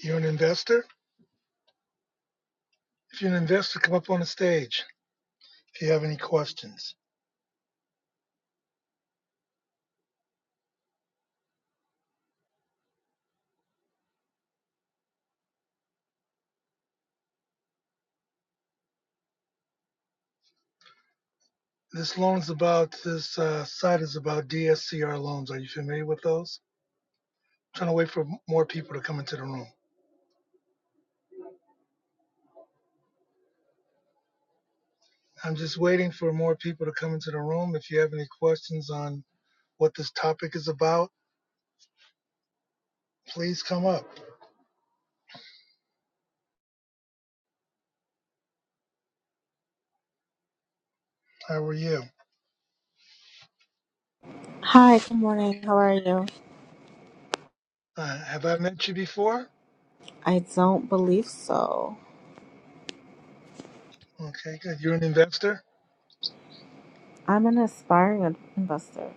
You're an investor? If you're an investor, come up on the stage if you have any questions. This loan is about, this uh, site is about DSCR loans. Are you familiar with those? I'm trying to wait for more people to come into the room. I'm just waiting for more people to come into the room. If you have any questions on what this topic is about, please come up. How are you? Hi, good morning. How are you? Uh, have I met you before? I don't believe so. Okay, good. You're an investor? I'm an aspiring in- investor.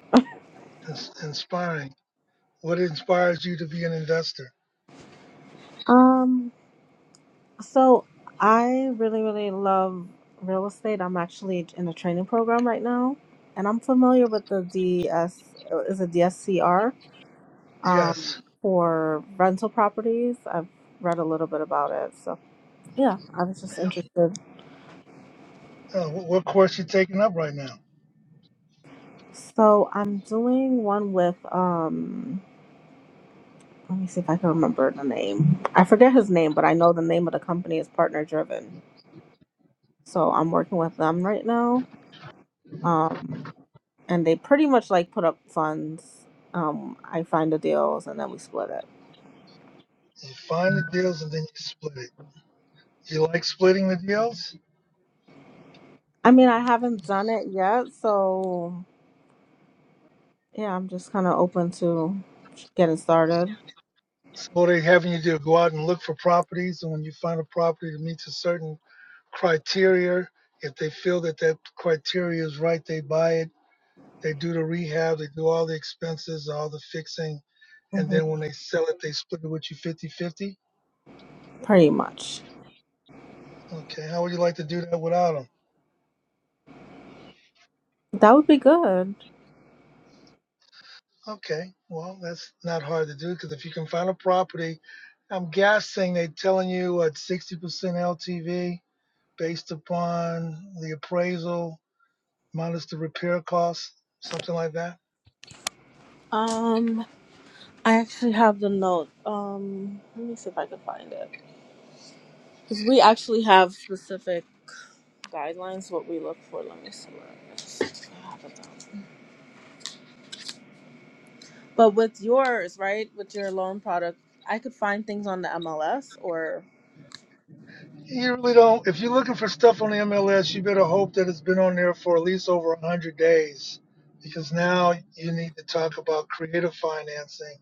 Ins- inspiring. What inspires you to be an investor? Um, so I really, really love real estate. I'm actually in a training program right now, and I'm familiar with the DS is it DSCR Yes. um, for rental properties. I've read a little bit about it, so yeah, I was just interested. Uh, what course are you taking up right now? So I'm doing one with um. Let me see if I can remember the name. I forget his name, but I know the name of the company is Partner Driven. So I'm working with them right now. Um, and they pretty much like put up funds. Um, I find the deals and then we split it. You find the deals and then you split it. You like splitting the deals? I mean, I haven't done it yet, so yeah, I'm just kind of open to getting started. So what they having you do go out and look for properties, and when you find a property that meets a certain criteria, if they feel that that criteria is right, they buy it. They do the rehab, they do all the expenses, all the fixing, and hmm then when they sell it, they split it with you fifty-fifty. Pretty much. Okay, how would you like to do that without them? That would be good. Okay, well that's not hard to do because if you can find a property, I'm guessing they're telling you at 60% LTV based upon the appraisal minus the repair costs, something like that. Um, I actually have the note. Um, let me see if I can find it because we actually have specific. guidelines what we look for let me see what I missed. I have it is. but with yours right with your loan product i could find things on the mls or You really don't. If you're looking for stuff on the MLS, you better hope that it's been on there for at least over 100 days, because now you need to talk about creative financing,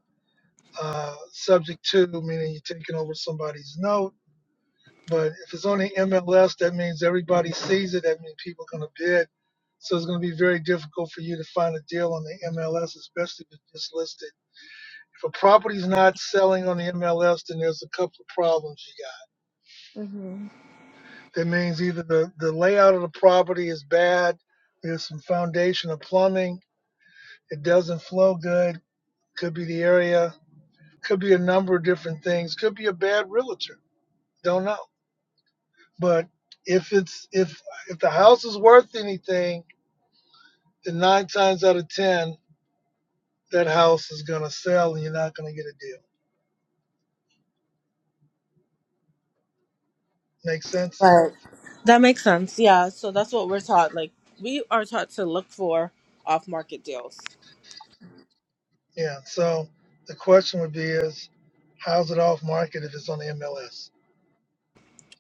uh, subject to meaning you're taking over somebody's note. But if it's on the MLS, that means everybody sees it. That means people are going to bid. So it's going to be very difficult for you to find a deal on the MLS, especially if it's just listed. If a property's not selling on the MLS, then there's a couple of problems you got. Mhm. That means either the, the layout of the property is bad, there's some foundation or plumbing, it doesn't flow good, could be the area, could be a number of different things, could be a bad realtor. Don't know. But if it's if if the house is worth anything, then nine times out of ten, that house is gonna sell and you're not gonna get a deal. Make sense? right that makes sense yeah so that's what we're taught like we are taught to look for off market deals Yeah. So the question would be is, how's it off market if it's on the MLS?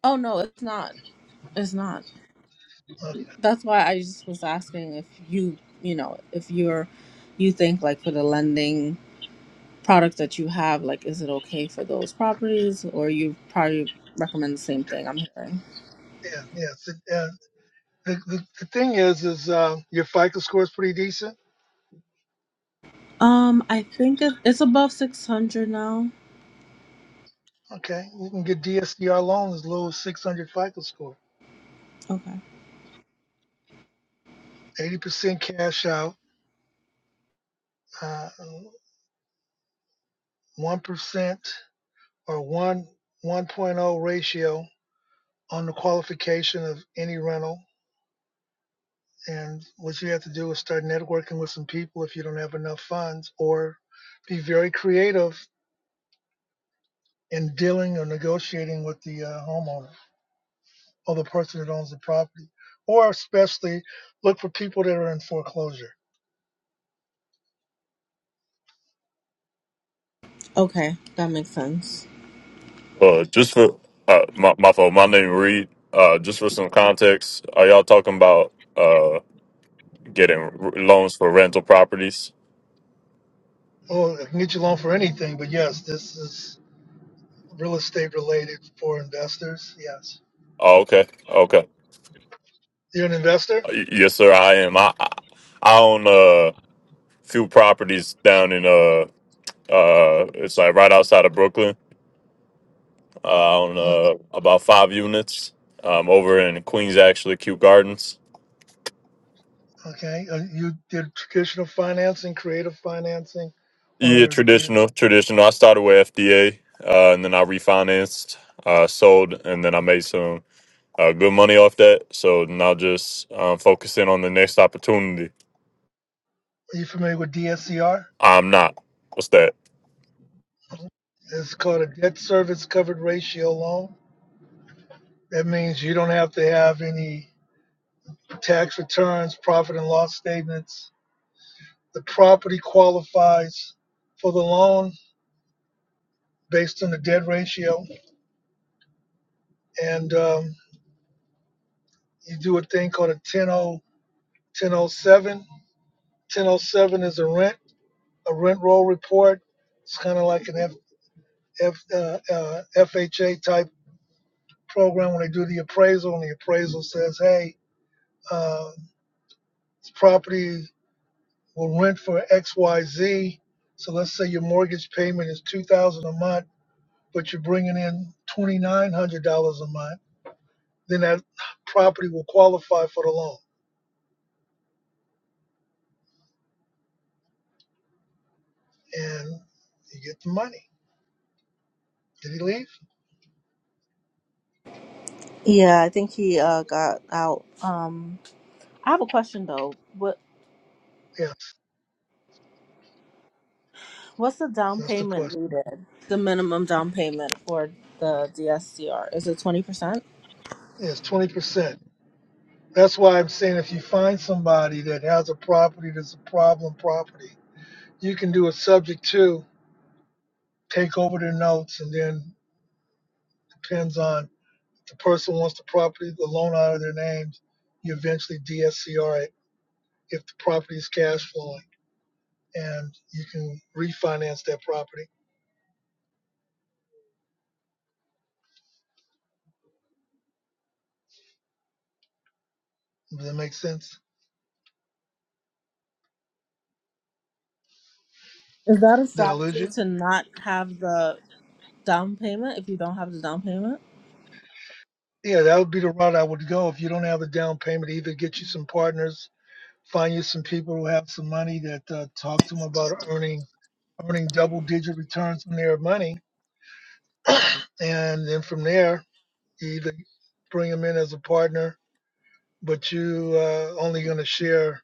oh no it's not it's not Okay. that's why i just was asking if you you know if you're you think like for the lending Product that you have, like, is it okay for those properties, or you probably recommend the same thing? I'm hearing. Yeah. Yeah. So, uh, the, the, the thing is, is uh, your FICO score is pretty decent. Um, I think it, it's above six hundred now. Okay. You can get DSCR loans as low as 600 FICO score. Okay. 80% cash out, uh, 1% or 1, 1.0 ratio on the qualification of any rental. And what you have to do is start networking with some people if you don't have enough funds or be very creative in dealing or negotiating with the uh, homeowner or the person that owns the property, or especially look for people that are in foreclosure. Okay, that makes sense. Uh, just for uh, my my fault, my name Reed. Uh, just for some context, are y'all talking about uh getting r- loans for rental properties? Oh, I can get you a loan for anything, but yes, this is real estate related for investors. Yes, Oh, okay, okay. Uh, you're an investor. y- yes, sir. I am. I I I own uh few properties down in uh uh it's like right outside of Brooklyn. Uh, I own Mm, uh about five units. Um, over in Queens, actually, Kew Gardens. Okay, Uh, you did traditional financing, creative financing, Yeah, or did- traditional, traditional. I started with FDA, uh, and then I refinanced, uh, sold, and then I made some. uh, good money off that. So now just um, focusing on the next opportunity. are you familiar with DSCR? I'm not. What's that? It's called a debt service covered ratio loan. That means you don't have to have any tax returns, profit and loss statements, The property qualifies for the loan based on the debt ratio. And um, you do a thing called a 1007. 1007 is a rent, a rent roll report. It's kind of like an F, F, uh, uh, FHA type program when they do the appraisal, and the appraisal says, hey, uh, this property will rent for XYZ. So let's say your mortgage payment is 2000 dollars a month, but you're bringing in $2,900 a month then that property will qualify for the loan and you get the money. Did he leave? Yeah, I think he uh got out. Um, I have a question though. What Yes, what's the down that's the payment question. needed? The minimum down payment for the DSCR is it twenty percent? Yes, 20%. That's why I'm saying if you find somebody that has a property that's a problem property, you can do a subject to, take over their notes, and then depends on if the person wants the property, the loan out of their names, you eventually DSCR it if the property is cash flowing and you can refinance that property. Does that make sense? Is that a Did I lose strategy you? to not have the down payment if you don't have the down payment? Yeah, that would be the route I would go if you don't have a down payment. Either get you some partners, find you some people who have some money that uh, talk to them about earning earning double digit returns on their money, and then from there you either bring them in as a partner, but you uh, only going to share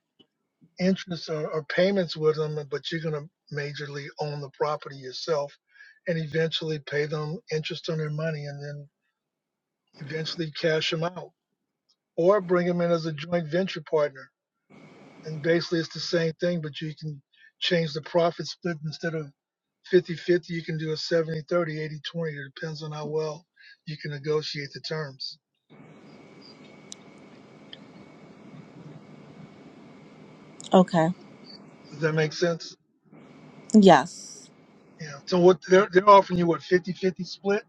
interest or, or payments with them, but you're going to majorly own the property yourself, and eventually pay them interest on their money, and then eventually cash them out, or bring them in as a joint venture partner and basically it's the same thing, but you can change the profit split instead of fifty-fifty, you can do a seventy-thirty, eighty-twenty. It depends on how well you can negotiate the terms. Okay. Does that make sense? Yes. Yeah. So what they're, they're offering you what fifty-fifty split?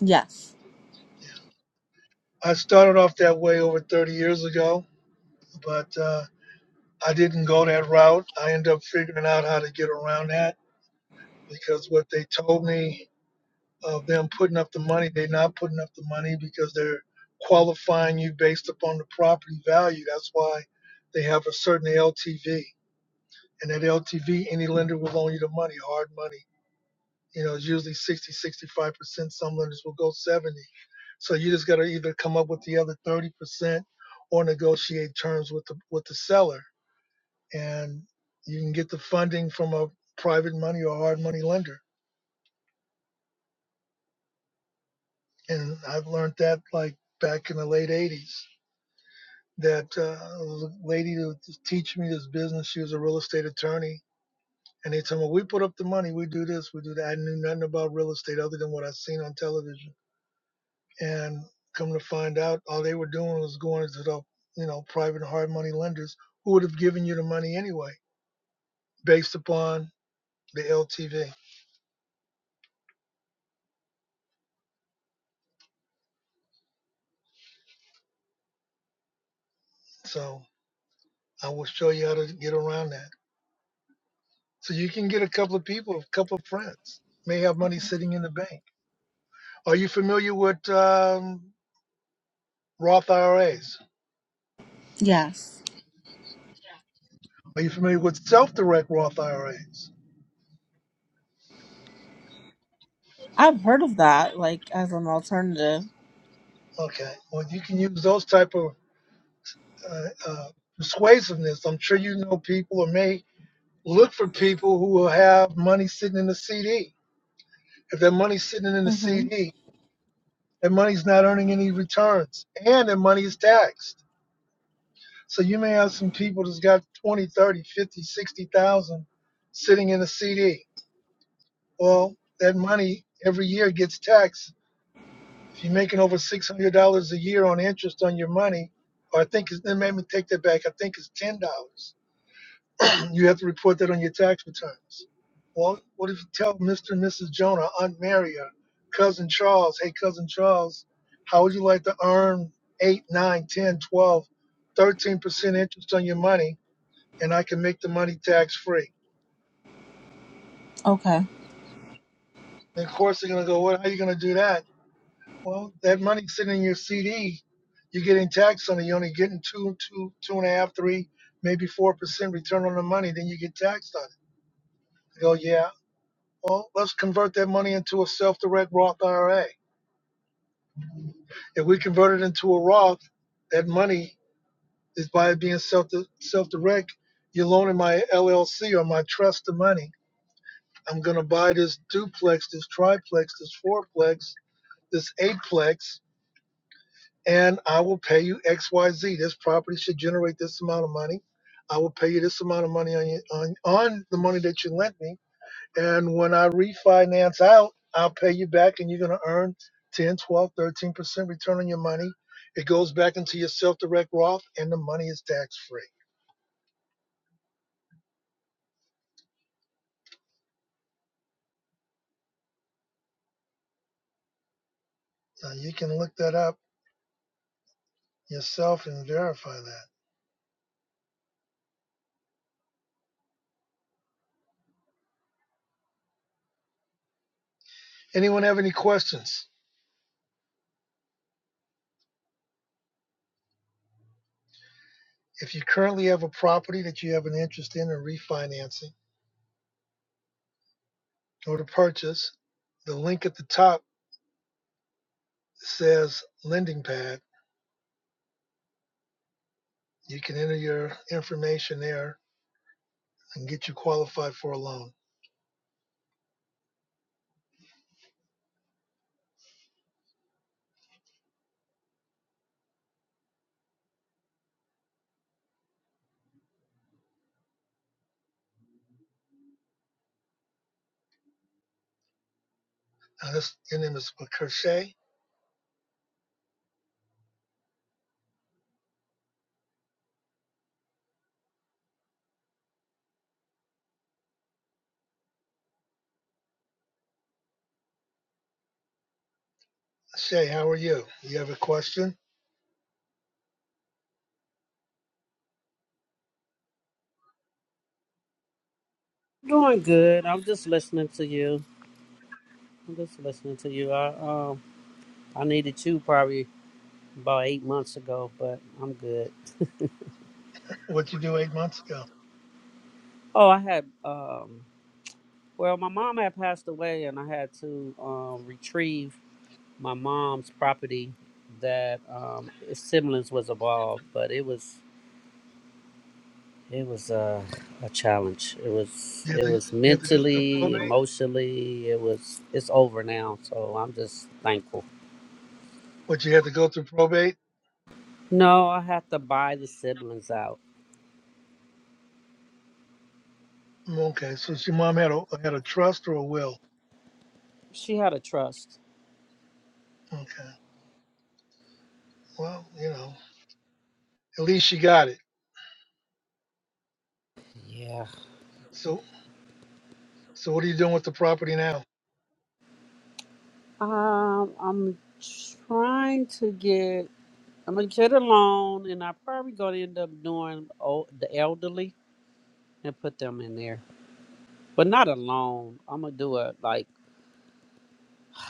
Yes. Yeah. I started off that way over 30 years ago, but uh, I didn't go that route. I ended up figuring out how to get around that because what they told me of them putting up the money. They're not putting up the money because they're qualifying you based upon the property value. That's why they have a certain LTV. And that LTV, any lender will loan you the money, hard money. You know, it's usually sixty, sixty-five percent Some lenders will go 70. So you just got to either come up with the other 30% or negotiate terms with the, with the seller. And you can get the funding from a private money or hard money lender. And I've learned that like back in the late 80s that uh, lady who t- teach me this business, she was a real estate attorney. And they told me, we put up the money, we do this, we do that. I knew nothing about real estate other than what I seen on television. And come to find out, all they were doing was going to the, you know, private hard money lenders who would have given you the money anyway, based upon the LTV. So I will show you how to get around that. So you can get a couple of people, a couple of friends, may have money sitting in the bank. Are you familiar with um, Roth IRAs? Yes. Are you familiar with self-direct Roth IRAs? I've heard of that, like as an alternative. Okay, well, you can use those type of uh, uh, persuasiveness. I'm sure you know people or may look for people who will have money sitting in the CD. If that money's sitting in the hmm CD, that money's not earning any returns and that money is taxed. So you may have some people that's got 20, 30, 50, 60,000 sitting in a CD. Well, that money every year gets taxed If you're making over six hundred dollars a year on interest on your money, or I think it's, they made me take that back. I think it's ten dollars. you have to report that on your tax returns. Well, what if you tell Mr. and Mrs. Jonah, Aunt Mary, or cousin Charles, hey cousin Charles, how would you like to earn eight, nine, ten, twelve, thirteen percent interest on your money, and I can make the money tax free? Okay. And of course they're gonna go, what? How are you gonna do that? Well, that money sitting in your CD, you're getting taxed on it. You're only getting two, two, two and a half, three, maybe four percent return on the money. Then you get taxed on it. They go, yeah. Well, let's convert that money into a self-direct Roth IRA. If we convert it into a Roth, that money is by it being self self-direct. You're loaning my LLC or my trust the money. I'm gonna buy this duplex, this triplex, this fourplex, this eightplex. and I will pay you XYZ. This property should generate this amount of money. I will pay you this amount of money on, your, on, on the money that you lent me. And when I refinance out, I'll pay you back and you're going to earn 10, 12, 13% return on your money. It goes back into your self direct Roth and the money is tax free. Now you can look that up yourself and verify that. Anyone have any questions? If you currently have a property that you have an interest in or refinancing or to purchase, the link at the top says lending pad, you can enter your information there and get you qualified for a loan. Now this, your name is Shay. Shay, how are you? You have a question? Doing good. I'm just listening to you. I'm just listening to you. I um I needed you probably about eight months ago, but I'm good. What you do eight months ago? Oh, I had um well my mom had passed away and I had to um retrieve my mom's property that um its siblings was involved, but it was it was uh, a challenge. It was You had it to, was you had to go through mentally, probate? emotionally, it was it's over now, so I'm just thankful. What you had to go through probate? No, I have to buy the siblings out. Mm, Okay, so your mom had a had a trust or a will? She had a trust. Okay, well you know at least she got it. Yeah. So so what are you doing with the property now? Um, I'm trying to get. I'm gonna get a loan, and I'm probably gonna end up doing old, the elderly and put them in there, but not a loan. I'm gonna do it like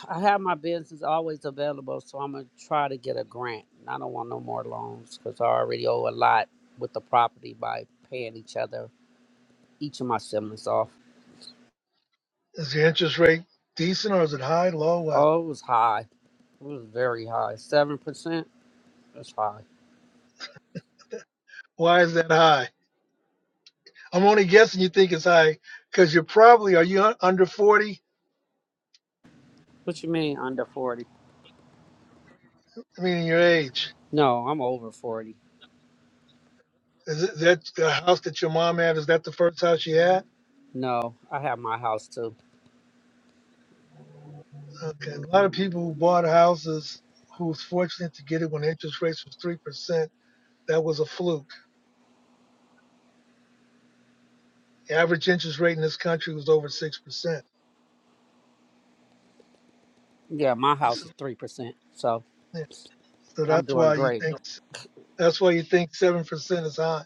I have my business always available, so I'm gonna try to get a grant. And I don't want no more loans because I already owe a lot with the property by paying each other, each of my siblings off. Is the interest rate decent or is it high, low, what? Oh, it was high. It was very high. Seven percent. That's high. Why is that high? I'm only guessing you think it's high because you're probably are you un- under 40? What you mean under forty? I mean, in your age. No, I'm over 40. Is it that the house that your mom had? Is that the first house she had? No, I have my house too. Okay. A lot of people who bought houses who was fortunate to get it when interest rates was three percent. That was a fluke. The average interest rate in this country was over six percent. Yeah, my house So, is 3%. So yeah, so I'm that's doing why you great. think that's why you think seven percent is high.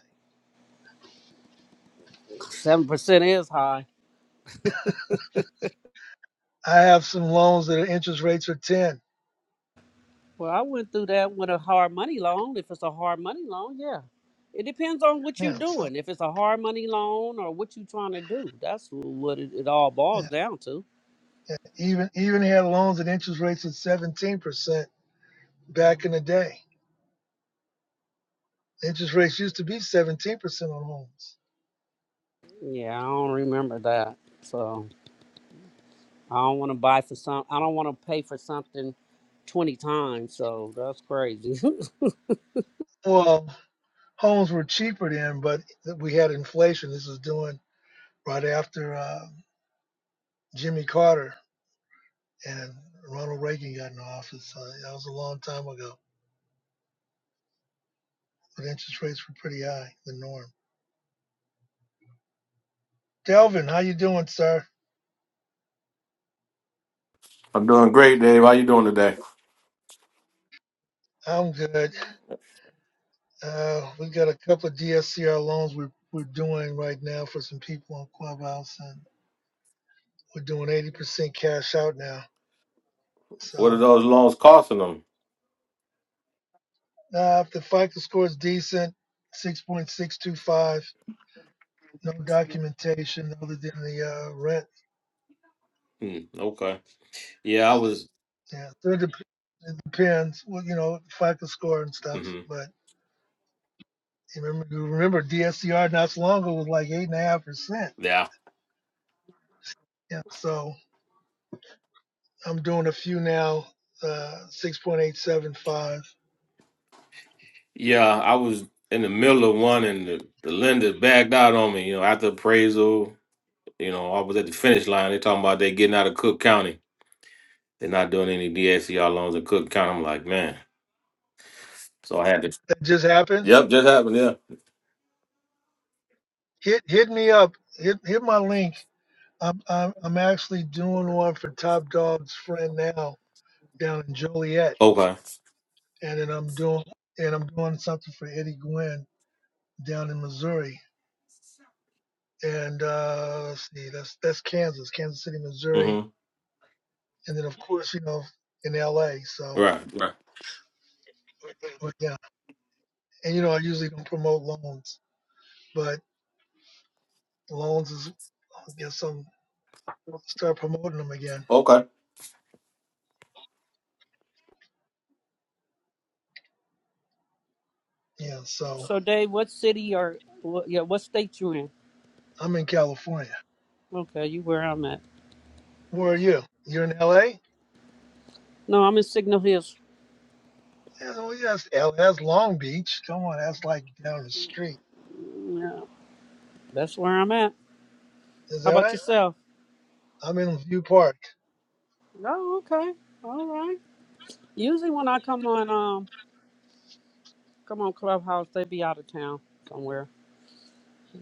7% is high. I have some loans that are interest rates are ten. Well, I went through that with a hard money loan. If it's a hard money loan, yeah. It depends on what you're Yeah. So. doing. If it's a hard money loan or what you're trying to do, that's what it, it all yeah. boils down to. Even even had loans at interest rates at 17% back in the day. Interest rates used to be 17% on homes. Yeah, I don't remember that. So I don't want to buy for some. I don't want to pay for something 20 times. So that's crazy. Well, homes were cheaper then, but we had inflation. This was doing right after uh, Jimmy Carter and Ronald Reagan got in office. Uh, that was a long time ago, but interest rates were pretty high, the norm. Delvin, how you doing, sir? I'm doing great, Dave. How you doing today? I'm good. Uh, we got a couple of DSCR loans we're, we're doing right now for some people on Clubhouse, and We're doing 80% cash out now. What are So those loans costing them? uh, if the FICO score is decent, 6.625, no documentation other than the uh, rent. Hmm, okay. Yeah, I was. Yeah, so it, dep- it depends. Well, you know, FICO score and stuff. mhm, But you remember, you remember DSCR not so long ago was like eight and a half percent. Yeah, Yeah, so I'm doing a few now, uh, 6.875. yeah, I was in the middle of one, and the, the lender backed out on me. You know, after appraisal, you know, I was at the finish line. They talking about they getting out of Cook County. They're not doing any DSCR loans in Cook County. I'm like, man. So I had to. That just happened. Yep, just happened. Yeah. Hit hit me up. Hit hit my link I'm, I'm I'm actually doing one for Top Dog's friend now down in Joliet, Okay. and then I'm doing and I'm doing something for Eddie Gwynn down in Missouri. And uh, let's see, that's that's Kansas, Kansas City, Missouri, Mm-hmm. and then of course you know in L.A. So, Right. Right. but yeah, and you know I usually don't promote loans, but loans is I guess I'm start promoting them again. Okay. Yeah, so So, Dave, what city or what, yeah, what state you in? I'm in California. Okay, you where I'm at. Where are you? You're in L.A. No, I'm in Signal Hills. That's, well, yes, L- that's Long Beach. Come on, that's like down the street. Yeah, that's where I'm at. Is How that about right? yourself? I'm in View Park. Oh, okay, all right. Usually when I come on, um, come on Clubhouse, they be out of town somewhere.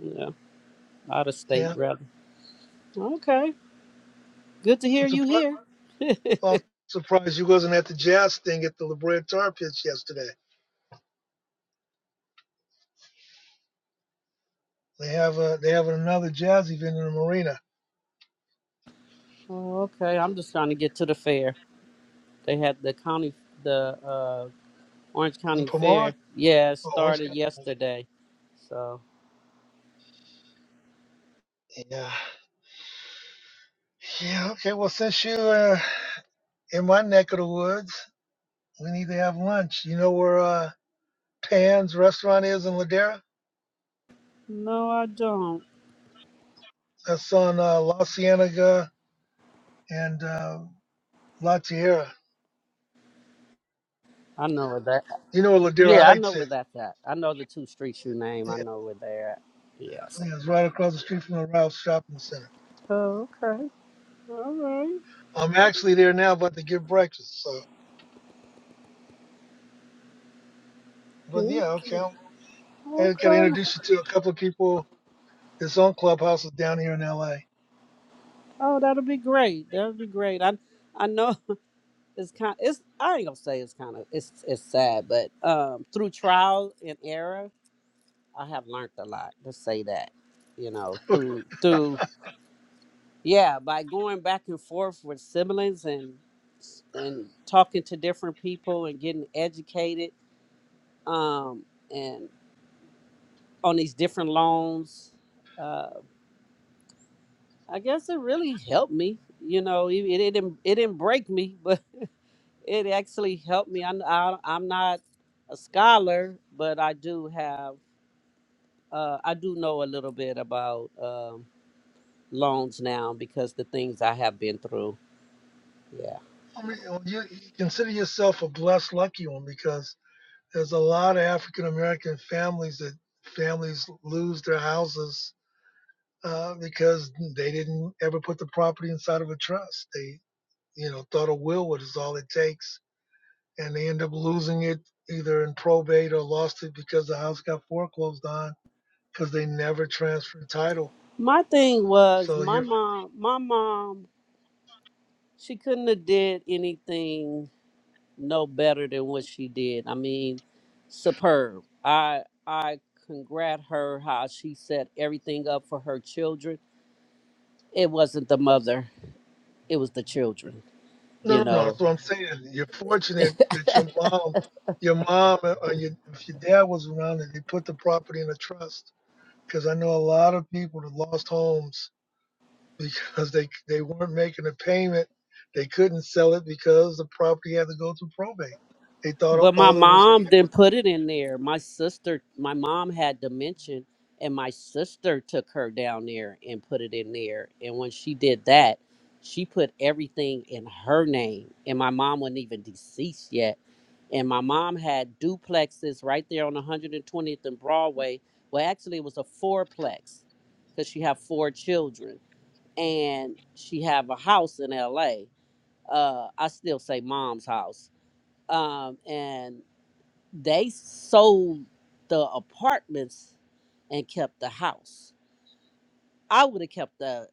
Yeah, out of state Yeah, rather. Okay, good to I'm hear you surprised. here. Well, surprised you wasn't at the jazz thing at the La Brea Tar Pits yesterday. They have a they have another jazz event in the marina oh, okay, I'm just trying to get to the fair. They had the county, the uh, Orange in County Pomona Fair. Yeah, it or Orange started County. yesterday. So Yeah, yeah. Okay. Well, since you uh, in my neck of the woods, we need to have lunch. You know where uh, Pan's restaurant is in Ladera? no, I don't. That's on uh, La Cienega and uh, La Tierra. I know where that. You know where Ladera Yeah, I know Heights where is? that's at. I know the two streets you name. Yeah, I know where they're at. Yes. yeah, it's right across the street from the Ralph's Shopping Center. Okay. All right. I'm actually there now, about to get breakfast. So, but Mm, yeah, okay. I'm, I got to Okay. introduce you to a couple of people that's on clubhouses down here in LA. Oh, that'll be great. That'll be great. I I know it's kind. It's I ain't gonna say it's kind of it's it's sad, but um, through trial and error, I have learned a lot. Let's say that. You know, through through yeah, by going back and forth with siblings and and talking to different people and getting educated um, and on these different loans. Uh, I guess it really helped me. You know, it, it didn't it didn't break me, but it actually helped me. I'm I, I'm not a scholar, but I do have uh, I do know a little bit about um, loans now because the things I have been through. Yeah, I mean, well, you you consider yourself a blessed, lucky one because there's a lot of African American families that families lose their houses uh, because they didn't ever put the property inside of a trust. They, you know, thought a will was all it takes and they end up losing it either in probate or lost it because the house got foreclosed on because they never transferred title. my thing was So my you're mom. My mom she couldn't have did anything no better than what she did. I mean, superb. I I congrat her how she set everything up for her children. It wasn't the mother, it was the children, no, you no, no. know. That's what I'm saying. You're fortunate that your mom, your mom, uh, or your, if your dad was around and they put the property in a trust. Because I know a lot of people that lost homes because they they weren't making a payment. They couldn't sell it because the property had to go through probate. They thought But my all it was. mom didn't put it in there. My sister, my mom had dementia, and my sister took her down there and put it in there. And when she did that, she put everything in her name. And my mom wasn't even deceased yet. And my mom had duplexes right there on 120th and Broadway. Well, actually, it was a fourplex because she had four children, and she have a house in L.A. Uh, I still say mom's house um, and they sold the apartments and kept the house. I would have kept the.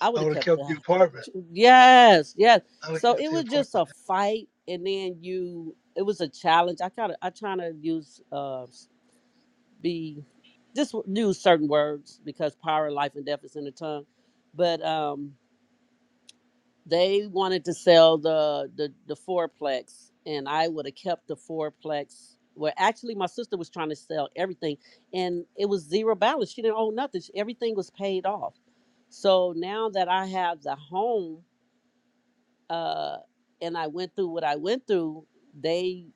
I I would would have have kept kept the the. apartment. Yes, yes. I would have So kept it the was just apartment. a fight, and then you. It was a challenge. I kind of. I trying to use uh s- be, just w- use certain words because power, life, and death is in the tongue, but um They wanted to sell the the the fourplex, and I would have kept the fourplex. Well, actually, my sister was trying to sell everything, and it was zero balance. She didn't own nothing. She- Everything was paid off. So now that I have the home, uh, and I went through what I went through, they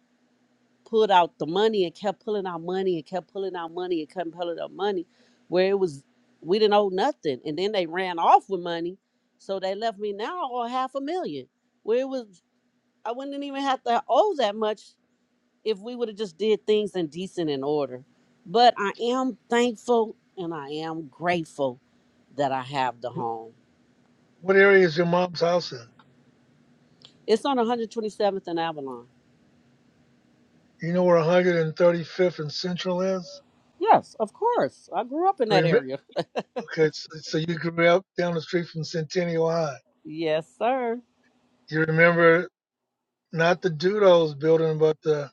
pulled out the money and kept pulling out money and kept pulling out money and kept pulling out money where it was we didn't owe nothing and then they ran off with money so they left me now or half a million where it was i wouldn't even have to owe that much if we would have just did things in decent and order but i am thankful and i am grateful that i have the home What area is your mom's house in? it's on 127th and avalon You know where 135th and Central is? yes of course i grew up in that Remem- area okay, so, so you grew up down the street from Centennial High. yes sir You remember not the Doodles building, but the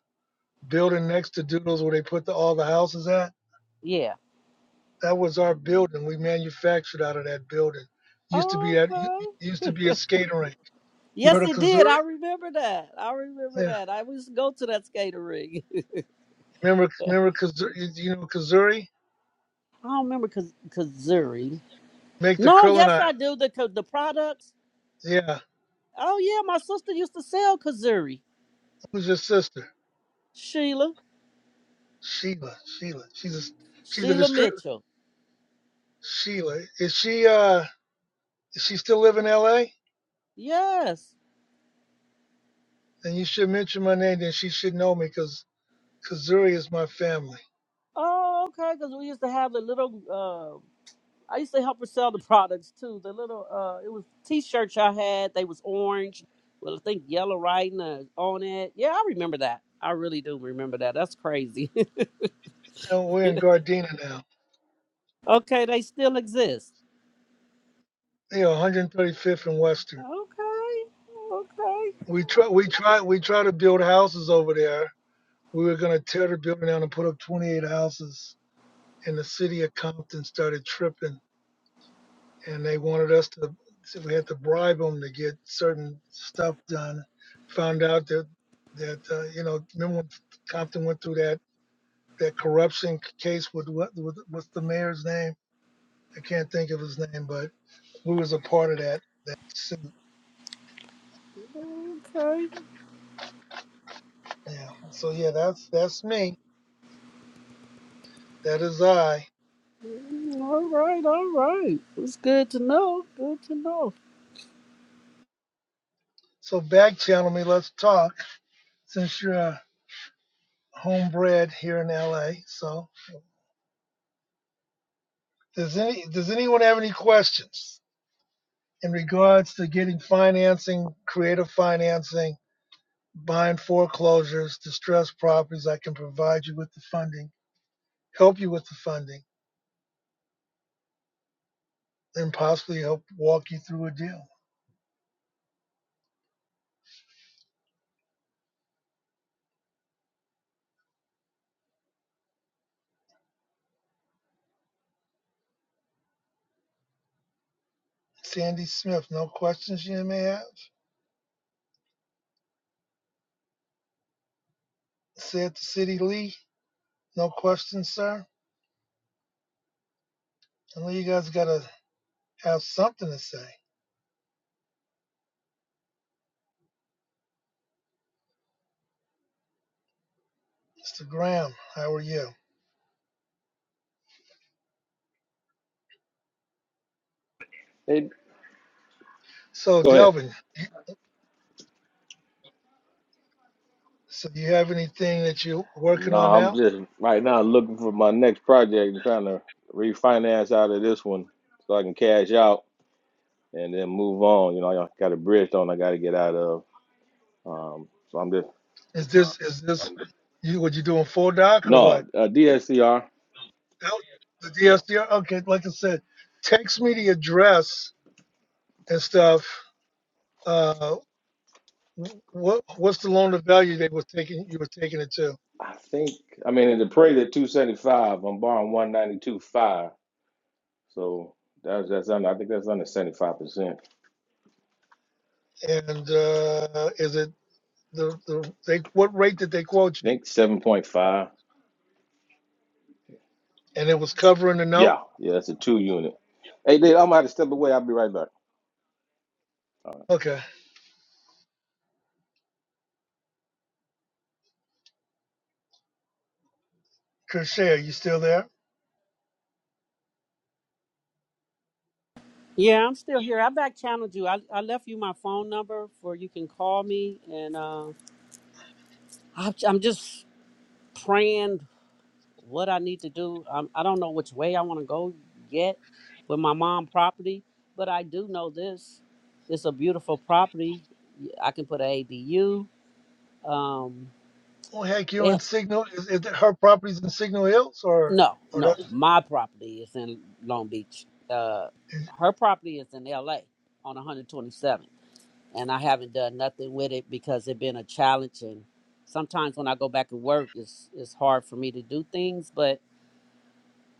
building next to Doodles where they put the, all the houses at? yeah That was our building. We manufactured out of that building. Used to be at okay used to be a skating rink. You heard Yes, of it did. Kazuri? I remember that. I remember Yeah. that. I used to go to that skater ring. Remember remember Kazuri? You you know Kazuri? I don't remember Kaz- Kazuri. Make the No, curling yes, iron. I do. The co- the products. Yeah. Oh yeah, my sister used to sell Kazuri. Who's your sister? Sheila, Sheila, Sheila. She's a, she's a Sheila distributor. Mitchell. Sheila, is she uh is she still live in L.A.? Yes. Then you should mention my name. Then she should know me because Kazuri is my family. Oh, okay. Because we used to have the little. Uh, I used to help her sell the products too. The little. Uh, it was t-shirts I had. They was orange. Well, I think yellow writing uh, on it. Yeah, I remember that. I really do remember that. That's crazy. And we're in Gardena now. Okay, they still exist. You know, 135th and Western. Okay, okay, We try we try we try to build houses over there. We were gonna tear the building down and put up 28 houses. And the city of Compton started tripping and they wanted us to so we had to bribe them to get certain stuff done. Found out that that uh, you know remember when Compton went through that that corruption case with what with, what's the mayor's name? I can't think of his name, but we was a part of that that suit. okay. Yeah. So yeah, that's that's me. That is I. All right, all right. It's good to know. Good to know. So back channel me. Let's talk. Since you're uh, homebred here in L.A., so does any does anyone have any questions? in regards to getting financing, creative financing, buying foreclosures, distressed properties, I can provide you with the funding, help you with the funding, and possibly help walk you through a deal. Sandy Smith, no questions you may have? Say it to City Lee, no questions, sir? I know you guys gotta have something to say. Mr. Graham, how are you? Hey, So go ahead. Delvin, so do you have anything that you're working No, on I'm now? just right now looking for my next project and trying to refinance out of this one so I can cash out and then move on. You know, I got a bridge loan I got to get out of. Um, so I'm just Is this, is this, you, what you doing full doc or what? no uh, DSCR. Nope, The Yeah, DSDR. Okay, like I said, text me the address and stuff. Uh, what what's the loan of value they were taking? You were taking it to, I think I mean in the appraised at 275. I'm borrowing 192.5, so that's that's under. I think that's under 75 percent. and uh, is it the the they what rate did they quote I you? think 7.5. And it was covering the note. Yeah, yeah, that's a two unit. Hey, Dave, I'm gonna have to step away. I'll be right back. All Okay, Kershare, you still there? Yeah, I'm still here. I back channeled you. I, I left you my phone number for you can call me, and uh, I'm, I'm just praying what I need to do. I'm, I do not know which way I want to go yet with my mom property, but I do know this: it's a beautiful property. I can put an ADU. Um, Oh heck, you in Signal? Is, is it her property's in Signal Hills or No, or that no. My property is in Long Beach. Uh, her property is in LA on 127th. And I haven't done nothing with it because it's been a challenge. And sometimes when I go back to work, it's, it's hard for me to do things. But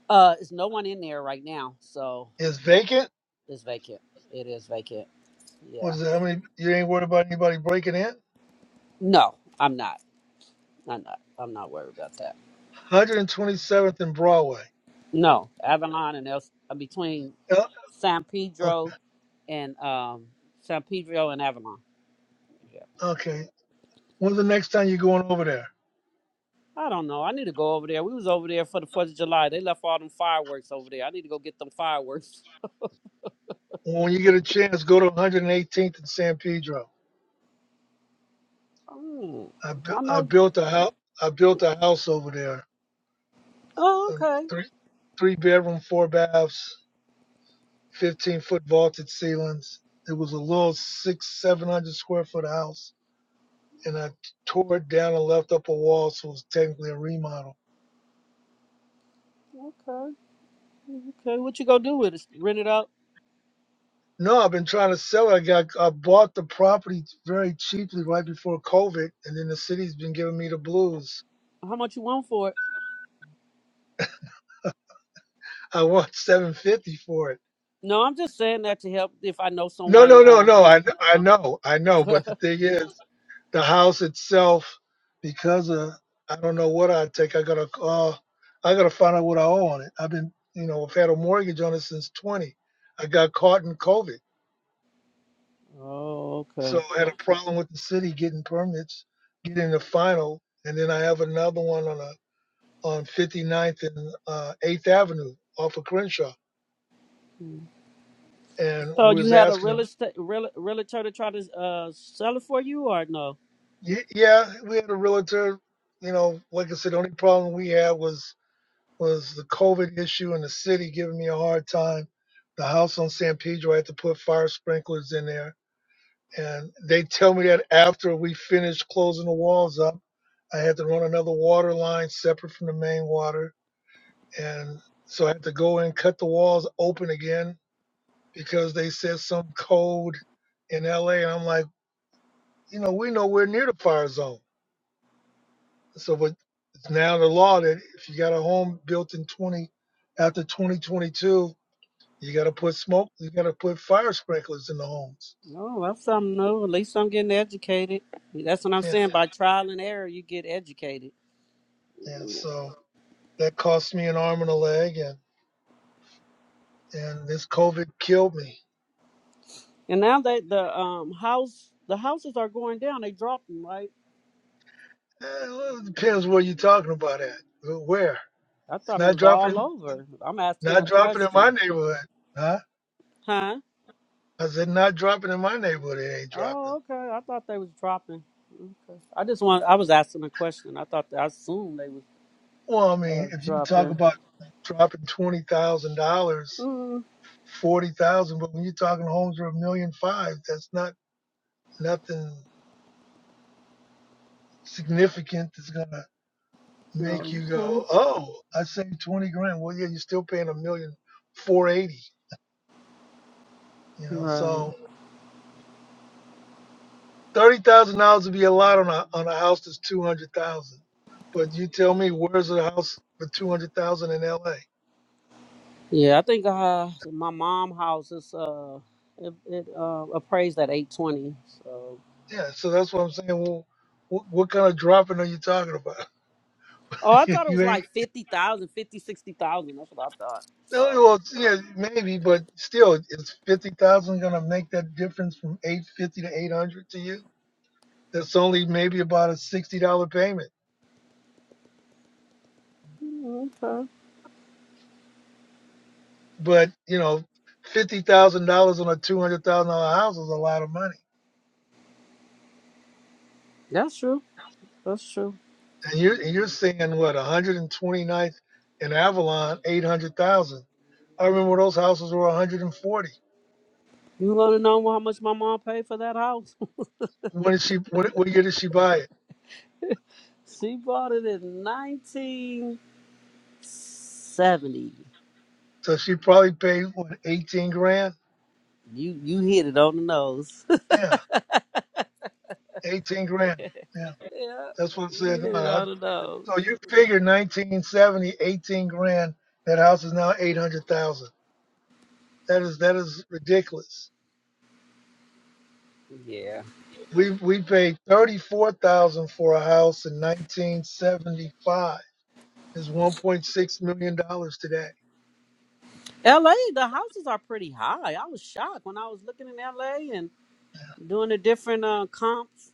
uh, it's no one in there right now. So is vacant? it's vacant. It is vacant. Yeah. Was it, how many? You ain't worried about anybody breaking in? No, I'm not. I'm not. I'm not worried about that. 127th and Broadway. No, Avalon and El, between Yeah, San o- Pedro and um, San Pedro and Avalon. Yeah. Okay, When's the next time you're going over there? I don't know. I need to go over there. We was over there for the Fourth of July. They left all them fireworks over there. I need to go get them fireworks. When you get a chance, go to 118th and San Pedro. Oh, I, bu- I I know. built a house. I built a house over there. Oh, Um, okay, three three bedroom, four baths, 15 foot vaulted ceilings. It was a little six seven hundred square foot house, and I tore it down and left up a wall, so it was technically a remodel. okay, okay. What you gonna do with it? Rent it out? No, I've been trying to sell it. I got I bought the property very cheaply right before COVID, and then the city's been giving me the blues. How much you want for it? I want 750 for it. No, I'm just saying that to help if I know No, someone. no, no, Uh... no. I I know, I know. But the thing is, the house itself, because of I don't know what I take. I gotta uh, I gotta find out what I owe on it. I've been, you know, I've had a mortgage on it since 20. I got caught in COVID, oh, so okay. I had a problem with the city getting permits, getting the final, and then I have another one on a on 59th and uh, 8th Avenue off of Crenshaw, and So we was you had a asking real estate real, realtor to try to uh, sell it for you, or no? Ye- Yeah, we had a realtor. You know, like I said, the only problem we had was was the COVID issue in the city giving me a hard time. The house on San Pedro, I had to put fire sprinklers in there, and they tell me that after we finished closing the walls up, I had to run another water line separate from the main water, and so I had to go in cut the walls open again because they said some code in LA, and I'm like, you know, we know we're nowhere near the fire zone So, but it's now the law that if you got a home built in 20 after 2022, you got to put smoke, you got to put fire sprinklers in the homes. Oh, that's something new. At least I'm getting educated. That's what I'm Yeah, saying. By trial and error, you get educated. yeah. So that cost me an arm and a leg, and and this COVID killed me. And now that the um house the houses are going down, they dropped them, right? Eh, well, it depends where you're talking about at. Where? I It's thought it not was dropping, all over. I'm asking not a dropping in my question. neighborhood, huh? Huh? I said not dropping in my neighborhood. It ain't dropping. Oh, okay. I thought they was dropping. Okay. I just want I was asking a question. I thought I assumed they was Well, I mean, uh, if you talk dropping. about dropping twenty thousand dollars Mm, forty thousand, but when you're talking homes for a million five, that's not nothing significant that's gonna make no. you go, Mm, oh, I saved twenty grand. Well, yeah, you're still paying a million four eighty. You know, Right. so thirty thousand dollars would be a lot on a on a house that's two hundred thousand. But you tell me, where's a house for two hundred thousand in L.A.? Yeah, I think uh my mom house is uh it, it uh appraised at 820. So Yeah, so that's what I'm saying. Well, what, what kind of dropping are you talking about? Oh, I thought it was you ain't. like 50,000, 50 60,000. That's what I thought. No, So, well, yeah, maybe, but still, is fifty thousand gonna make that difference from eight fifty to eight hundred to you? That's only maybe about a sixty dollar payment, mm, okay. but you know, fifty thousand dollars on a two hundred thousand dollar house is a lot of money. That's true. That's true. And you're and you're seeing what one hundred and twenty ninth in Avalon, eight hundred thousand. I remember those houses were one hundred and forty. You want to know how much my mom paid for that house? When did she? When, what year did she buy it? she bought it in 1970. So she probably paid what eighteen grand? You you hit it on the nose. Yeah, eighteen grand. Yeah, yeah, that's what I said. you No, hit it I, on the nose. So you figure 1970, 18 grand. That house is now 800,000. That is that is ridiculous. Yeah. We we paid 34,000 for a house in 1975. It's 1.6 million dollars today. LA, the houses are pretty high. I was shocked when I was looking in LA and doing the different uh, comps.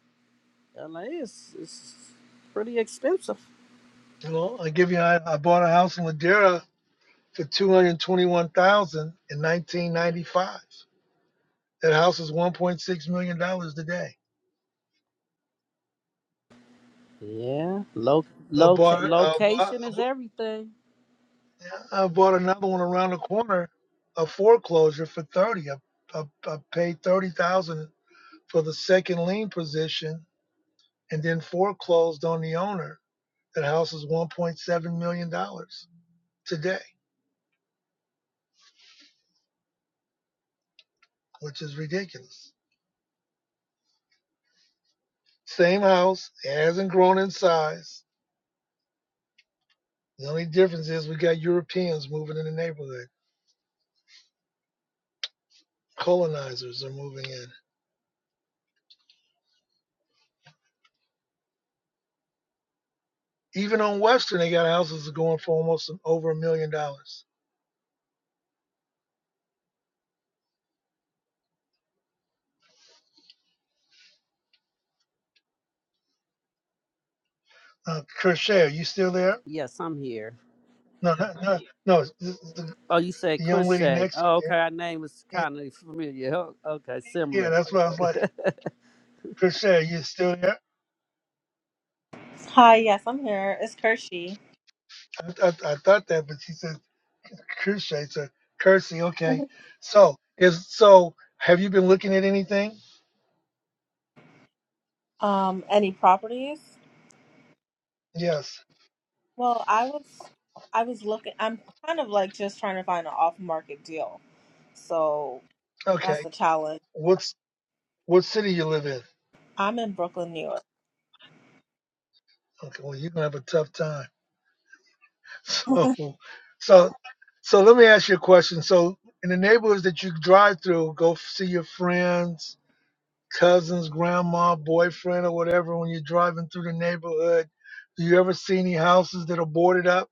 LA is, is pretty expensive. You know, I give you I, I bought a house in Ladera for 221,000 in 1995. That house is 1.6 million dollars today. Yeah. Lo- I loca- bought I location bought. is everything. I bought another one around the corner, a foreclosure for thirty. I, I, I paid thirty thousand for the second lien position, and then foreclosed on the owner. That house is one point seven million dollars today, which is ridiculous. Same house, it hasn't grown in size. The only difference is we got Europeans moving in the neighborhood. Colonizers are moving in. Even on Western, they got houses going for almost over a million dollars. Uh, Kershaw, you still there? Yes, I'm here. No, not, no, no. it's th- The, Oh, you said the young lady crochet. next to Oh, okay. her. Our name is Yeah, kind of familiar. Oh, Okay, yeah, similar. that's what I was like, Krisha, are you still there? Hi, yes, I'm here. It's Kershie. I, I, I thought that, but she said Krisha, so Kersey. Okay. So is so. Have you been looking at anything? Um, any properties? Yes. Well, I was I was looking I'm kind of like just trying to find an off market deal. So that's Okay. the challenge. What's what city you live in? I'm in Brooklyn, New York. Okay. Well, you're gonna have a tough time. So, so, so let me ask you a question. So, in the neighborhoods that you drive through, go f- see your friends, cousin's grandma, boyfriend, or whatever when you're driving through the neighborhood? Do you ever see any houses that are boarded up?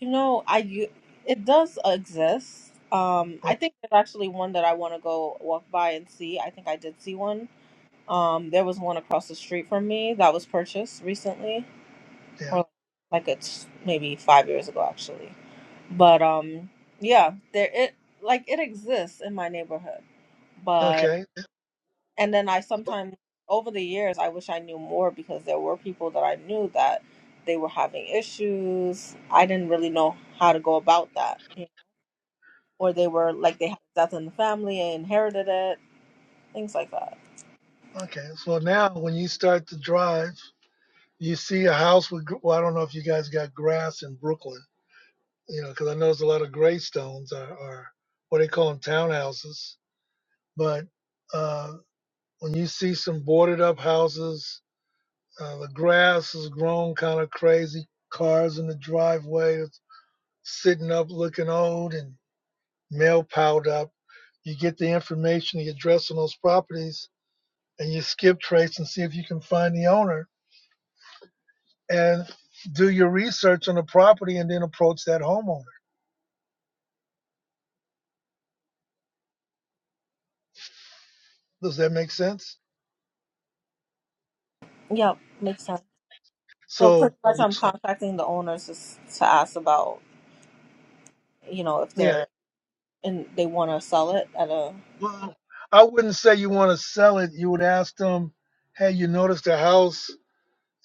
you know, I u- it does exist. Um, I Okay, think there's actually one that I want to go walk by and see. I think I did see one. Um, there was one across the street from me that was purchased recently. yeah. or like it's maybe five years ago actually. But um, yeah, there it like it exists in my neighborhood. But Okay. and then I sometimes over the years I wish I knew more because there were people that I knew that they were having issues. I didn't really know how to go about that, you know, or they were like they had death in the family and inherited it, things like that. Okay. So now when you start to drive, you see a house with, gr- well, I don't know if you guys got grass in Brooklyn, you know, because I know there's a lot of graystones are, are what they call them townhouses. But uh, when you see some boarded up houses, uh, the grass has grown kind of crazy, cars in the driveway, sitting up looking old and mail piled up. You get the information, the address on those properties, and you skip trace and see if you can find the owner and do your research on the property and then approach that homeowner. Does that make sense? Yep, makes sense. So pretty So, much I'm which, contacting the owners to s- to ask about you know if yeah, they're and they want to sell it at a well, I wouldn't say you want to sell it. You would ask them, hey, you noticed the house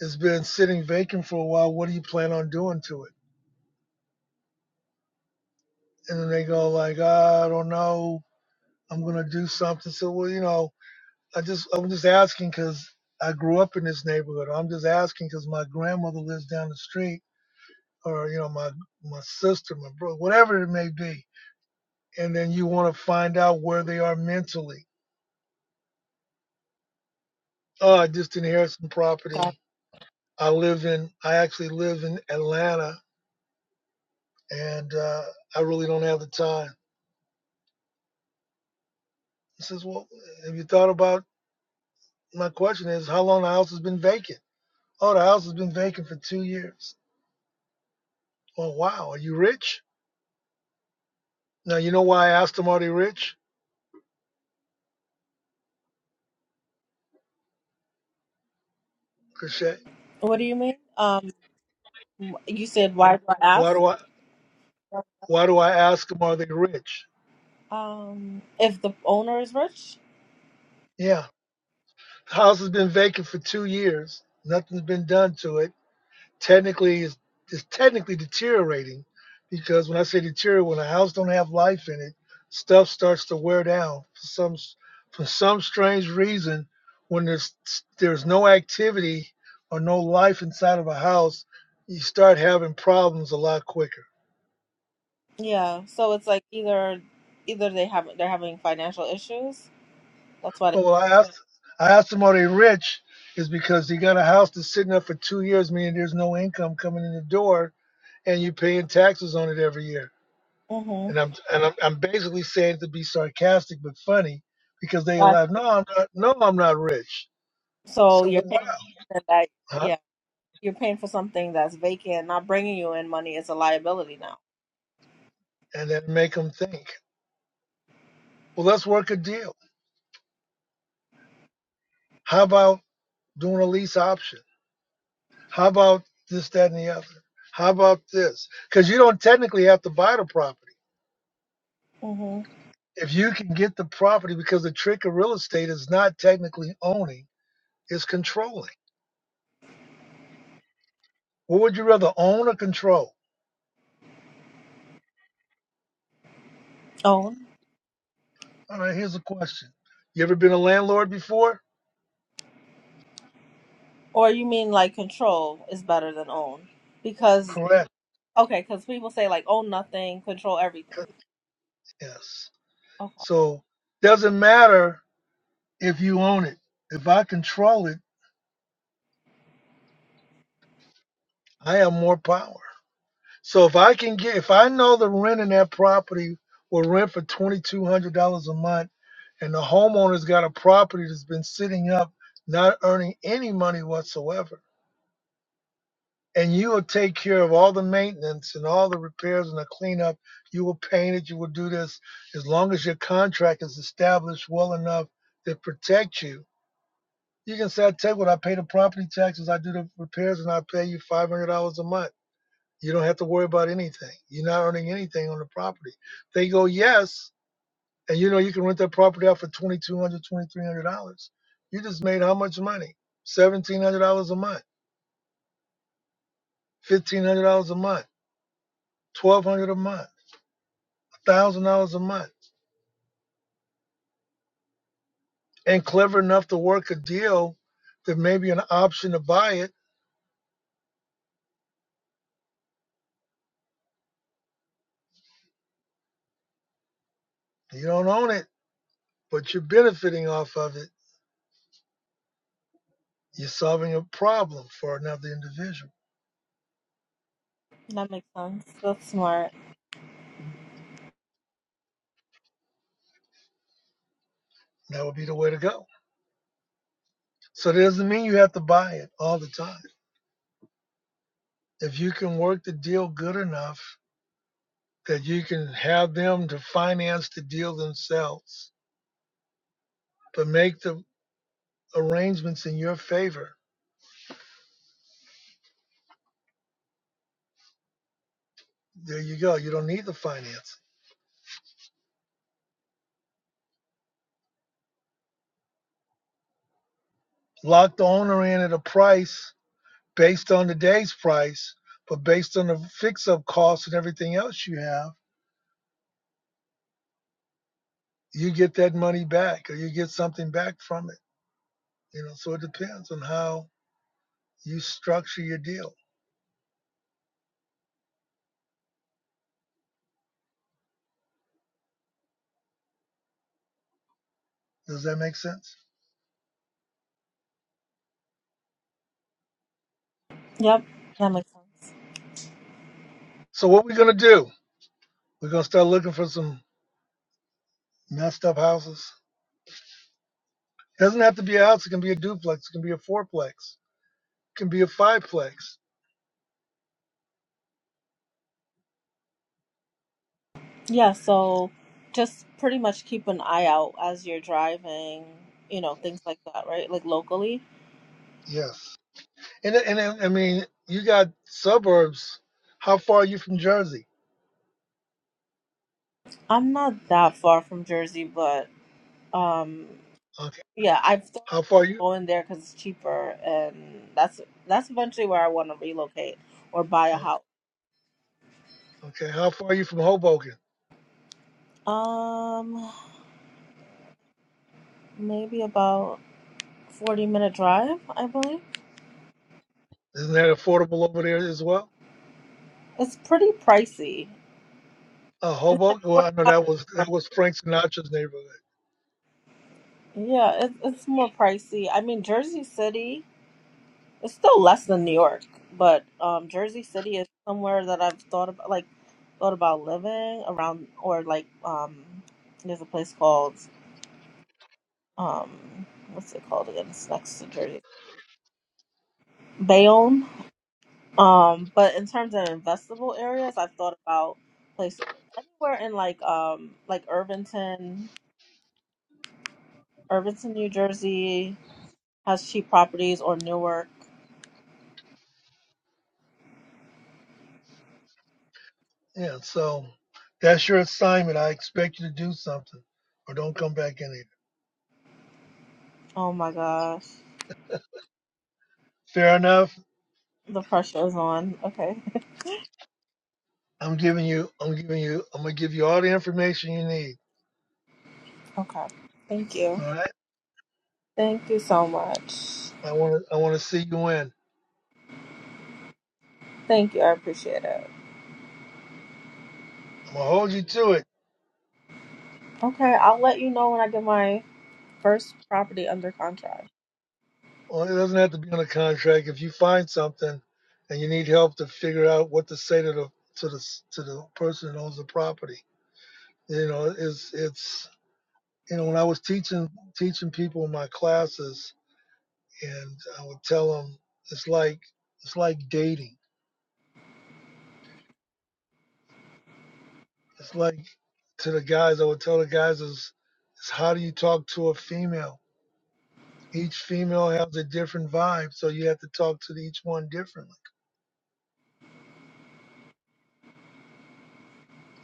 has been sitting vacant for a while. What do you plan on doing to it? And then they go like, I don't know. I'm going to do something. So, well, you know, I just I'm just asking because I grew up in this neighborhood. I'm just asking because my grandmother lives down the street, or you know my my sister, my brother, whatever it may be. And then you want to find out where they are mentally. Oh, I just inherited some god. property. I live in I actually live in Atlanta, and uh, I really don't have the time. He says, well, have you thought about my question? Is how long the house has been vacant? Oh, the house has been vacant for two years. Well, wow, are you rich? Now you know why I asked him, are they rich? Cliche. What do you mean? Um, you said why do I Why ask? do I why do I ask them are they rich? Um, if the owner is rich, Yeah. The house has been vacant for two years. Nothing's been done to it. Technically it's, it's technically deteriorating because when I say deteriorate when a house don't have life in it, stuff starts to wear down for some for some strange reason when there's there's no activity or no life inside of a house, you start having problems a lot quicker. yeah. So it's like either either they have they're having financial issues. That's why they. But when I asked, I asked him, are they rich? Is because he got a house that's sitting there for two years, meaning there's no income coming in the door, and you're paying taxes on it every year. Mm-hmm. And I'm and I'm, I'm basically saying it to be sarcastic but funny, because they Got laugh. No, I'm not. No, I'm not rich. So So you're well, paying wow, for that. huh? Yeah, you're paying for something that's vacant, not bringing you in money is a liability now. And then make them think. Well, let's work a deal. How about doing a lease option? How about this, that, and the other? How about this? Because you don't technically have to buy the property. Mm-hmm. if you can get the property because the trick of real estate is not technically owning it's controlling what would you rather own or control Own, all right here's a question you ever been a landlord before or you mean like control is better than own? Because correct okay, because people say like own nothing, control everything. yes Okay. so doesn't matter if you own it if i control it i have more power so if i can get if i know the rent in that property will rent for $2200 a month and the homeowner's got a property that's been sitting up not earning any money whatsoever and you will take care of all the maintenance and all the repairs and the cleanup. You will paint it, you will do this as long as your contract is established well enough to protect you. You can say, I take what I pay the property taxes, I do the repairs, and I pay you $500 a month. You don't have to worry about anything. You're not earning anything on the property. They go, Yes. And you know, you can rent that property out for $2,200, $2,300. You just made how much money? $1,700 a month, $1,500 a month, $1,200 a month thousand dollars a month and clever enough to work a deal that maybe an option to buy it. You don't own it, but you're benefiting off of it. You're solving a problem for another individual. That makes sense. That's smart. That would be the way to go. So it doesn't mean you have to buy it all the time. If you can work the deal good enough that you can have them to finance the deal themselves, but make the arrangements in your favor, there you go. You don't need the finance. Lock the owner in at a price based on the day's price, but based on the fix up costs and everything else you have, you get that money back or you get something back from it. You know, so it depends on how you structure your deal. Does that make sense? Yep, that makes sense. So what we're gonna do? We're gonna start looking for some messed up houses. It doesn't have to be a house, it can be a duplex, it can be a fourplex, it can be a fiveplex. Yeah, so just pretty much keep an eye out as you're driving, you know, things like that, right? Like locally. Yes. And and and- I mean, you got suburbs. How far are you from Jersey? I'm not that far from Jersey, but um Okay. yeah, I've thought How far are of you? going there cuz it's cheaper and that's that's eventually where I want to relocate or buy a Okay. house. Okay, how far are you from Hoboken? Um maybe about 40 minute drive, I believe. Isn't that affordable over there as well? It's pretty pricey. Uh, It's like Hoboken. Well, I know 45 that was minutes that from me. was Frank Sinatra's neighborhood. Yeah, it, it's more pricey. I mean, Jersey City is still less than New York, but um, Jersey City is somewhere that I've thought about, like thought about living around, or like um, there's a place called um, what's it called again? It's next to Jersey City, Bayonne. Um, but in terms of investable areas, I've thought about place anywhere in like um, like Irvington, Irvington, New Jersey has cheap properties, or Newark. Yeah, so that's your assignment. I expect you to do something, or don't come back in here. Oh my gosh. Fair enough. The pressure is on. Okay. I'm giving you. I'm giving you. I'm gonna give you all the information you need. Okay. Thank you. All right. Thank you so much. I want to. I want to see you win. Thank you. I appreciate it. I'm gonna hold you to it. Okay. I'll let you know when I get my first property under contract. Well, it doesn't have to be on a contract. If you find something, and you need help to figure out what to say to the to the to the person that owns the property, you know it's it's you know when i was teaching teaching people in my classes and i would tell them it's like it's like dating it's like to the guys i would tell the guys is, is how do you talk to a female each female has a different vibe so you have to talk to each one differently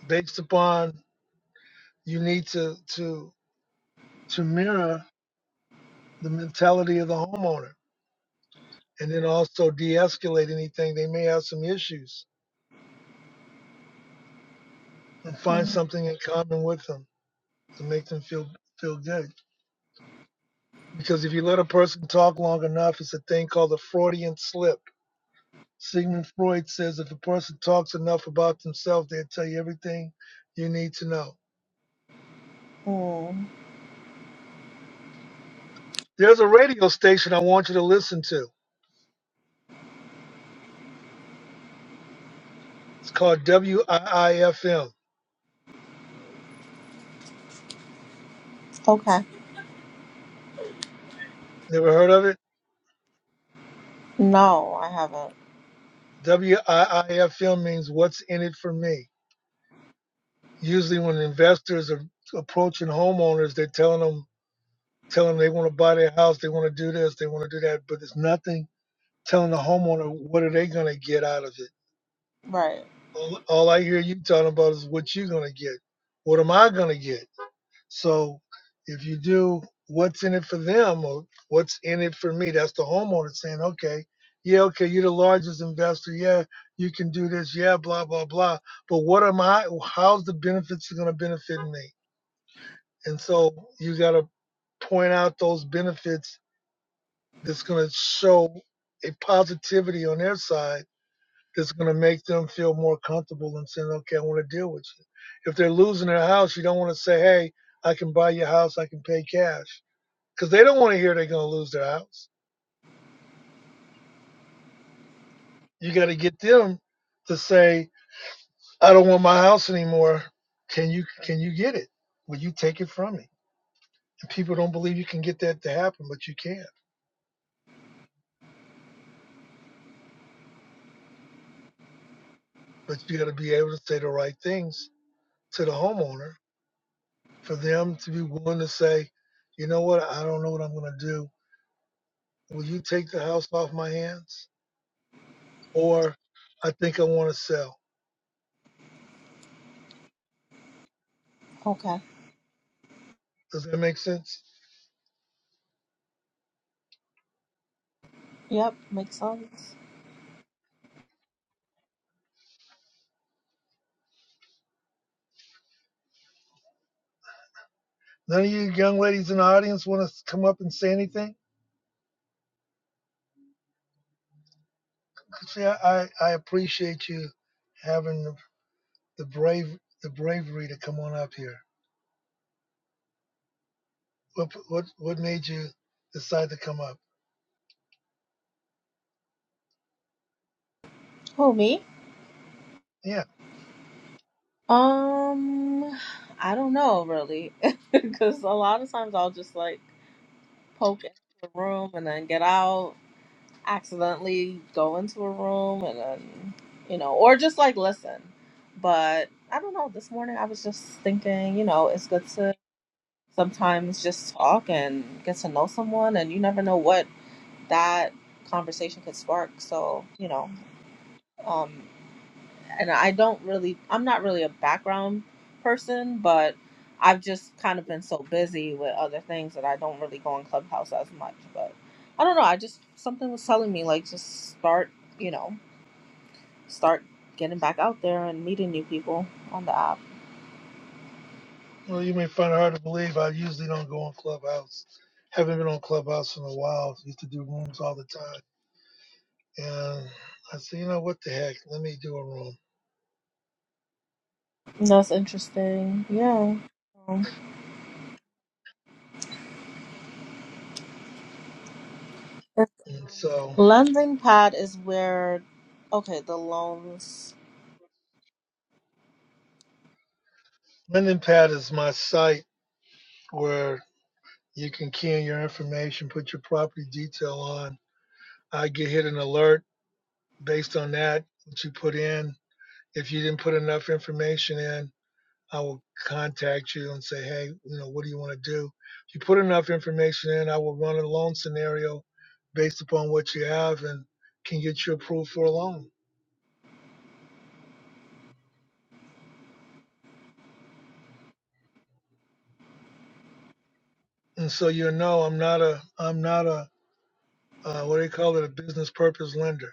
based upon you need to to to mirror the mentality of the homeowner and then also de-escalate anything they may have some issues and find Mm. something in common with them to make them feel feel good. Because if you let a person talk long enough, it's a thing called a Freudian slip. Sigmund Freud says if a person talks enough about themselves, they'll tell you everything you need to know. There's a radio station I want you to listen to. It's called WIIFM. Okay. Never heard of it? No, I haven't. WIIFM means what's in it for me. Usually, when investors are approaching homeowners, they're telling them, telling them they want to buy their house, they want to do this, they want to do that, but it's nothing telling the homeowner what are they going to get out of it. Right. All, all I hear you talking about is what you're going to get. What am I going to get? So if you do what's in it for them or what's in it for me, that's the homeowner saying, okay, yeah, okay, you're the largest investor. Yeah, you can do this. Yeah, blah, blah, blah. But what am I? How's the benefits going to benefit me? And so you got to point out those benefits that's going to show a positivity on their side it's going to make them feel more comfortable and saying, okay, I want to deal with you. If they're losing their house, you don't want to say, hey, I can buy your house, I can pay cash, because they don't want to hear they're going to lose their house. You got to get them to say, I don't want my house anymore. Can you can you get it? Will you take it from me? And people don't believe you can get that to happen, but you can. But you got to be able to say the right things to the homeowner for them to be willing to say, you know what, I don't know what I'm going to do Will you take the house off my hands? Or I think I want to sell. Okay. Does that make sense? Yep. Makes sense. None of you young ladies in the audience want to come up and say anything? See, I, I, appreciate you having the, the brave the bravery to come on up here. What what what made you decide to come up? Who, me? Yeah. Um, I don't know really. Because a lot of times I'll just like poke into the room and then get out. accidentally go into a room and then you know or just like listen but i don't know this morning i was just thinking you know it's good to sometimes just talk and get to know someone and you never know what that conversation could spark so you know um and i don't really i'm not really a background person but i've just kind of been so busy with other things that i don't really go on clubhouse as much but i don't know i just something was telling me like just start you know start getting back out there and meeting new people on the app. Well, you may find it hard to believe. I usually don't go on Clubhouse. Haven't been on Clubhouse in a while. Used to do rooms all the time. And I said, you know what the heck? Let me do a room. That's interesting. Yeah. Um, And so Lending pad is where okay, the loans LendingPad is my site where you can key in your information, put your property detail on. I get hit an alert based on that, what you put in. If you didn't put enough information in, I will contact you and say, hey, you know, what do you want to do? If you put enough information in, I will run a loan scenario based upon what you have and can get you approved for a loan. And so you know, I'm not a, I'm not a, uh, what do they call it, a business purpose lender.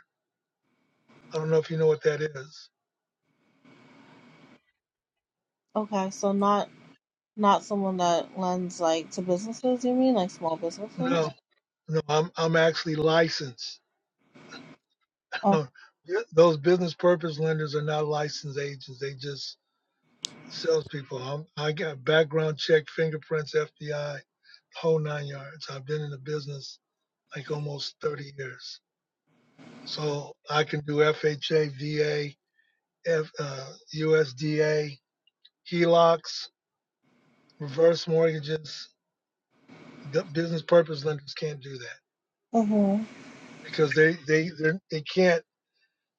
I don't know if you know what that is. okay, so not not someone that lends like to businesses, you mean like small No. businesses? No, I'm I'm actually licensed. Those business purpose lenders are not licensed agents. They just salespeople. I'm, I got background check, fingerprints, FBI, whole nine yards. I've been in the business like almost 30 years, so I can do FHA, VA, uh, USDA, HELOCs, reverse mortgages. The business purpose lenders can't do that Okay. because they they they're- they they can not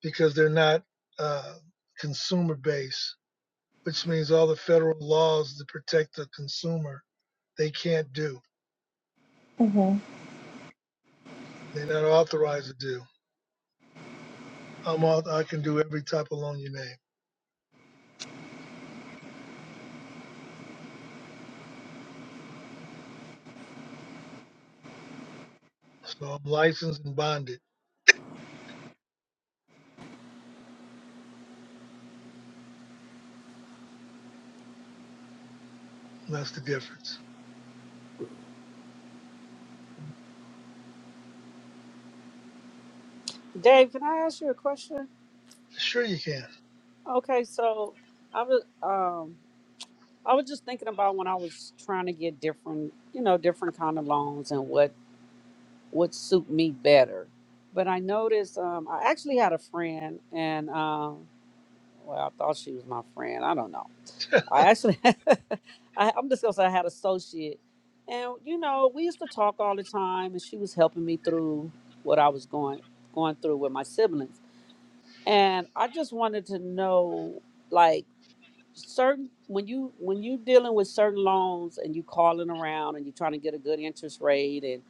because they're not uh, consumer based which means all the federal laws that protect the consumer, they can't do. Uh-huh. They're not authorized to do. I'm all, I can do every type of loan you name. So I'm licensed and bonded. That's the difference. Dave, can I ask you a question? Sure you can. Okay, so I was um I was just thinking about when I was trying to get different, you know, different kind of loans and what would suit me better. But I noticed um I actually had a friend and um well, I thought she was my friend. I don't know. I actually, I, I'm just gonna say I had an associate, and you know, we used to talk all the time, and she was helping me through what I was going going through with my siblings, and I just wanted to know, like, certain when you when you dealing with certain loans and you calling around and you're trying to get a good interest rate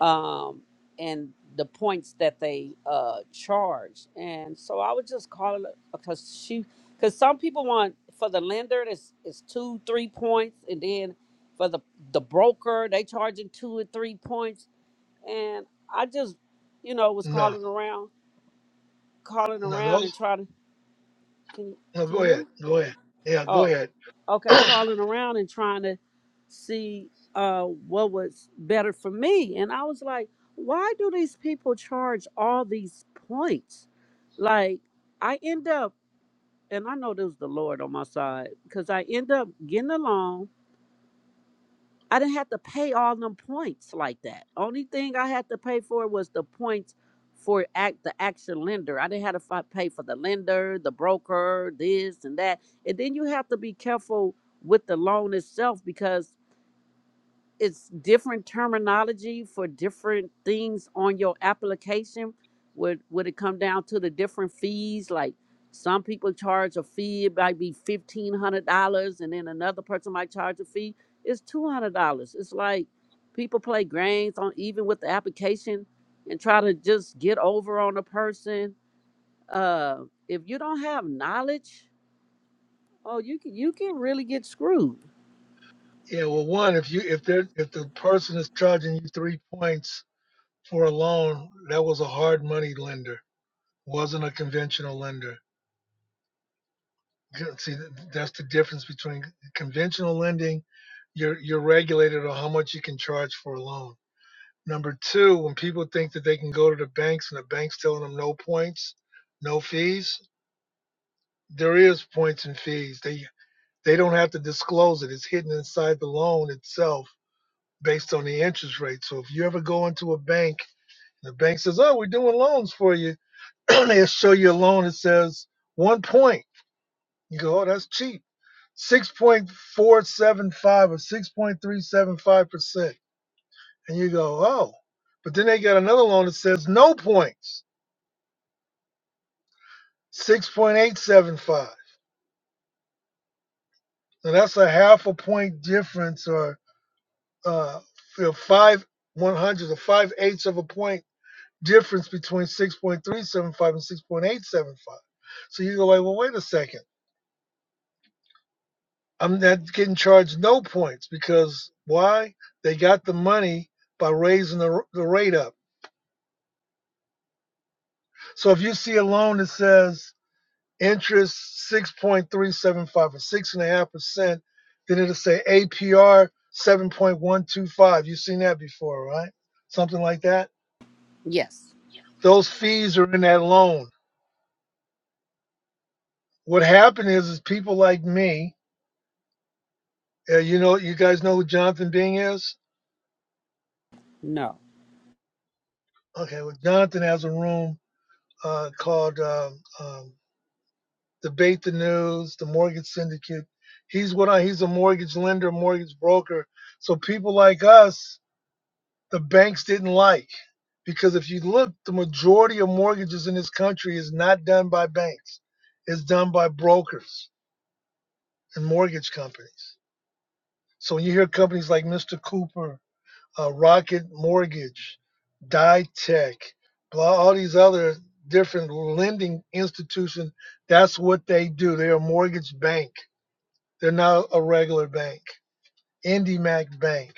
um, and the points that they uh, charge. And so I would just call it because she, because some people want for the lender it's it's two three points, and then for the the broker they charging two or three points. And I just, you know, was No, calling around, calling no, around, those, and trying to. Can no, can go you hear ahead. me? Go ahead. Yeah, go Oh, ahead. okay, yeah, calling around and trying to see uh, what was better for me. And I was like, why do these people charge all these points? Like, I end up, and I know there was the Lord on my side, because I end up getting along. I didn't have to pay all them points like that. Only thing I had to pay for was the points for act the actual lender. I didn't have to fi- pay for the lender, the broker, this and that. And then you have to be careful with the loan itself because it's different terminology for different things on your application would would it come down to the different fees like some people charge a fee it might be $1500 and then another person might charge a fee it's $200 it's like people play games on even with the application and try to just get over on a person uh if you don't have knowledge oh you can you can really get screwed well, one, if you, if they're, if the person is charging you three points for a loan, that was a hard money lender, wasn't a conventional lender. See, that's the difference between conventional lending. You're you're regulated on how much you can charge for a loan. Number two, when people think that they can go to the banks and the banks telling them no points, no fees, there is points and fees. They they don't have to disclose it. It's hidden inside the loan itself based on the interest rate. So if you ever go into a bank and the bank says, "Oh, we're doing loans for you," they'll show you a loan that says one point You go, oh, that's cheap. 6.475 or 6.375%. And you go, oh. But then they got another loan that says no points, 6.875. Now that's a half a point difference or uh, you know, five one hundredths or five eighths of a point difference between 6.375 and 6.875. So you go like, well, wait a second. I'm not getting charged no points because why? They got the money by raising the, the rate up. So if you see a loan that says interest 6.375 or 6.5%, then it'll say APR 7.125. You've seen that before, right? Something like that. yes Those fees are in that loan. What happened is, is people like me, uh, you know, you guys know who Jonathan Bing is? no Okay, well, Jonathan has a room uh, called um, um, Debate the News, the Mortgage Syndicate. He's what I, he's a mortgage lender, mortgage broker. So people like us, the banks didn't like because if you look, the majority of mortgages in this country is not done by banks. It's done by brokers and mortgage companies. So when you hear companies like Mr. Cooper, uh, Rocket Mortgage, DiTech, blah, all these other different lending institutions, that's what they do. They're a mortgage bank They're not a regular bank. IndyMac Bank,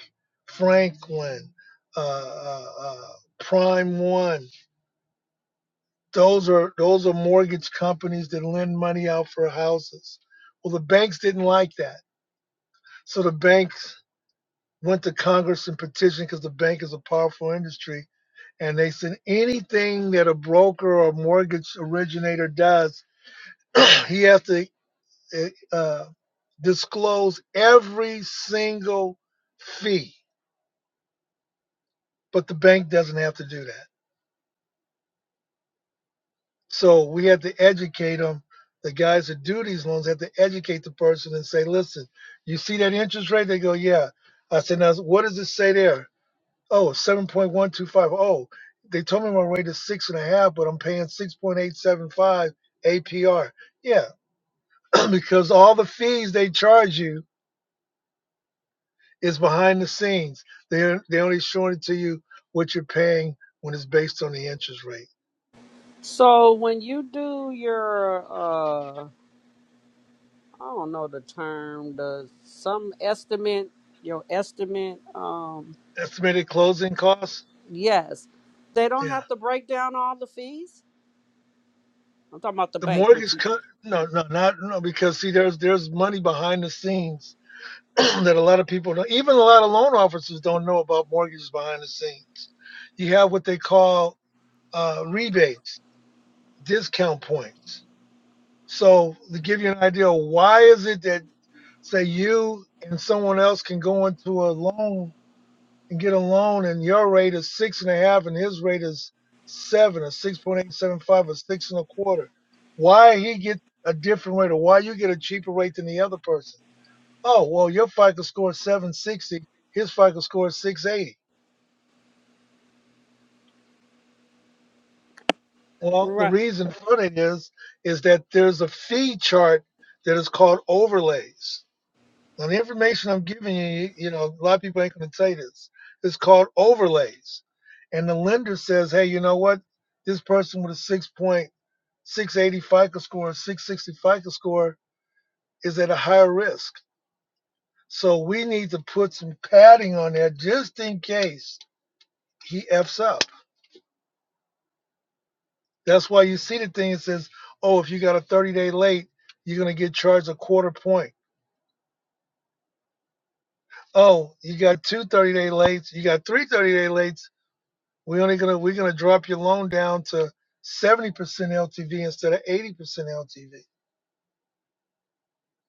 Franklin, uh, uh, uh, Prime One. Those are those are mortgage companies that lend money out for houses. Well, the banks didn't like that, so the banks went to Congress and petitioned because the bank is a powerful industry, and they said anything that a broker or mortgage originator does, he has to uh, uh, disclose every single fee but the bank doesn't have to do that. So we have to educate them. The guys that do these loans have to educate the person and say, listen, you see that interest rate? They go, yeah. I said, now what does it say there? Oh, 7.125. Oh, they told me my rate is six and a half, but I'm paying 6.875 APR. Yeah, because all the fees they charge you is behind the scenes. They're, they only showing it to you what you're paying when it's based on the interest rate. So when you do your uh I don't know the term, the some estimate, your estimate, um, Estimated closing costs. yes. They don't Yeah. have to break down all the fees. I'm talking about the the bank, which mortgage you cut no no not no because see there's there's money behind the scenes that a lot of people don't even a lot of loan officers don't know about mortgages behind the scenes you have what they call uh, rebates discount points so to give you an idea why is it that say you and someone else can go into a loan and get a loan and your rate is six and a half and his rate is seven or six point eight seven five or six and a quarter. Why he get a different rate or why you get a cheaper rate than the other person? Oh well your FICO score is seven sixty, his FICO score is six eighty. Well the Right. reason for it is, is that there's a fee chart that is called overlays. Now, the information I'm giving you, you know, a lot of people ain't going to say this. It's called overlays. And the lender says, hey, you know what? This person with a 6.680 FICO score, 660 FICO score is at a higher risk. So we need to put some padding on there just in case he F's up. That's why you see the thing that says, oh, if you got a 30 day late, you're going to get charged a quarter point. Oh, you got two 30 day lates, you got three 30 day lates We only gonna we're gonna drop your loan down to seventy percent LTV instead of eighty percent LTV.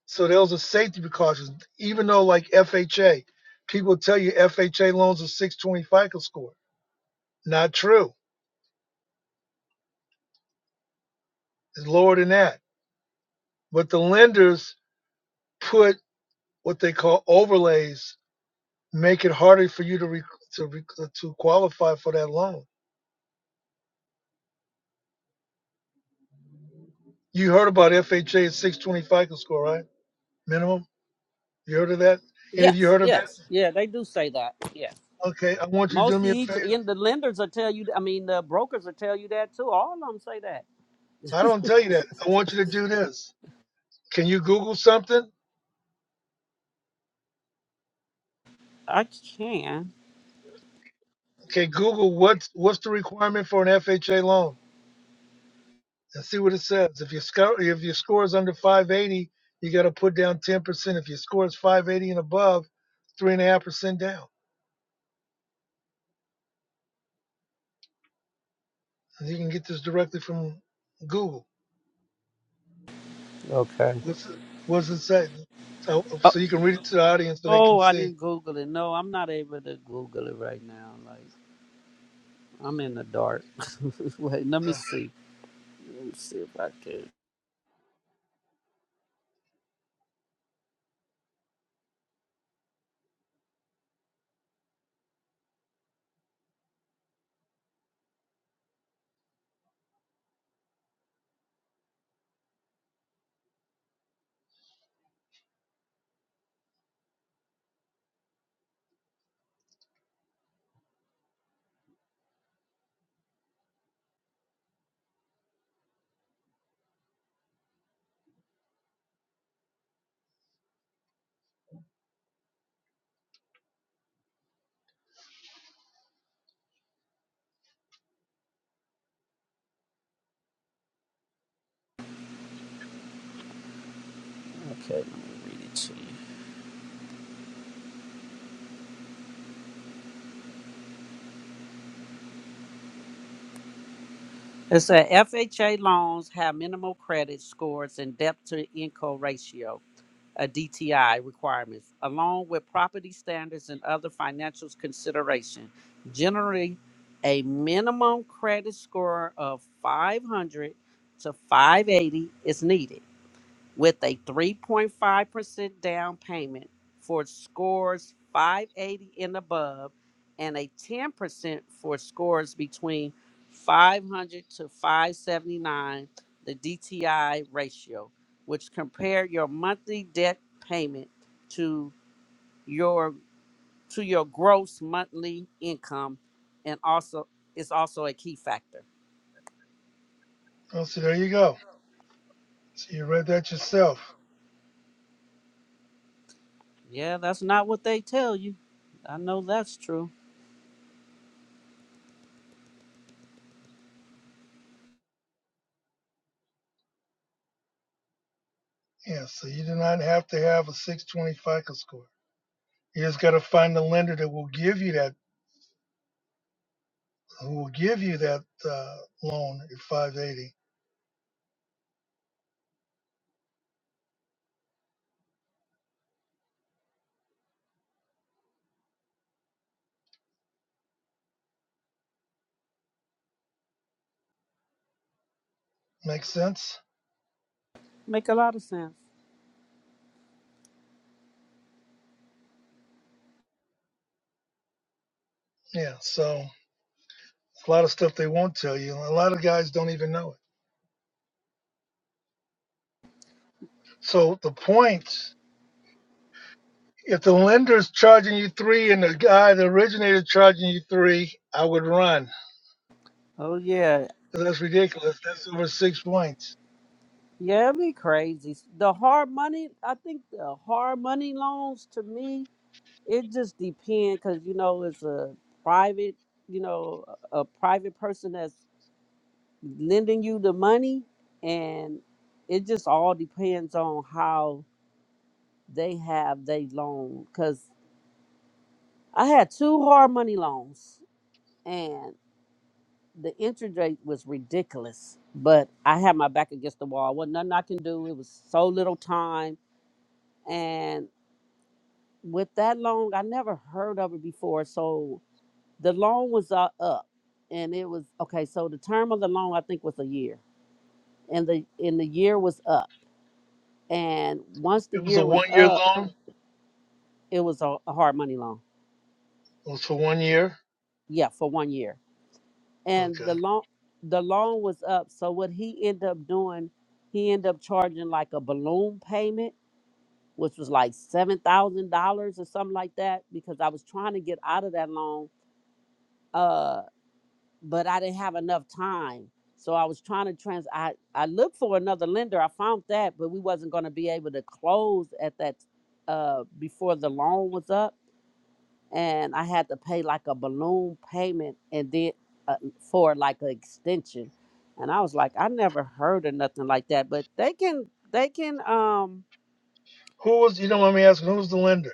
So those are safety precautions. Even though like FHA, people tell you FHA loans are six twenty FICO score. Not true. It's lower than that. But the lenders put what they call overlays, make it harder for you to re- to re- to qualify for that loan. You heard about FHA at 620 FICO score, right? Minimum. You heard of that? And if you Yes, heard of that, yes. Yeah, they do say that. Yeah. okay, I want you to do Most of me a each favor. in the lenders will tell you I mean the brokers will tell you that too. All of them say that. I don't tell you that. I want you to do this. Can you Google something? I can. Okay, Google what's what's the requirement for an FHA loan and see what it says. If your score if your score is under 580, you got to put down 10 percent. If your score is 580 and above, three and a half percent down. And you can get this directly from Google. Okay. What's it, what does it say? So, Uh, so you can read it to the audience so they can oh, I see. didn't Google it. No, I'm not able to Google it right now. like, I'm in the dark. Wait, let me Uh, see. Let me see if I can. Okay, let me read it to you. It said FHA loans have minimal credit scores and debt to income ratio, a DTI requirements, along with property standards and other financial consideration. Generally, a minimum credit score of 500 to 580 is needed. with a 3.5% down payment for scores 580 and above and a 10% for scores between 500 to 579 the DTI ratio which compare your monthly debt payment to your to your gross monthly income and also is also a key factor. Oh, so there you go. So you read that yourself. Yeah, that's not what they tell you. I know that's true. Yeah. So you do not have to have a 620 FICO score. You just got to find a lender that will give you that who will give you that uh, loan at 580. Make sense? Make a lot of sense. Yeah. So a lot of stuff they won't tell you. A lot of guys don't even know it. So the point, if the lender's charging you three and the guy, the originator, charging you three, I would run. Oh yeah. That's ridiculous. That's over six points. Yeah, it'd be crazy. The hard money, I think the hard money loans to me, it just depends because you know it's a private, you know, a a private person that's lending you the money, and it just all depends on how they have they loan. Because I had two hard money loans, and the interest rate was ridiculous, but I had my back against the wall. wasn't nothing I can do. It was so little time and with that loan, I never heard of it before. So the loan was uh, up, and it was okay. So the term of the loan, I think, was a year, and the and the year was up. And once the It was a year was one-year up, loan. it was a, a hard money loan. It was for one year. Yeah, for one year, and Okay. the loan the loan was up. So what he ended up doing, he ended up charging like a balloon payment, which was like seven thousand dollars or something like that, because I was trying to get out of that loan. uh. but I didn't have enough time. So I was trying to trans. I I looked for another lender. I found that, but we wasn't going to be able to close at that uh before the loan was up, and I had to pay like a balloon payment and then uh, for like an extension. And I was like, I never heard of nothing like that, but they can they can um Who was? You don't want me asking. Who was the lender?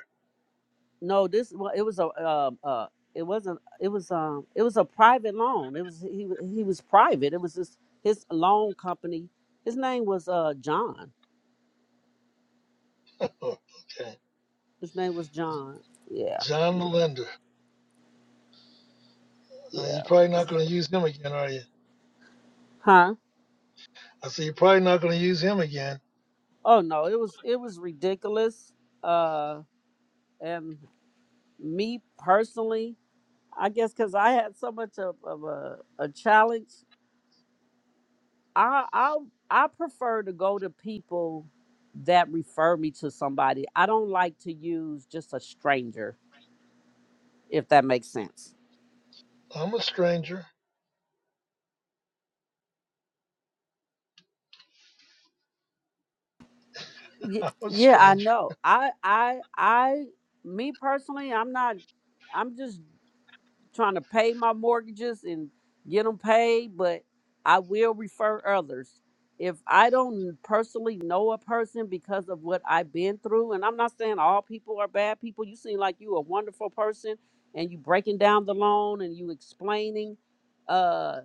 No, this well, it was a um uh it wasn't it was um it was a private loan. It was he wa- he was private. It was his his loan company. His name was uh John. Oh, okay. His name was John. Yeah, John the lender. Uh, you're yeah. probably not going to use him again, are you? Huh? I said, You're probably not going to use him again. Oh no, it was it was ridiculous. Uh, and me personally, I guess because I had so much of, of a a challenge I I I prefer to go to people that refer me to somebody. I don't like to use just a stranger, if that makes sense. I'm a stranger. Ye- I'm a Yeah, I stranger. know. I I I me personally, I'm not. I'm just trying to pay my mortgages and get them paid, but I will refer others. If I don't personally know a person because of what I've been through, and I'm not saying all people are bad people, you seem like you a wonderful person and you breaking down the loan and you explaining, uh,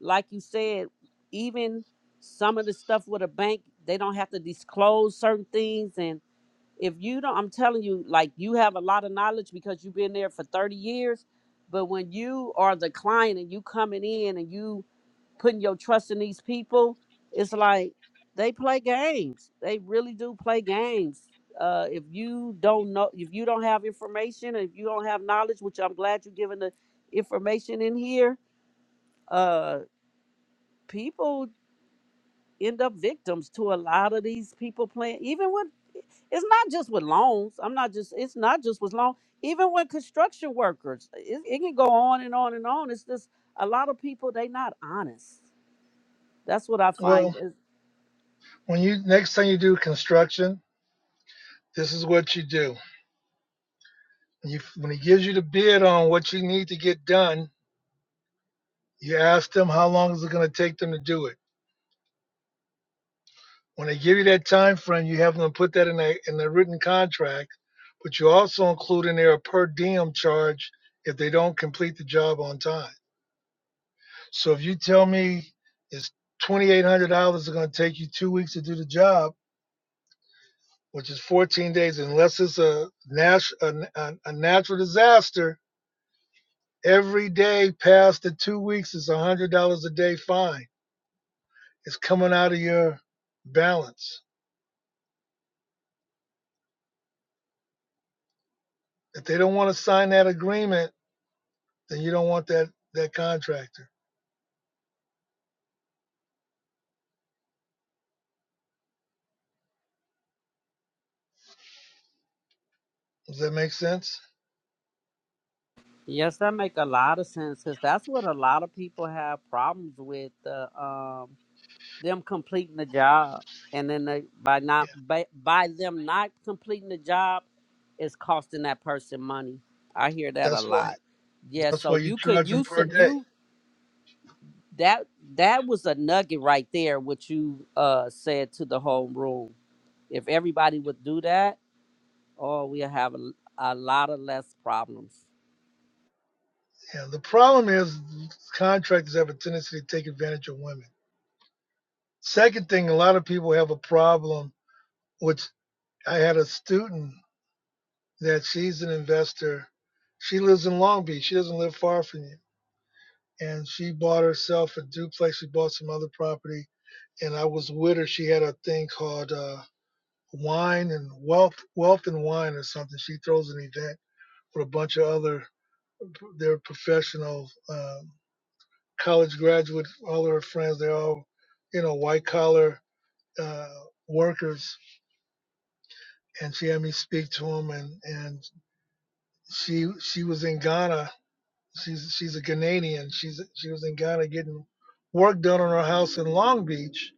like you said, even some of the stuff with a bank, they don't have to disclose certain things and if you don't i'm telling you like you have a lot of knowledge because you've been there for 30 years but when you are the client and you coming in and you putting your trust in these people it's like they play games they really do play games uh, if you don't know if you don't have information if you don't have knowledge which i'm glad you're giving the information in here uh, people end up victims to a lot of these people playing even with it's not just with loans i'm not just it's not just with loans. even with construction workers it, it can go on and on and on it's just a lot of people they not honest that's what i find Well, is- when you next time you do construction, this is what you do. You, when he gives you the bid on what you need to get done, you ask them how long is it going to take them to do it. When they give you that time frame, you have them put that in a in the written contract, but you also include in there a per diem charge if they don't complete the job on time. So if you tell me it's twenty eight hundred dollars is going to take you two weeks to do the job, which is fourteen days, unless it's a nat- a, a, a natural disaster. Every day past the two weeks is one hundred dollars a day fine. It's coming out of your balance. If they don't want to sign that agreement, then you don't want that that contractor. Does that make sense? yes that make a lot of sense because that's what a lot of people have problems with Uh, um, them completing the job, and then they, by Yeah. not by, by them not completing the job, it's costing that person money. I hear that a That's why lot. Yeah, that's so why you you could charge you them s- per day. you that that was a nugget right there. What you uh said to the whole room. If everybody would do that, oh, we'll have a, a lot of less problems. Yeah. The problem is contractors have a tendency to take advantage of women Second thing, a lot of people have a problem, which I had a student that she's an investor. She lives in Long Beach. She doesn't live far from you. And she bought herself a duplex. She bought some other property. And I was with her. She had a thing called uh, Wine and Wealth, Wealth and Wine or something. She throws an event with a bunch of other, they're professional um, college graduates, all of her friends. They're all, you know, white collar uh, workers and she had me speak to him and and she she was in Ghana she's she's a Ghanaian she's she was in Ghana getting work done on her house in Long Beach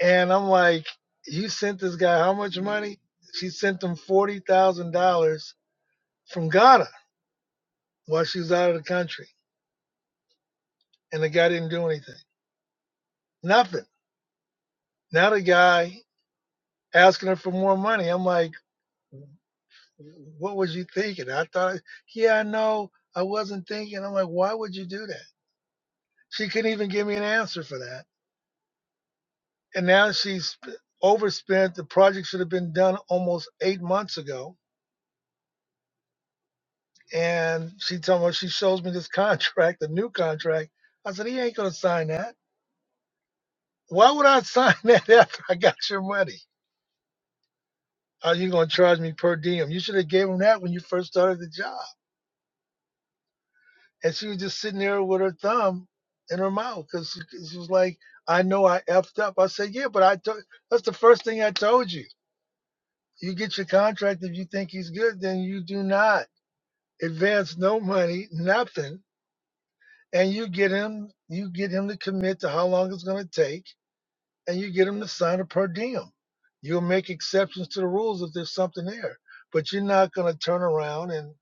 and I'm like you sent this guy how much money she sent him forty thousand dollars from Ghana while she was out of the country and the guy didn't do anything nothing now the guy asking her for more money I'm like what was you thinking I thought yeah I know I wasn't thinking I'm like why would you do that She couldn't even give me an answer for that. And now she's overspent. The project should have been done almost eight months ago. And she told me she shows me this contract, the new contract. I said, he ain't gonna sign that. Why would I sign that after I got your money? Are you gonna charge me per diem? You should have gave him that when you first started the job. And she was just sitting there with her thumb in her mouth because she, she was like, I know I effed up. I said, Yeah, but I told that's the first thing I told you You get your contract if you think he's good, then you do not advance no money, nothing, and you get him you get him to commit to how long it's gonna take, and you get him to sign a per diem. You'll make exceptions to the rules if there's something there. But you're not gonna turn around and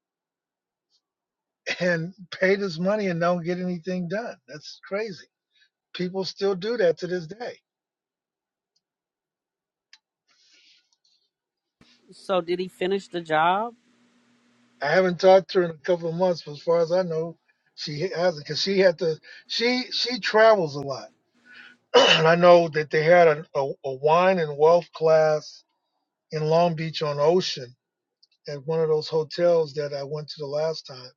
and pay this money and don't get anything done. That's crazy. People still do that to this day. So did he finish the job? I haven't talked to her in a couple of months, but as far as I know, she hasn't because she had to she she travels a lot and I know that they had a, a, a wine and wealth class in Long Beach on Ocean at one of those hotels that I went to the last time.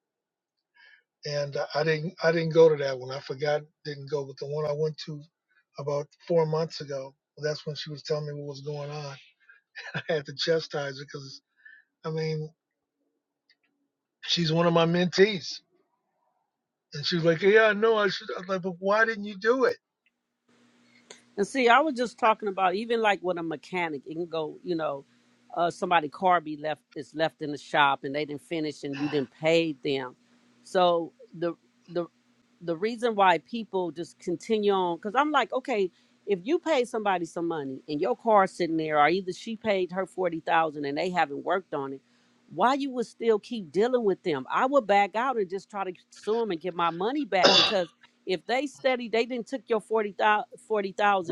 And I didn't I didn't go to that one. I forgot didn't go, but the one I went to about four months ago, that's when she was telling me what was going on. I had to chastise her because I mean she's one of my mentees, and she was like, "Yeah, I know I should." I was like, "But why didn't you do it?" And see, I was just talking about even like with a mechanic, it can go, you know, uh, somebody car be left is left in the shop and they didn't finish and you didn't pay them. So the the the reason why people just continue on because I'm like, okay, if you pay somebody some money and your car sitting there, or either she paid her forty thousand and they haven't worked on it, why you would still keep dealing with them? I would back out and just try to sue them and get my money back because if they study they didn't took your 40,000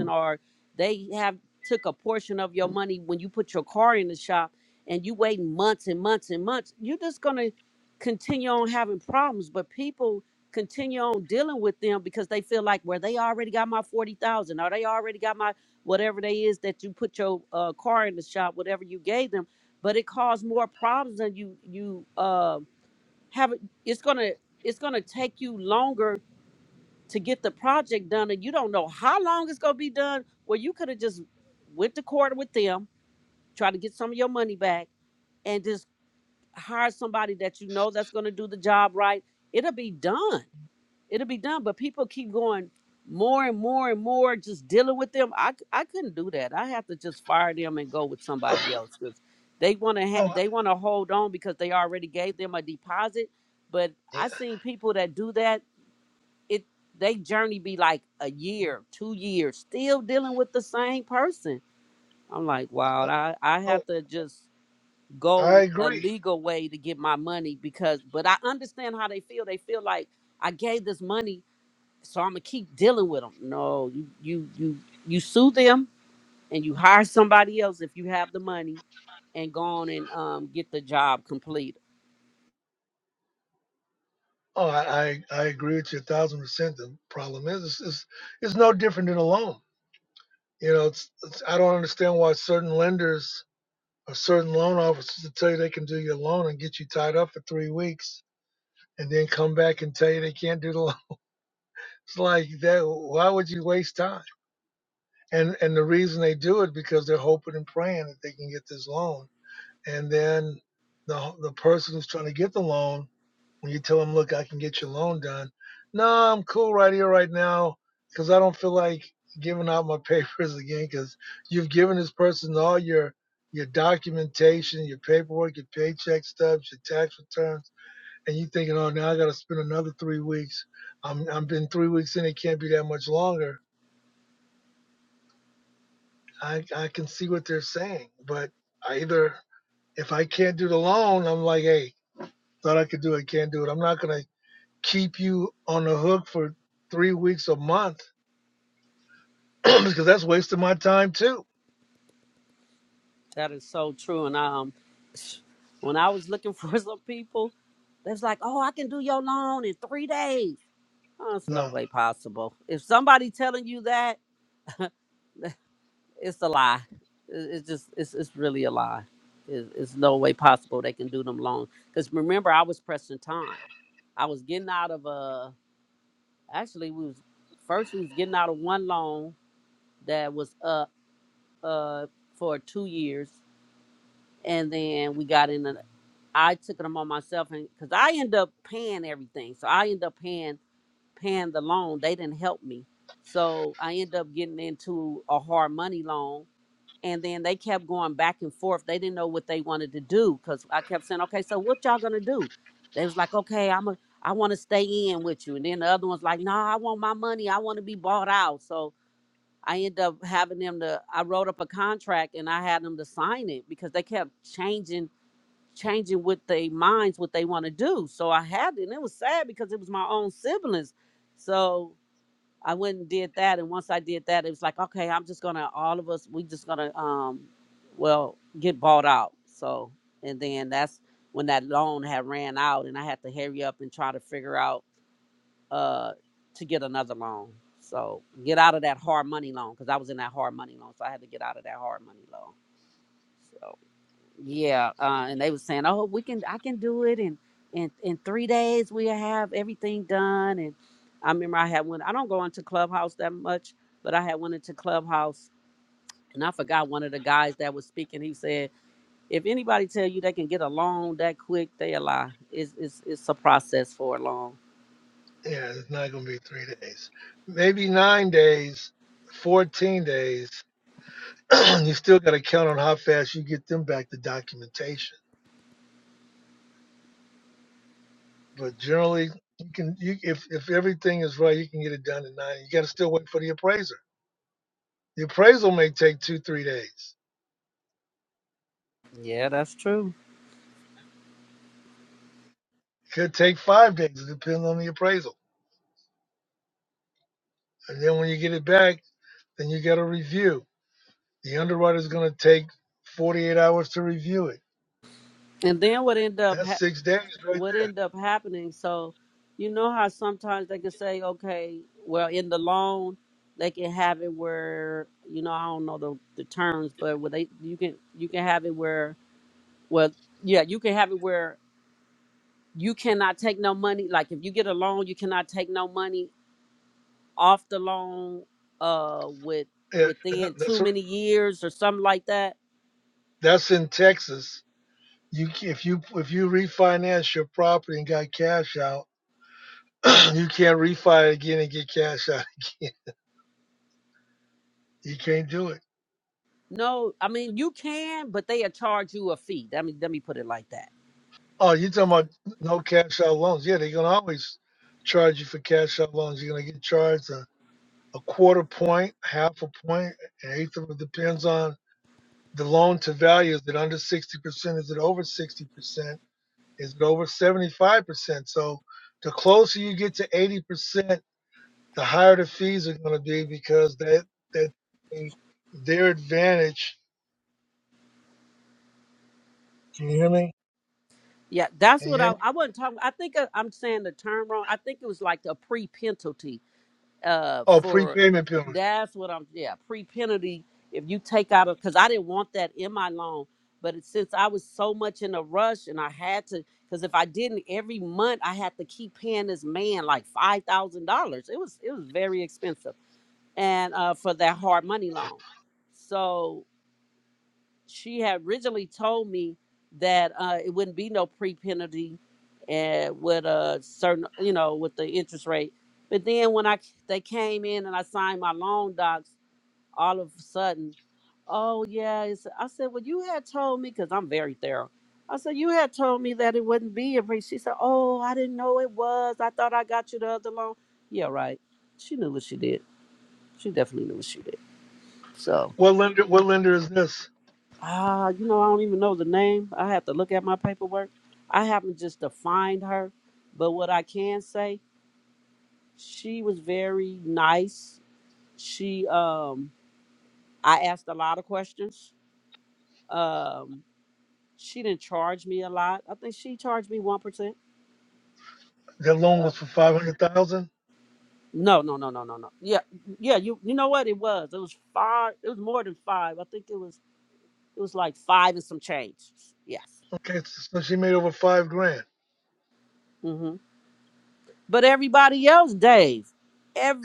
or they have took a portion of your money when you put your car in the shop and you wait months and months and months you're just going to continue on having problems but people continue on dealing with them because they feel like well, they already got my 40,000 or they already got my whatever they is that you put your uh, car in the shop whatever you gave them but it caused more problems than you you uh, have it's going to it's going to take you longer to get the project done and you don't know how long it's going to be done well you could have just went to court with them try to get some of your money back and just hire somebody that you know that's going to do the job right it'll be done it'll be done but people keep going more and more and more just dealing with them i, c- I couldn't do that i have to just fire them and go with somebody else because they want to ha- oh, they want to hold on because they already gave them a deposit but yeah. i seen people that do that it they journey be like a year, two years, still dealing with the same person. I'm like, wow, I, I Oh, have to just I go a agree. legal way to get my money because but I understand how they feel. They feel like I gave this money, so I'm gonna keep dealing with them. No, you you you you sue them and you hire somebody else if you have the money and go on and um, get the job completed. Oh, I, I, I agree with you a thousand percent. The problem is, it's, it's, it's no different than a loan. You know, it's, it's, I don't understand why certain lenders or certain loan officers will tell you they can do your loan and get you tied up for three weeks and then come back and tell you they can't do the loan. It's like that. Why would you waste time? And, and the reason they do it because they're hoping and praying that they can get this loan. And then the, the person who's trying to get the loan When you tell them, look, I can get your loan done. No, I'm cool right here, right now, because I don't feel like giving out my papers again, because you've given this person all your your documentation, your paperwork, your paycheck stubs, your tax returns, and you thinking, oh, now I got to spend another three weeks. I'm I'm been three weeks in. It can't be that much longer. I I can see what they're saying, but I either if I can't do the loan, I'm like, hey, thought I could do it, can't do it. I'm not gonna keep you on the hook for three weeks a month because that's wasting my time too. That is so true. And um, when I was looking for some people, they was like, "Oh, I can do your loan in three days." Oh, it's no No, way possible. If somebody telling you that, it's a lie. It- It's just, it's, it's really a lie. It- It's no way possible they can do them loans. Because remember, I was pressing time. I was getting out of a. Actually, we was first we was getting out of one loan that was up uh for two years, and then we got in. I took them on myself, and because I end up paying everything, so I end up paying paying the loan. They didn't help me, so I end up getting into a hard money loan, and then they kept going back and forth. They didn't know what they wanted to do because I kept saying, "Okay, so what y'all gonna do?" They was like, "Okay, I'm a, I want to stay in with you," and then the other one's like, "No, I want my money. I want to be bought out." So I end up having them to. I wrote up a contract and I had them to sign it because they kept changing changing with their minds what they want to do. So I had it, and it was sad because it was my own siblings. So I went and did that, and once I did that, it was like, okay, I'm just gonna all of us, we just gonna um, well, get bought out. So and then that's when that loan had ran out, and I had to hurry up and try to figure out uh to get another loan. So get out of that hard money loan because I was in that hard money loan, so I had to get out of that hard money loan. so. Yeah, uh, and they were saying, "Oh, we can, I can do it and in in in three days. We have everything done." And I remember I had one. I don't go into Clubhouse that much, but I had one into Clubhouse, and I forgot one of the guys that was speaking. He said, "If anybody tell you they can get a loan that quick, they a lie. It's it's it's a process for a loan." yeah, it's not going to be three days. Maybe nine days, 14 days. you still got to count on how fast you get them back the documentation. But generally, you can you if if everything is right, you can get it done in nine. You got to still wait for the appraiser. The appraisal may take two three days. Yeah, that's true. Could take five days. It depends on the appraisal. And then when you get it back, then you got to review. The underwriter is going to take 48 hours to review it. And then what ended up That's happening? six days right what there. ended up happening. So, you know how sometimes they can say, okay, well, in the loan, they can have it where you know I don't know the, the terms, but where they you can you can have it where well yeah you can have it where you cannot take no money. Like if you get a loan, you cannot take no money off the loan uh with Yeah, within that's too many years or something like that. that's in Texas. You if you if you refinance your property and got cash out, you can't refi it again and get cash out again. You can't do it. No, I mean you can, but they'll charge you a fee. Let me let me put it like that Oh, you talking about no cash out loans? Yeah, they're gonna always charge you for cash out loans. You're gonna get charged a, a quarter point, half a point, an eighth of it depends on the loan to value. Is it under sixty percent? Is it over sixty percent? Is over 75%. So the closer you get to 80%, the higher the fees are going to be because that that their advantage. Can you hear me? Yeah, that's Can you what hear I, me? I wasn't talking. I think I, I'm saying the term wrong. I think it was like a pre penalty. Uh, Oh, for prepayment penalty. that's what I'm. Yeah, pre penalty. If you take out a, because I didn't want that in my loan, but it, since I was so much in a rush and I had to, because if I didn't every month, I had to keep paying this man like five thousand dollars. It was it was very expensive, and uh, for that hard money loan. So she had originally told me that uh, it wouldn't be no pre penalty and with a certain you know with the interest rate but then when I they came in and i signed my loan docs all of a sudden oh yeah it's, i said well you had told me because i'm very thorough i said you had told me that it wouldn't be a pre she said oh i didn't know it was i thought i got you the other loan yeah right she knew what she did she definitely knew what she did So. What lender? What lender is this? Ah, you know, I don't even know the name. I have to look at my paperwork. I haven't just defined her, but what I can say, she was very nice. She, um, I asked a lot of questions. Um, she didn't charge me a lot. I think she charged me one percent. That loan Uh, was for five hundred thousand. no, no, no, no, no, no. Yeah, yeah. You, you know what? It was. It was five. It was more than five. I think it was. It was like five and some change. Yes. Okay, so she made over five grand. Mm-hmm. But everybody else, Dave,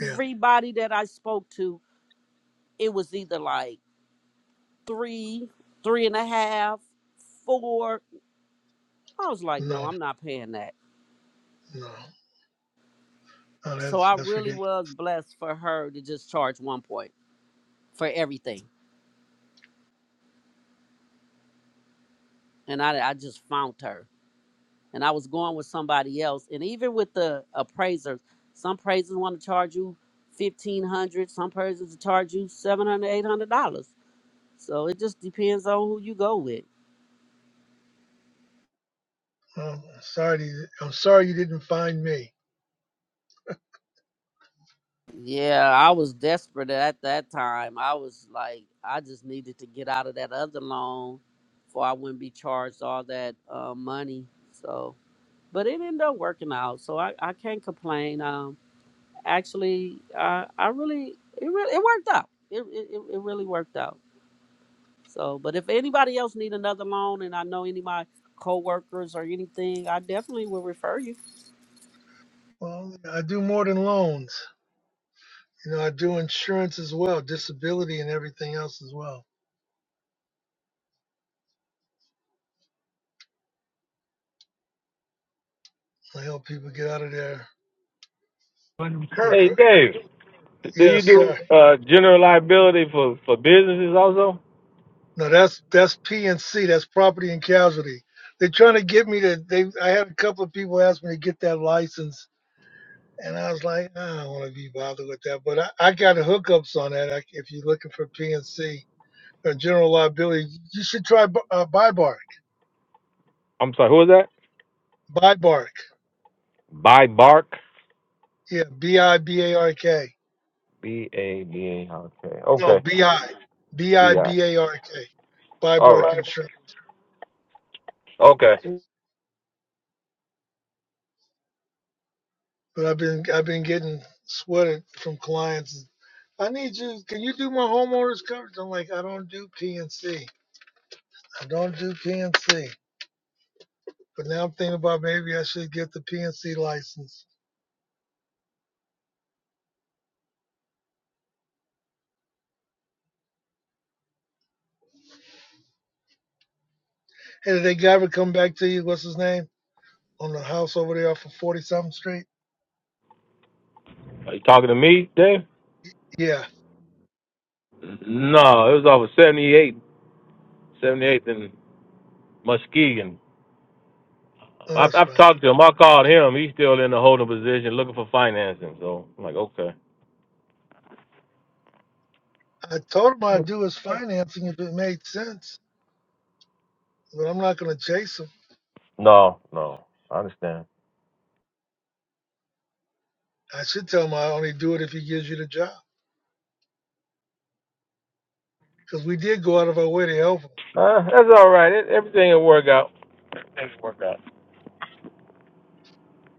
Yeah. that I spoke to, it was either like three, three and a half, four. I was like, no, No, I'm not paying that. no, no. So That's I that's really ridiculous. was blessed for her to just charge one point for everything. And I, I just found her. And I was going with somebody else. And even with the appraisers, some appraisers want to charge you 1500 some appraisers charge you 700, 800 dollars so it just depends on who you go with Um, sorry, I'm sorry you didn't find me. Yeah, I was desperate at that time. I was like, I just needed to get out of that other loan before I wouldn't be charged all that uh, money. So, but it ended up working out. So I, I can't complain. Um, actually, I, I really, it really, it worked out. It, it, it it really worked out. So, but if anybody else need another loan and I know any of my coworkers or anything, I definitely will refer you. Well, I do more than loans. You know, I do insurance as well, disability and everything else as well. I help people get out of their, right. their Hey, cr- Dave. Do you yes, do sir. uh, general liability for, for businesses also? No, that's that's P and C, that's property and casualty. They're trying to get me to they I had a couple of people ask me to get that license and I was like, "Nah, I don't want to be bothered with that. But I, I got hookups on that. I, if you're looking for P and C or general liability, you should try B- uh, BIBARC. I'm sorry, who was that? BIBARC. By Bark. Yeah, B I B A R K. B A B A R K. No, Okay. B I B I B I. B A R K. Buy All Bark right. and Okay. But I've been I've been getting sweated from clients. I need you. Can you do my homeowners coverage? I'm like, I don't do pnci don't do PNC. But now I'm thinking about maybe I should get the PNC license. Hey, did that guy ever come back to you? What's his name? On the house over there off of 40 something street? Are you talking to me, Dave? Yeah. No, it was off of 78, 78th and Muskegon. Oh, I've, that's I've right. talked to him. I called him. He's still in the holding position looking for financing. So I'm like, okay. I told him I'd do his financing if it made sense, but I'm not going to chase him. No, no. I understand. I should tell him I only do it if he gives you the job. Because we did go out of our way to help him. Uh, that's all right. It, everything will work out. Everything will work out.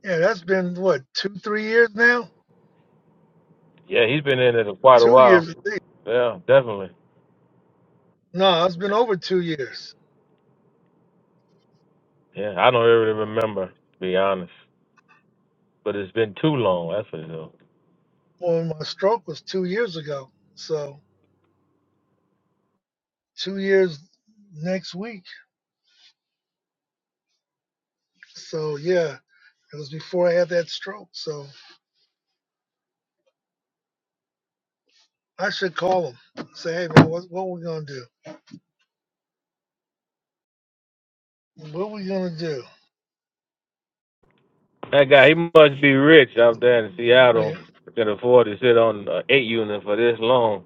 Yeah, that's been what, two, three years now? Yeah, he's been in it quite a Two years, while. I think. Yeah, definitely. No, it's been over two years. Yeah, I don't really remember, to be honest. But it's been too long, that's for sure. Well, my stroke was two years ago. So two years next week. So yeah, it was before I had that stroke. So I should call him. Say, hey man, what what are we gonna do? What are we gonna do? do? That guy, he must be rich out there in money. Seattle. Can afford to sit on an eight unit for this long.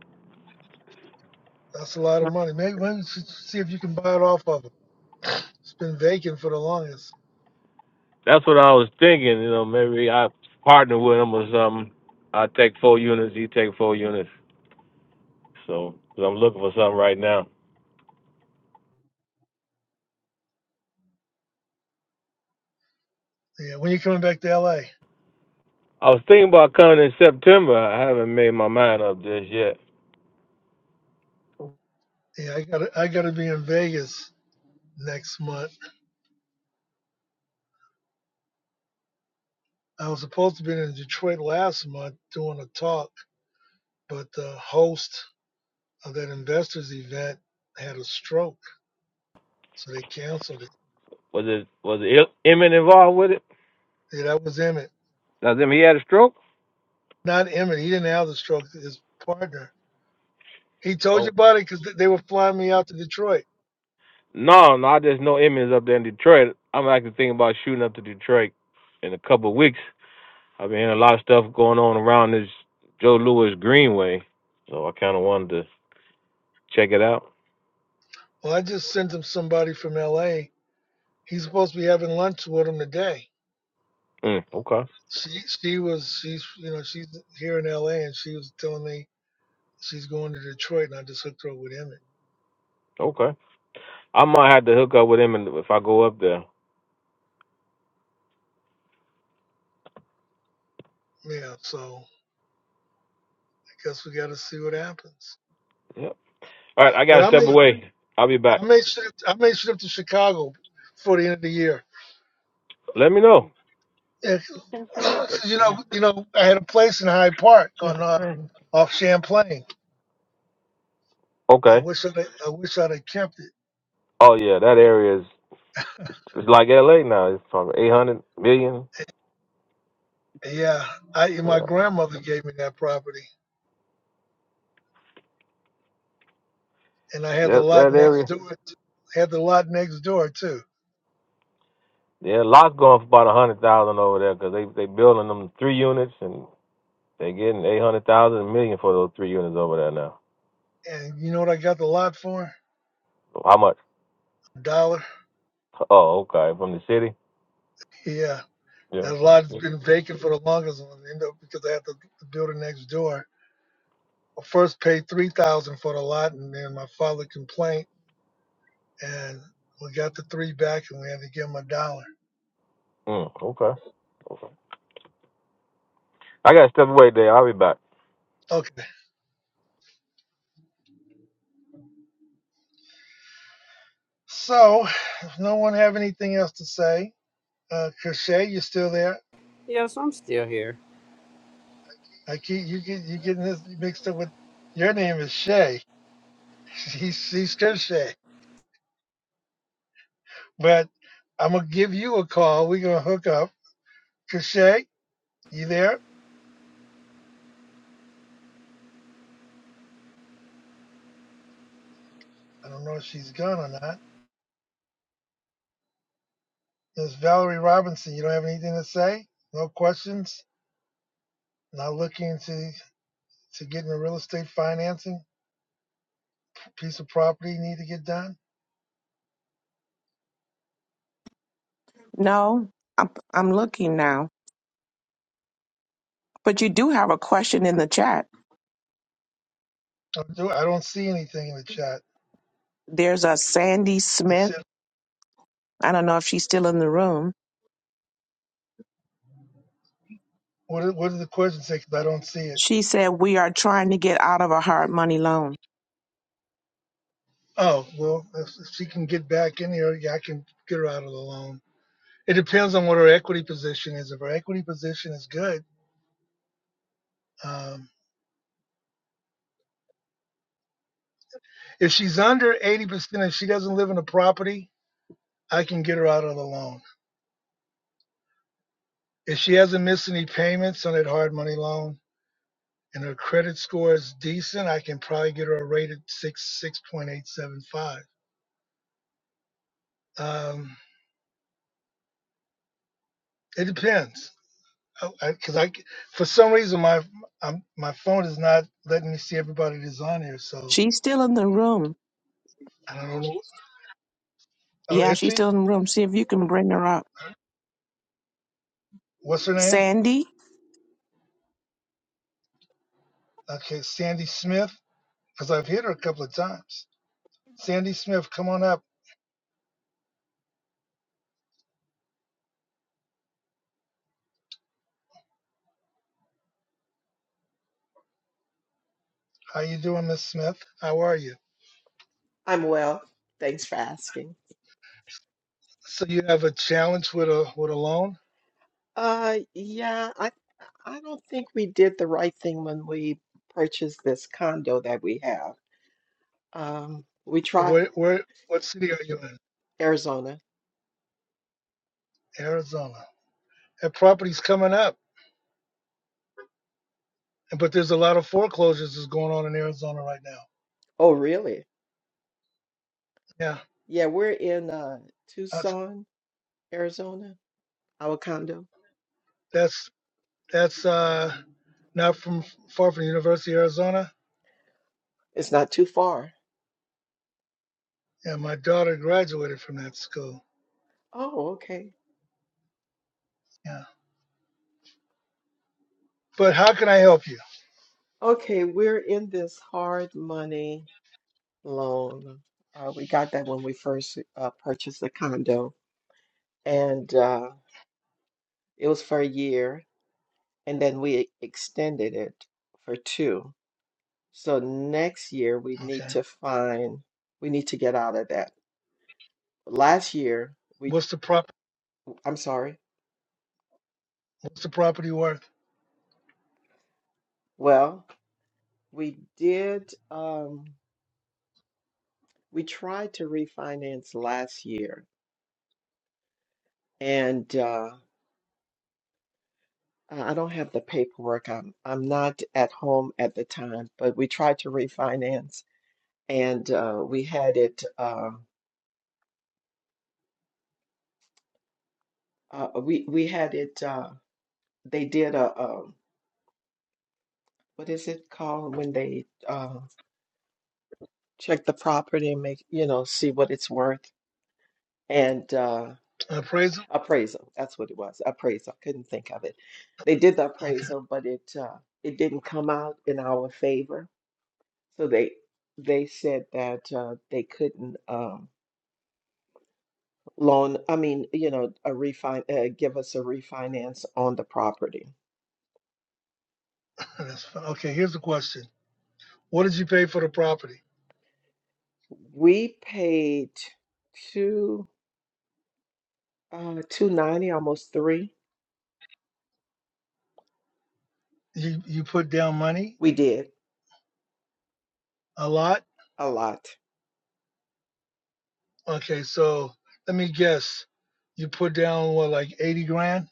That's a lot of money. Maybe maybe you should see if you can buy it off of him. It's been vacant for the longest. That's what I was thinking. You know, maybe I partner with him or something. I take four units, he take four units. So 'cause I'm looking for something right now. Yeah, when you coming back to LA? I was thinking about coming in September. I haven't made my mind up just yet. Yeah, I gotta I gotta be in Vegas next month. I was supposed to be in Detroit last month doing a talk, but the host of that investors event had a stroke, so they canceled it. Was it was it Emmett involved with it? Yeah, that was Emmett. Does him he had a stroke? Not Emmett. He didn't have the stroke. His partner. He told you about it because they were flying me out to Detroit. No, no, I just know Emmy's up there in Detroit. I'm actually thinking about shooting up to Detroit in a couple of weeks. I've been hearing a lot of stuff going on around this Joe Louis Greenway, so I kind of wanted to check it out. Well, I just sent him somebody from LA. He's supposed to be having lunch with him today. Mm, okay, She she was she's you know she's here in LA and she was telling me She's going to Detroit, and I just hooked her up with Emmett. okay. I might have to hook up with him and- if I go up there. Yeah, so I guess we got to see what happens. Yep. All right, I But gotta I step may, away. I'll be I back. may shift, I may shift to Chicago for the end of the year. Let me know. Yeah, 'cause, you know, you know, I had a place in Hyde Park on uh, off Champlain. I Okay. wish I'd, I wish I'd have kept Oh yeah, that area is it's like L.A. now. It's probably 800 million. it. Yeah, I my Yeah. grandmother gave me that property, and I had the Yep, lot that next area. door. t- I had the lot next door too. Yeah, lots going for about a hundred thousand over there because they they building them three units and they getting eight hundred thousand a million for those three units over there now. And you know what I got the lot for? So I'm A dollar. oh city. Yeah. Yeah, That from the lot's city. been vacant for the longest one, end up because I had the, the building next door. I first paid three thousand for the lot, and then my father complained, and we got the three back, and we had to give him a dollar. Mm, okay. I gotta step away Dave. I'll be back. Okay, so if no one have anything else to say, uh, cause you still there? Yes, I'm still here. I keep you get you getting this mixed up with your name is Shay. He's he's Shay, but I'm gonna give you a call. We're gonna hook up. Cause you there? I don't know if she's gone or not. Ms. Valerie Robinson, you don't have anything to say? No questions? Not looking to, to get into real estate financing? Piece of property need to get done? No, I'm, I'm looking now. But you do have a question in the chat. I do- I don't see anything in the chat. There's a Sandy It Smith. said, I don't know if she's still in the room. what, did- what did the question say? 'Cause I don't see it. She said, We are trying to get out of a hard money loan. Oh, well, if if she can get back in here, yeah, I can get her out of the loan. It depends on what her equity position is. If her equity position is good, um, if she's under 80% and she doesn't live in a property, I can get her out of the loan. If she hasn't missed any payments on that hard money loan and her credit score is decent, I can probably get her a rate at six six point eight seven five. Um, it depends, because I, I, 'cause for some reason my I'm, my phone is not letting me see everybody that's on here, so She's still in the room. I don't know. Oh, Yeah, she's still itchy. in the room. See if you can bring her up. What's her name? Sandy, Okay, Sandy Smith, because I've hit her a couple of times. Sandy Smith, come on up. How you doing, Miss Smith? How are you? I'm well. Thanks for asking. So you have a challenge with a with a loan? Uh, yeah, I I don't think we did the right thing when we purchased this condo that we have. Um, we tried Where, where, what city are you in? Arizona. Arizona. That property's coming up, but there's a lot of foreclosures that's going on in Arizona right now. Oh, really? Yeah, Yeah, we're in uh that's Tucson, Arizona, our condo. that's that's uh, not from far from the University of Arizona. It's not too far. Yeah, my daughter graduated from that school. Oh, okay. Yeah, but how can I help you? Okay, we're in this hard money loan. Uh, we got that when we first uh, purchased the condo, and uh, it was for a year. and then we extended it for two. So next year we need Okay, to find, we need to get out of that. Last year we, what's the prop? I'm sorry. What's the property worth? Well, we did, um, we tried to refinance last year and, uh, I I don't have the paperwork. I'm I'm not at home at the time, but we tried to refinance and uh, we had it uh, uh, we we had it uh, they did a, a what is it called when they uh, check the property and make, you know, see what it's worth and uh, An appraisal? appraisal. That's what it was. Appraisal. I couldn't think of it. They did the Okay, appraisal, but it uh, it didn't come out in our favor. So they they said that uh, they couldn't um, loan. I mean, you know, a refine uh, give us a refinance on the property. that's fine. Okay, here's the question: What did you pay for the property? We paid two uh, two ninety, almost three. You you put down money? We did A lot? a lot. Okay, so let me guess. You put down what, like eighty grand?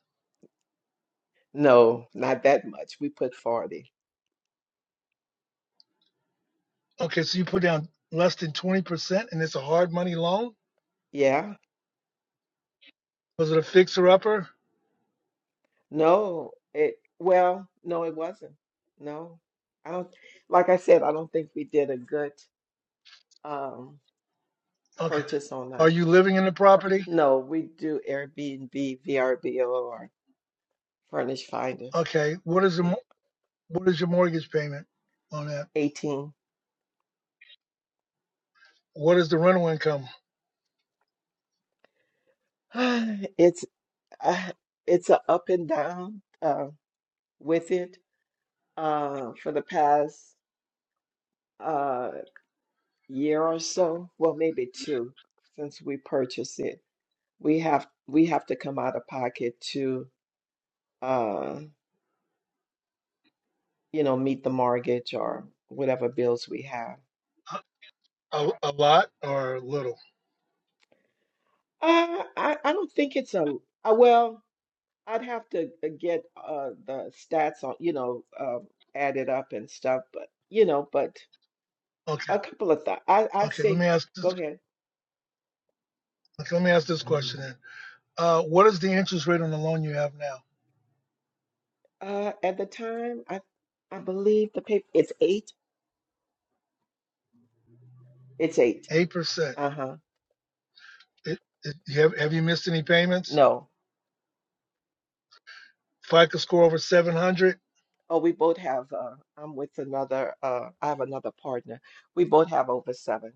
No, not that much. We put 40. Okay, so you put down less than twenty percent, and it's a hard money loan. Yeah. Was it a fixer upper? No, it, well, no, it wasn't. No. I don't, like I said, I don't think we did a good um Okay. purchase on Are that. you living in the property? No, we do Airbnb, VRBO, or Furnished Finders. Okay. What is the mo- what is your mortgage payment on that? 18. What is the rental income? It's uh, it's a up and down uh with it uh for the past uh year or so, well, maybe two since we purchased it. We have we have to come out of pocket to uh you know meet the mortgage or whatever bills we have. A, a- a lot or little? Uh, I I don't think it's a uh, well. I'd have to uh, get uh the stats on you know uh, added up and stuff, but you know, but Okay. a couple of thoughts. I I'd Okay. Let me say ask go this. ahead. Okay, let me ask this question then. Uh, what is the interest rate on the loan you have now? Uh, at the time, I I believe the paper it's eight. It's eight. Eight percent. Uh-huh. It, it, you have, have you missed any payments? No. If I could score over 700, Oh, we both have, uh, I'm with another, uh, I have another partner. We both have over seven.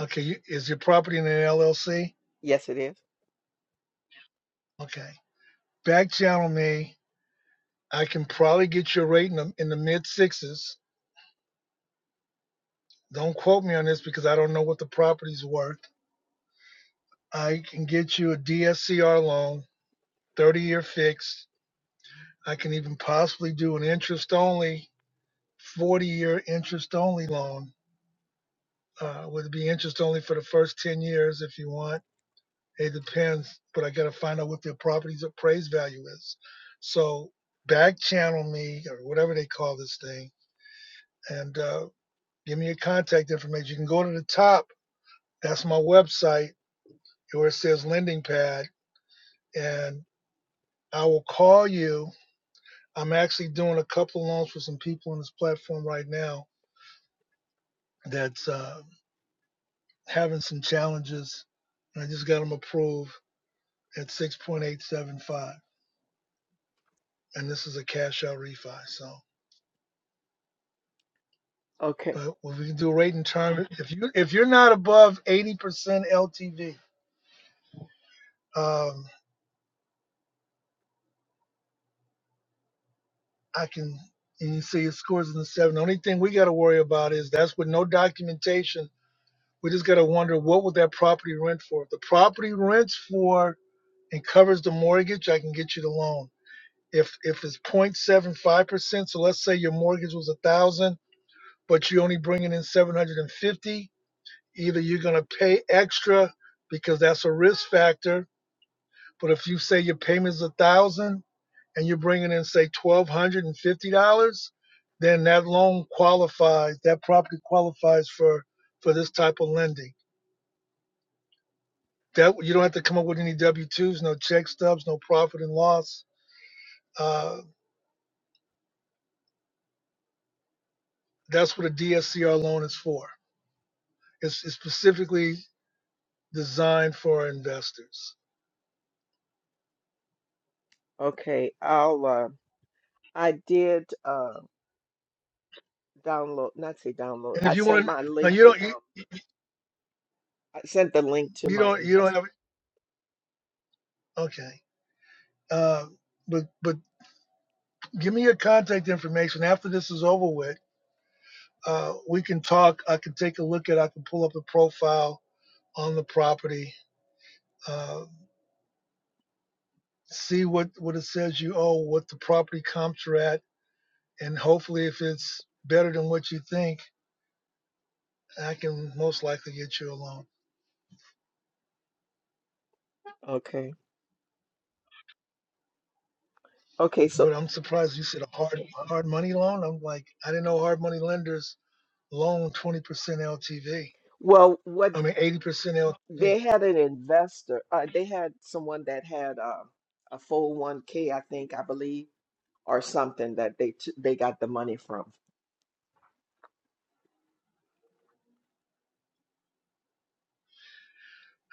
okay, you- is your property in an LLC? Yes, it is. Okay. Back channel me. I can probably get your rate in the, in the mid sixes. Don't quote me on this because I don't know what the property's worth. I can get you a DSCR loan, 30 year fixed. I can even possibly do an interest only, 40 year interest only loan. Uh, would be interest only for the first 10 years if you want It depends, but I gotta find out what their property's appraised value is. So back channel me or whatever they call this thing and uh, give me your contact information. You can go to the top. That's my website where it says lending pad and I will call you. I'm actually doing a couple of loans for some people on this platform right now that's uh, having some challenges. And I just got them approved at 6.875. And this is a cash out refi. So. Okay. But what we can do rate and term, if you if you're not above 80% LTV, um, I can and you see it scores in the seven. The only thing we got to worry about is that's with no documentation. We just got to wonder what would that property rent for. If the property rents for and covers the mortgage, I can get you the loan. If if it's 0.75%, so let's say your mortgage was a thousand, but you're only bringing in 750, either you're gonna pay extra because that's a risk factor, But if you say your payment's a thousand and you're bringing in say twelve hundred and fifty dollars, then that loan qualifies. That property qualifies for for this type of lending. That you don't have to come up with any W twos, no check stubs, no profit and loss. Uh, that's what a DSCR loan is for. It's, it's specifically designed for our investors. Okay. I'll, uh, I did, uh, download, not say download. And if I you sent want to, my now link, you don't you, I sent the link to you my don't you don't investor. have okay. Uh, but but give me your contact information after this is over with Uh, we can talk. I can take a look at. I can pull up a profile on the property, uh, see what what it says you owe, what the property comps are at, and hopefully, if it's better than what you think, I can most likely get you a loan. Okay. Okay. So, But I'm surprised you said a hard hard money loan. I'm like, I didn't know hard money lenders loan 20% LTV. well, what I mean, 80% LTV. they had an investor. Uh, they had someone that had uh, a 401k, I think, I believe, or something that they t they got the money from.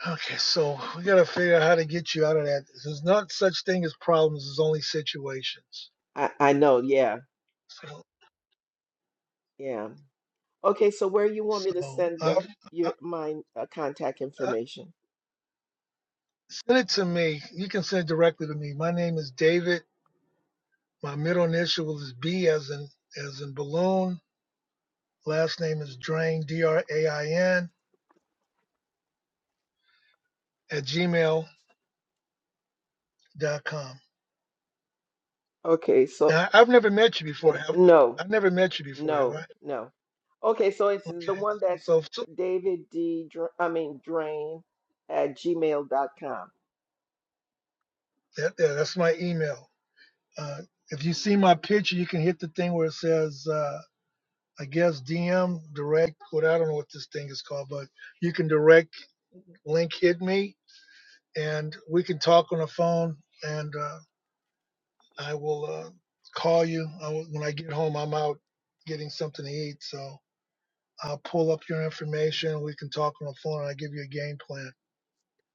Okay, so we got to figure out how to get you out of that. There's not such thing as problems. There's only situations. I I know, yeah, So. yeah. Okay, so where you want me So to send I, the I, your my uh, contact I, information? send it to me. You can send it directly to me. My name is David. My middle initial is B as in as in balloon. Last name is Drain D R A I N at gmail dot com. Okay, so Now I've never met you before. Have I? no. have never met you before, have No, I? no. Okay, so it's the Okay. one that's So, so David D. Dr- I mean Drain at Gmail dot com. that, yeah, that's my email. Uh, if you see my picture, you can hit the thing where it says, uh, I guess DM direct. What I don't know what this thing is called, but you can direct link hit me and we can talk on the phone and uh, I will uh, call you. I will, when I get home, I'm out getting something to eat. So I'll pull up your information. We can talk on the phone and I'll give you a game plan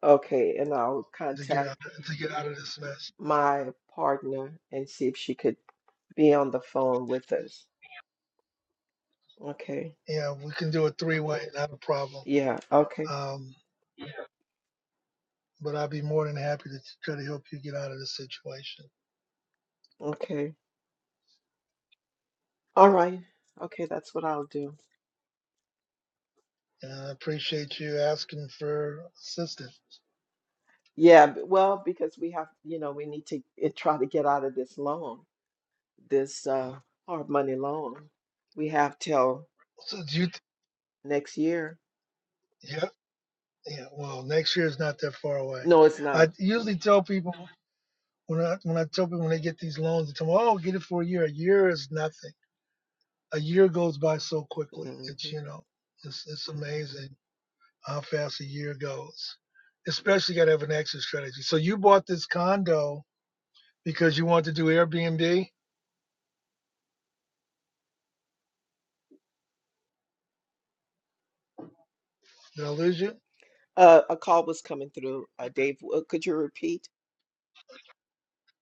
Okay, and I'll to get contact out, to get out of this mess. my partner and see if she could be on the phone with us. Okay. Yeah, we can do it three way, not a problem. Yeah, okay. Um, but I'd be more than happy to try to help you get out of this situation. Okay. All right. Okay, that's what I'll do. And I appreciate you asking for assistance. Yeah, b- well, because we have, you know, we need to eh, try to get out of this loan, this uh hard money loan. We have till So do you, th- next year. yeah, yeah, well, next year is not that far away. No, it's not. I usually tell people When I when I tell people when they get these loans, they tell me, "Oh, get it for a year. A year is nothing. A year goes by so quickly. It's Mhm. you know, it's it's amazing how fast a year goes. Especially you got to have an exit strategy. So you bought this condo because you wanted to do Airbnb. Did I lose you? Uh, a call was coming through. Uh, Dave, uh, could you repeat?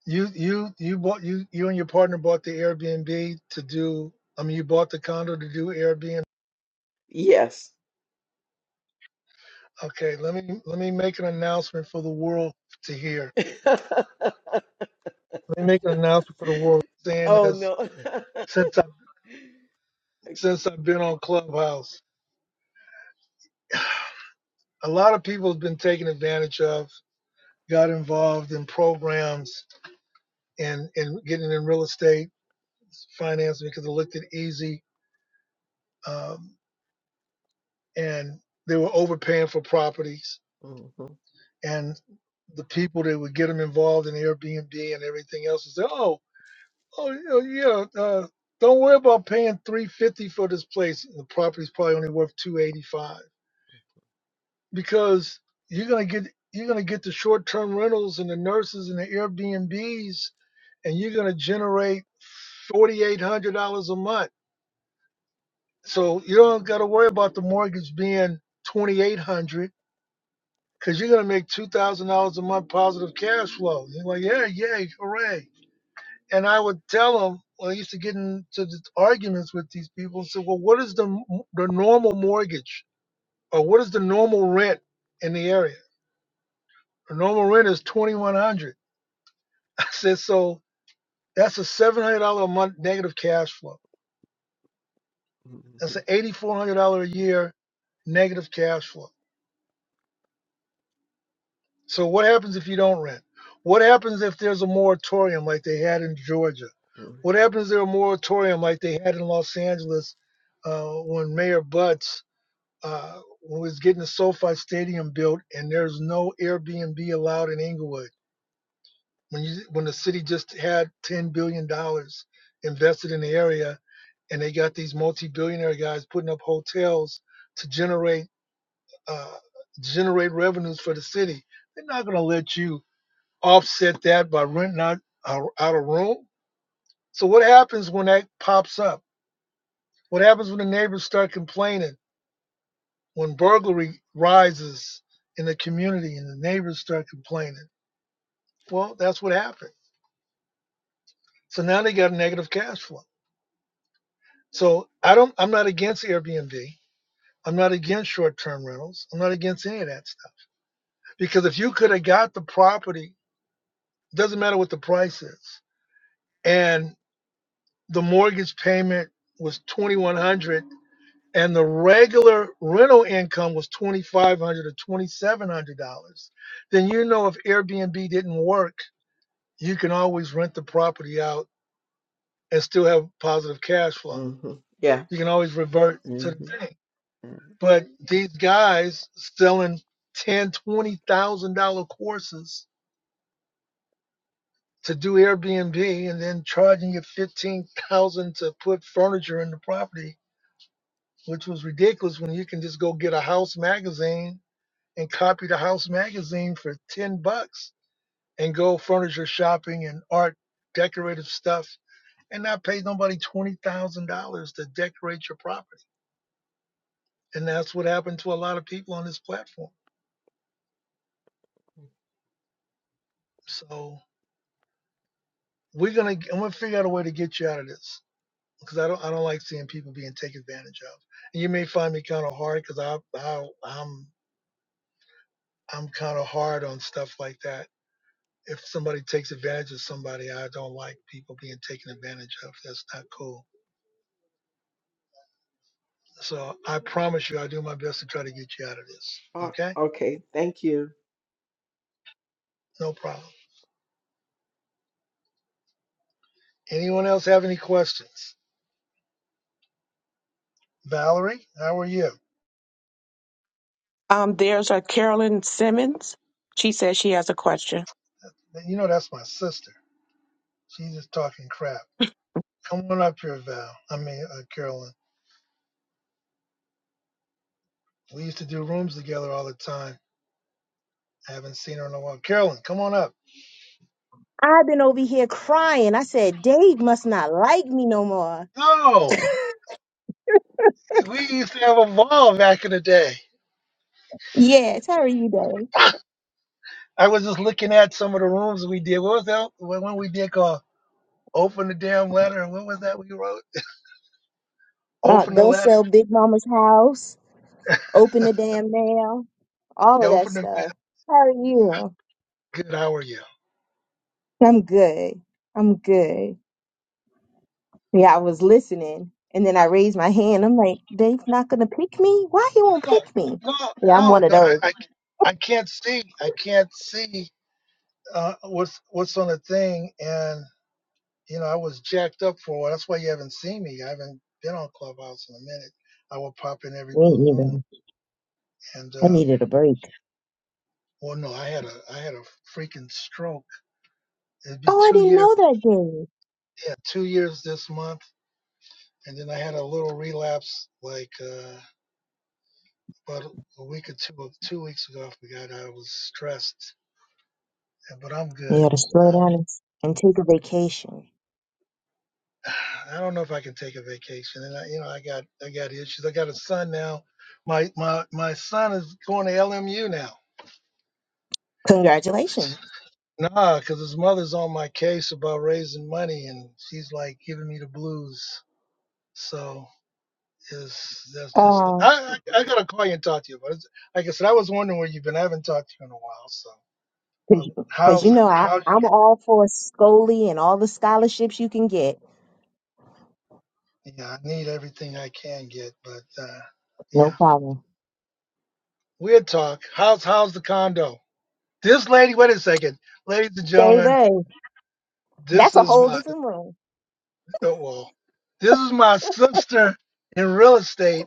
You you you bought you you and your partner bought the Airbnb to do. I mean, you bought the condo to do Airbnb. Yes. Okay, let me let me make an announcement for the world to hear. Let me make an announcement for the world saying Oh, this. no. since I've since I've been on Clubhouse. A lot of people have been taken advantage of, got involved in programs and and getting in real estate finance because it looked easy, um, and they were overpaying for properties Mhm, and the people that would get them involved in Airbnb and everything else would say, oh, oh yeah, yeah, uh, don't worry about paying 350 for this place. The property's probably only worth 285. because you're gonna get you're gonna get the short term rentals and the nurses and the Airbnbs, and you're gonna generate forty eight hundred dollars a month. So you don't got to worry about the mortgage being twenty eight hundred because you're gonna make two thousand dollars a month positive cash flow. You're like, yeah, yay, hooray! And I would tell them. Well, I used to get into the arguments with these people and say, well, what is the the normal mortgage or what is the normal rent in the area? The normal rent is twenty one hundred. dollars. I said, so that's a seven hundred dollar a month negative cash flow. That's mhm, an eighty four hundred dollar a year negative cash flow. So what happens if you don't rent? What happens if there's a moratorium like they had in Georgia? mhm, What happens if there's a moratorium like they had in Los Angeles uh, when Mayor Butts uh, was getting the SoFi Stadium built and there's no Airbnb allowed in Inglewood? When you when the city just had ten billion dollars invested in the area, and they got these multi-billionaire guys putting up hotels to generate uh, generate revenues for the city, they're not going to let you offset that by renting out out out a room. So what happens when that pops up? What happens when the neighbors start complaining? When burglary rises in the community and the neighbors start complaining? Well, that's what happened. So now they got a negative cash flow. So I don't I'm not against Airbnb. I'm not against short-term rentals. I'm not against any of that stuff. Because if you could have got the property, doesn't matter what the price is, and the mortgage payment was 2100 and the regular rental income was 2500 or 2700 dollars, then you know if Airbnb didn't work, you can always rent the property out and still have positive cash flow. mhm. Yeah. You can always revert to the hmm thing. But these guys selling ten, twenty thousand dollar courses to do Airbnb and then charging you fifteen thousand to put furniture in the property, which was ridiculous when you can just go get a house magazine and copy the house magazine for ten bucks and go furniture shopping and art decorative stuff and not pay nobody twenty thousand dollars to decorate your property. And that's what happened to a lot of people on this platform. So we're gonna i I'm gonna figure out a way to get you out of this because I don't I don't like seeing people being taken advantage of. And you may find me kind of hard because I, I I'm I'm kind of hard on stuff like that. If somebody takes advantage of somebody, I don't like people being taken advantage of. That's not cool. So I promise you, I do my best to try to get you out of this. Oh, Okay, okay. Thank you. no problem. Anyone else have any questions? Valerie, how are you? um, there's a Carolyn Simmons. She says she has a question. You know that's my sister. She's just talking crap. Come on up here, Val. I mean, uh, Carolyn. We used to do rooms together all the time. I haven't seen her in a while. Carolyn, come on up. I've been over here crying. I said, Dave must not like me no more. No, we used to have a ball back in the day. Yes, how are you, Dave? I was just looking at some of the rooms we did. What was that one one we did called "Open the Damn Letter"? What was that we wrote? Uh, Open the don't letter. sell Big Mama's house. Open the damn mail. All Yeah, of that open the. stuff. How are you? Good. How are you? I'm good. I'm good. Yeah, I was listening. And then I raised my hand. I'm like, Dave's not going to pick me? Why he won't No, pick me? no, Yeah, I'm no. one of those. I, I, I can't see. I can't see uh, what's what's on the thing, and You know, I was jacked up for a while. That's why you haven't seen me. I haven't been on Clubhouse in a minute. I would pop in every blue Me moon. either. And I um, needed a break. well, no, I had a I had a freaking stroke. It'd be Oh, I two didn't years. know that, Dave. Yeah, two years this month. And then I had a little relapse, like uh, about a week or two two weeks ago. I forgot I was stressed, but I'm You good. gotta slow Uh, down and and take a vacation. I don't know if I can take a vacation. And I, you know, I got I got issues. I got a son now. My my my son is going to LMU now. Congratulations. Nah, because his mother's on my case about raising money, and she's like giving me the blues. So is that's just like Uh, I, I I gotta call you and talk to you. But like I said, I was wondering where you've been. I haven't talked to you in a while. So, because but you cause you how's know, I, how? you- I'm all for scoly and all the scholarships you can get. Yeah, I need everything I can get. But uh, No yeah, problem. weird talk. How's how's the condo? This lady. Wait a second, ladies and gentlemen. Baby, This that's a is whole my different room. oh well. This is my sister in real estate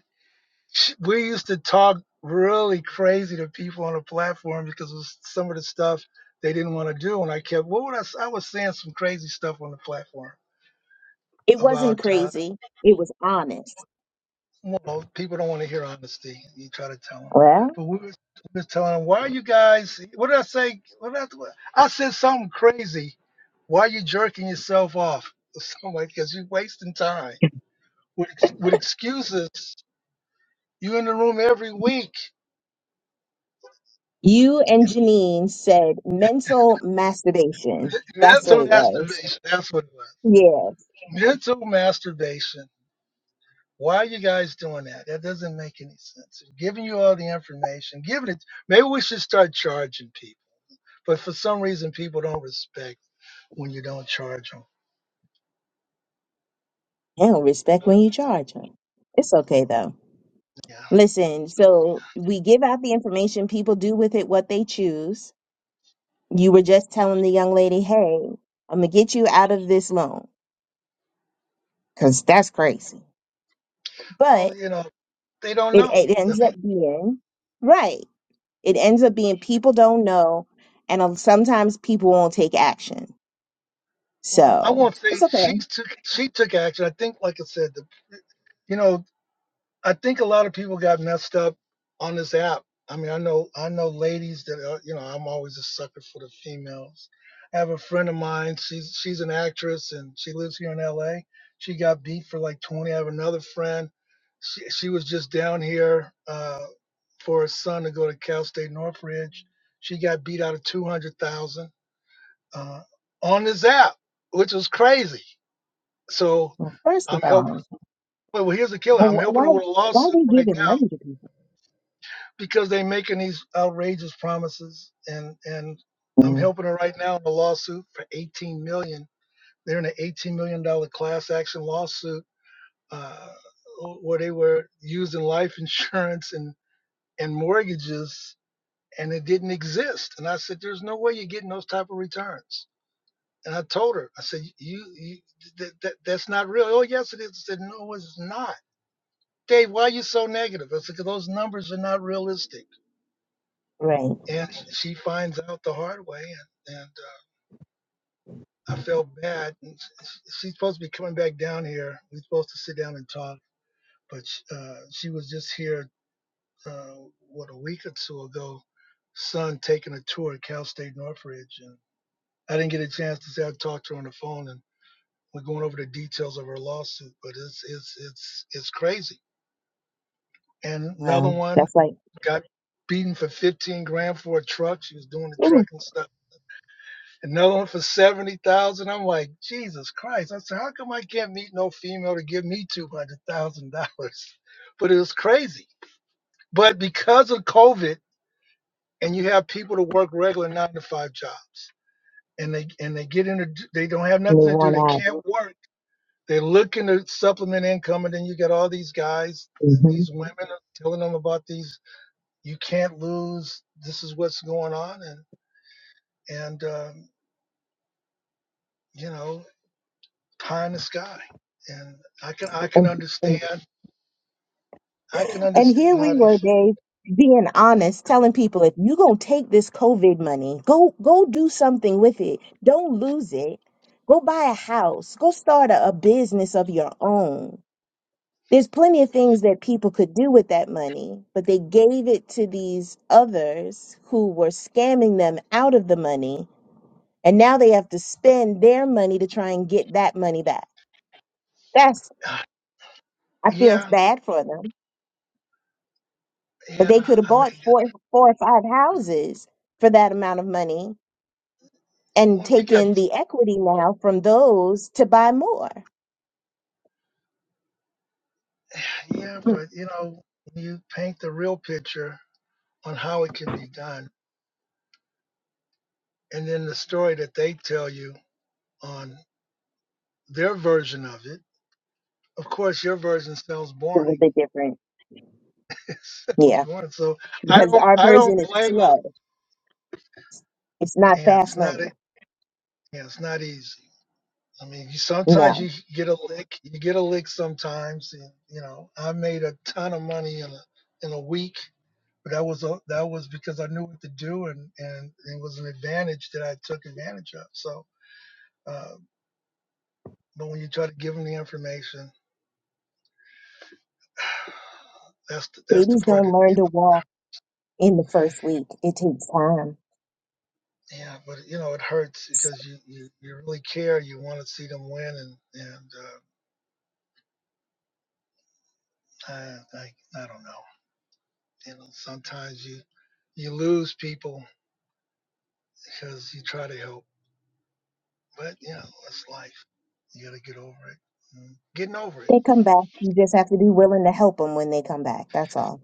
sh- we used to talk really crazy to people on the platform because of some of the stuff they didn't want to do. And I kept, what would I, s- I was saying some crazy stuff on the platform It wasn't about, uh, crazy. It was honest. well, people don't want to hear honesty. You try to tell them, Well, but we was, we was telling them, why are you guys, what did I say? What did I, what- I said something crazy. Why are you jerking yourself off? Or something like, cause you're wasting time with, ex- with excuses. You in the room every week you and Janine said mental masturbation. That's what Mental it was. masturbation. That's what it was. Yeah. Mental masturbation. Why are you guys doing that? That doesn't make any sense. Giving you all the information, giving it. Maybe we should start charging people. But for some reason, people don't respect when you don't charge them. They don't respect when you charge them. It's okay though. Yeah. Listen, so we give out the information, people do with it what they choose. You were just telling the young lady, hey, I'm going to get you out of this loan because that's crazy. Well, But you know, they don't it, know. it I ends mean, up being, right. It ends up being people don't know. And um, sometimes people won't take action. well, I So won't say it's okay. she took she took action. I think, like I said, the, you know, I think a lot of people got messed up on this app. I mean, I know I know ladies that are, you know I'm always a sucker for the females. I have a friend of mine. She's she's an actress and she lives here in L.A. She got beat for like 20. I have another friend. She she was just down here uh, for her son to go to Cal State Northridge. She got beat out of 200,000 uh, on this app, which was crazy. So Well, first of I'm helping. all, Well, well, here's the killer. well, I'm wh- why helping her with a why are lawsuit they right giving now money to people? because they're making these outrageous promises and and i'm Mm, helping her right now in a lawsuit for 18 million dollars. they're in an 18 million dollar class action lawsuit uh, where they were using life insurance and and mortgages and it didn't exist and i said there's no way you're getting those type of returns and i told her i said you, you that, that that's not real oh yes it is i said no it's not dave why are you so negative i said because those numbers are not realistic Right. and she finds out the hard way and, and uh, i felt bad and she's supposed to be coming back down here we're supposed to sit down and talk but uh, she was just here uh, what a week or two ago son taking a tour at cal state northridge and i didn't get a chance to say i talked to her on the phone and we're going over the details of her lawsuit but it's it's it's it's crazy and another Well, one that's like got beaten for 15 grand for a truck she was doing the ooh, trucking stuff another one for 70,000. I'm like, Jesus Christ. I said, how come I can't meet no female to give me $200,000? But it was crazy. But because of COVID and you have people to work regular nine to five jobs and they, and they get into, they don't have and they nothing to do. They want out. can't work. They're looking to supplement income. And then you got all these guys and these women are telling them about these, you can't lose. This is what's going on. And, and, um, you know, pie in the sky. And I can I can hmm understand I can And understand here we how they were, feel. Dave, being honest, telling people if you're gonna take this COVID money, go go do something with it. Don't lose it. Go buy a house. Go start a, a business of your own. There's plenty of things that people could do with that money, but they gave it to these others who were scamming them out of the money, and now they have to spend their money to try and get that money back. That's Uh, I feel Yeah, bad for them But yeah. they could have I mean, bought four, four or five houses for that amount of money and well, if you got taken the equity now from those to buy more. yeah, Hmm, but you know, when you paint the real picture on how it can be done, and then the story that they tell you on their version of it. Of course, your version sounds It's a boring. little bit different. It sounds Yeah, boring. So I because don't our I version don't is blame them. slow. It's not Yeah, it's fast not e- money. yeah, it's not easy. I mean, you, sometimes No, you get a lick. You get a lick sometimes. And, you know, I made a ton of money in a in a week, but that was a, that was because I knew what to do, and and it was an advantage that I took advantage of. So, uh, but when you try to give them the information, that's the, that's the babies part don't that learn to walk in the first week. It takes time. yeah. But you know, it hurts because you you, you really care. You want to see them win, and and uh, I, I I don't know. You know, sometimes you you lose people because you try to help. But yeah, that's life. You got to get over it. Mm, Getting over it. They come back. You just have to be willing to help them when they come back. That's all.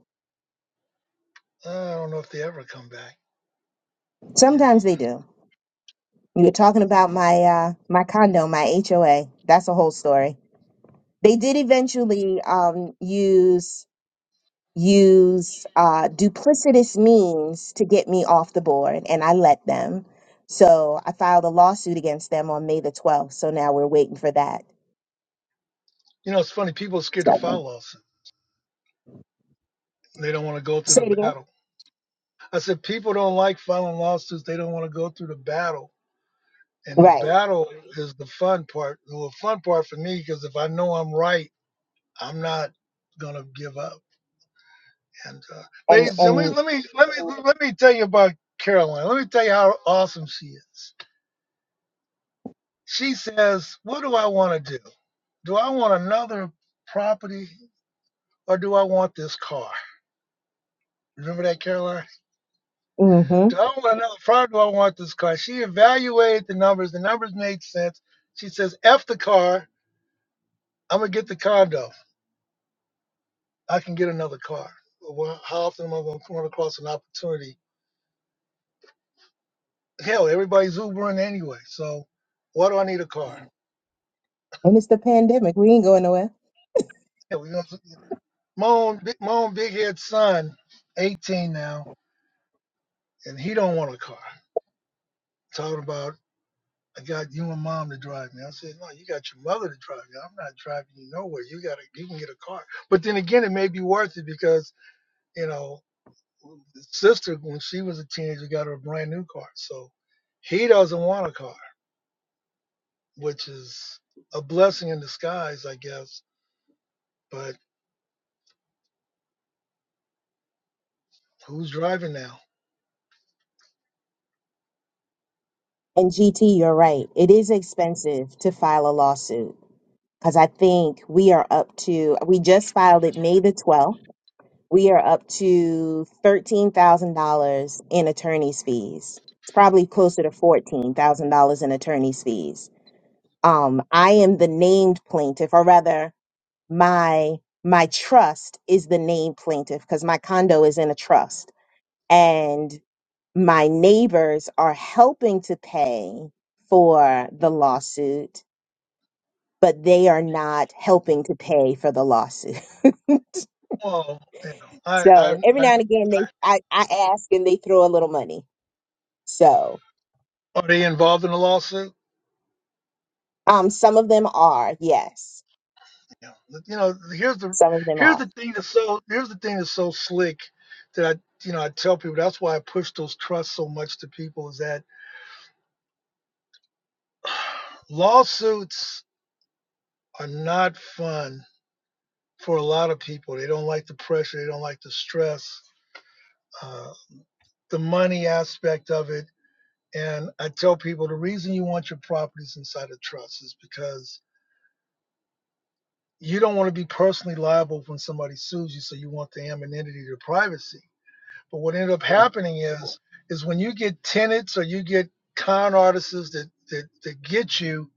I don't know if they ever come back. You know. Sometimes they do. You were talking about my uh, my condo, my HOA. That's a whole story They did eventually um, use use uh, duplicitous means to get me off the board, and I let them. So I filed a lawsuit against them on May the twelfth. So now we're waiting for that. You know, it's funny. People are scared to So, file lawsuits. They don't want to go through say the it again. battle. I said people don't like filing lawsuits. They don't want to go through the battle. And the Right. battle is the fun part. Well, the fun part for me because if I know I'm right, I'm not gonna give up. And uh, And ladies, and me and let me let me let me tell you about Caroline. Let me tell you how awesome she is. She says, What do I want to do? Do I want another property or do I want this car? Remember that, Caroline? hmm Do I want another property? or Do I want this car? She evaluated the numbers. The numbers made sense. She says, F the car. I'm going to get the condo. I can get another car. Well, how often am I going to run across an opportunity? Hell, everybody's Ubering anyway. So why do I need a car? and it's the pandemic. We ain't going nowhere. Yeah, we gonna, my, own, big- my own big head son, 18 now, and he don't want a car talking about I got you and mom to drive me. I said, no, you got your mother to drive you. I'm not driving you nowhere. You got to, you can get a car. But then again, it may be worth it because, you know, the sister, when she was a teenager, got her a brand new car. So he doesn't want a car, which is a blessing in disguise, I guess. But who's driving now? And GT, you're right. It is expensive to file a lawsuit because I think we are up to, we just filed it May the 12th. We are up to $13,000 in attorney's fees. It's probably closer to $14,000 in attorney's fees. Um, I am the named plaintiff, or rather, my my trust is the named plaintiff because my condo is in a trust. And my neighbors are helping to pay for the lawsuit, but they are not helping to pay for the lawsuit. Well, you know, I, I, so every I, now and again, I they I, I ask and they throw a little money. So are they involved in a lawsuit? um, some of them are yes, Yeah, but, you know, here's the some of them here's are. the thing that's so here's the thing that's so slick that I you know I tell people that's why I push those trusts so much to people is that lawsuits are not fun for a lot of people. They don't like the pressure. They don't like the stress, uh, the money aspect of it. And I tell people the reason you want your properties inside a trust is because you don't want to be personally liable when somebody sues you, so you want the anonymity to privacy But what ended up Yeah, happening is is when you get tenants or you get con artists that, that that get you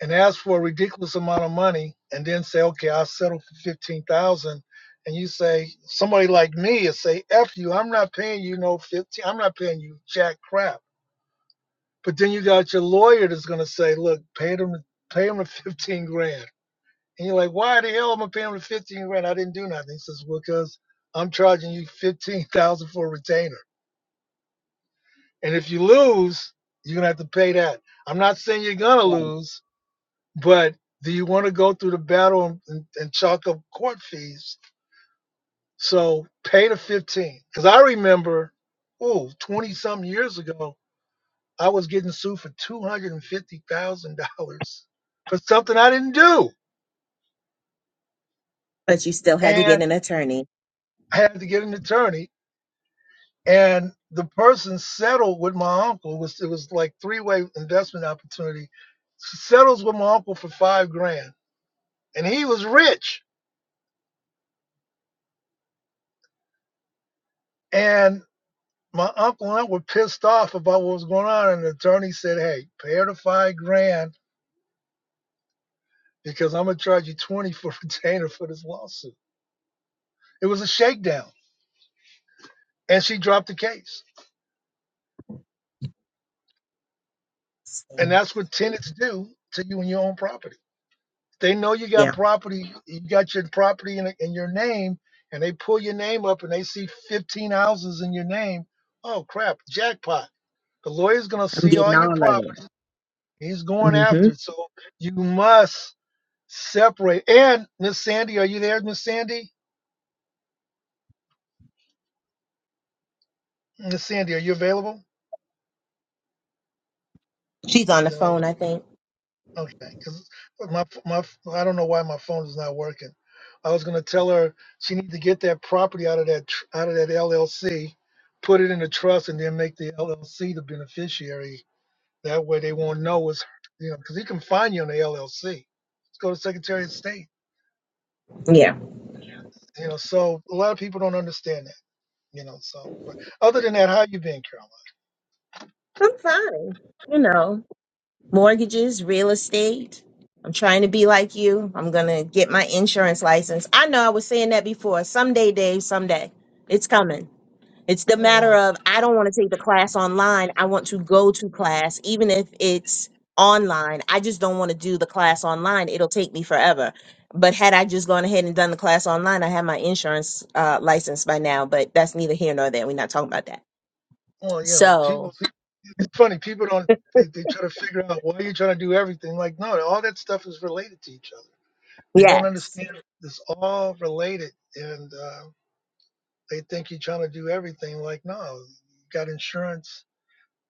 and ask for a ridiculous amount of money and then say, okay, I'll settle for fifteen thousand and you say somebody like me is say, F you, I'm not paying you no fifteen I'm not paying you jack crap. But then you got your lawyer that's gonna say, Look, pay them pay them the fifteen grand. And you're like, why the hell am I paying him the fifteen grand? I didn't do nothing. He says, Well, because I'm charging you fifteen thousand for a retainer And if you lose, you're gonna have to pay that. I'm not saying you're gonna yeah. lose, but do you want to go through the battle and, and, and chalk up court fees? So pay the 15. Because I remember, ooh, 20 some years ago, I was getting sued for $250,000 for something I didn't do. But you still had to get And an attorney. I had to get an attorney. And the person settled with my uncle. It was, it was like three way investment opportunity. Settles with my uncle for five grand and he was rich. And my uncle and I were pissed off about what was going on. And the attorney said, "Hey, pay her the five grand because I'm gonna charge you twenty for retainer for this lawsuit." It was a shakedown, and she dropped the case. And So, that's what tenants do to you in your own property. They know you got yeah, property, you got your property in, in your name, and they pull your name up and they see 15 houses in your name. Oh crap, jackpot! The lawyer's gonna I'm see all getting your all of property. He's it. going hmm after it. So you must separate. And Miss Sandy, are you there, Miss Sandy? Miss Sandy, are you available? She's on the No. phone, I think. Okay. Because my my I don't know why my phone is not working. I was gonna tell her she needs to get that property out of that tr- out of that LLC, put it in a trust, and then make the LLC the beneficiary. That way they won't know it's you know because he can find you on the LLC. Let's go to Secretary of State. Yeah, You know, so a lot of people don't understand that. You know, so but other than that, how you been, I'm fine. You know, mortgages, real estate. I'm trying to be like you. I'm going to get my insurance license. I know I was saying that before. Someday, Dave, someday. It's coming. It's the Caroline? matter of I don't want to take the class online. I want to go to class, even if it's online. I just don't want to do the class online. It'll take me forever. But had I just gone ahead and done the class online, I had my insurance uh, license by now. But that's neither here nor there. We're not talking about that. Well, you know, people. So, think- It's funny. People don't. They, they try to figure out why you're trying to do everything. Like, no, all that stuff is related to each other. They don't yes. understand it's all related, and uh, they think you're trying to do everything. Like, no, you got insurance.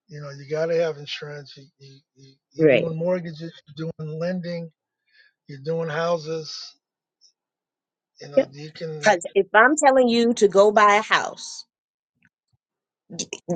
You know, you got to have insurance. You, you, you, you're Right. doing mortgages. You're doing lending. You're doing houses. You know, you can. Because if I'm telling you to go buy a house,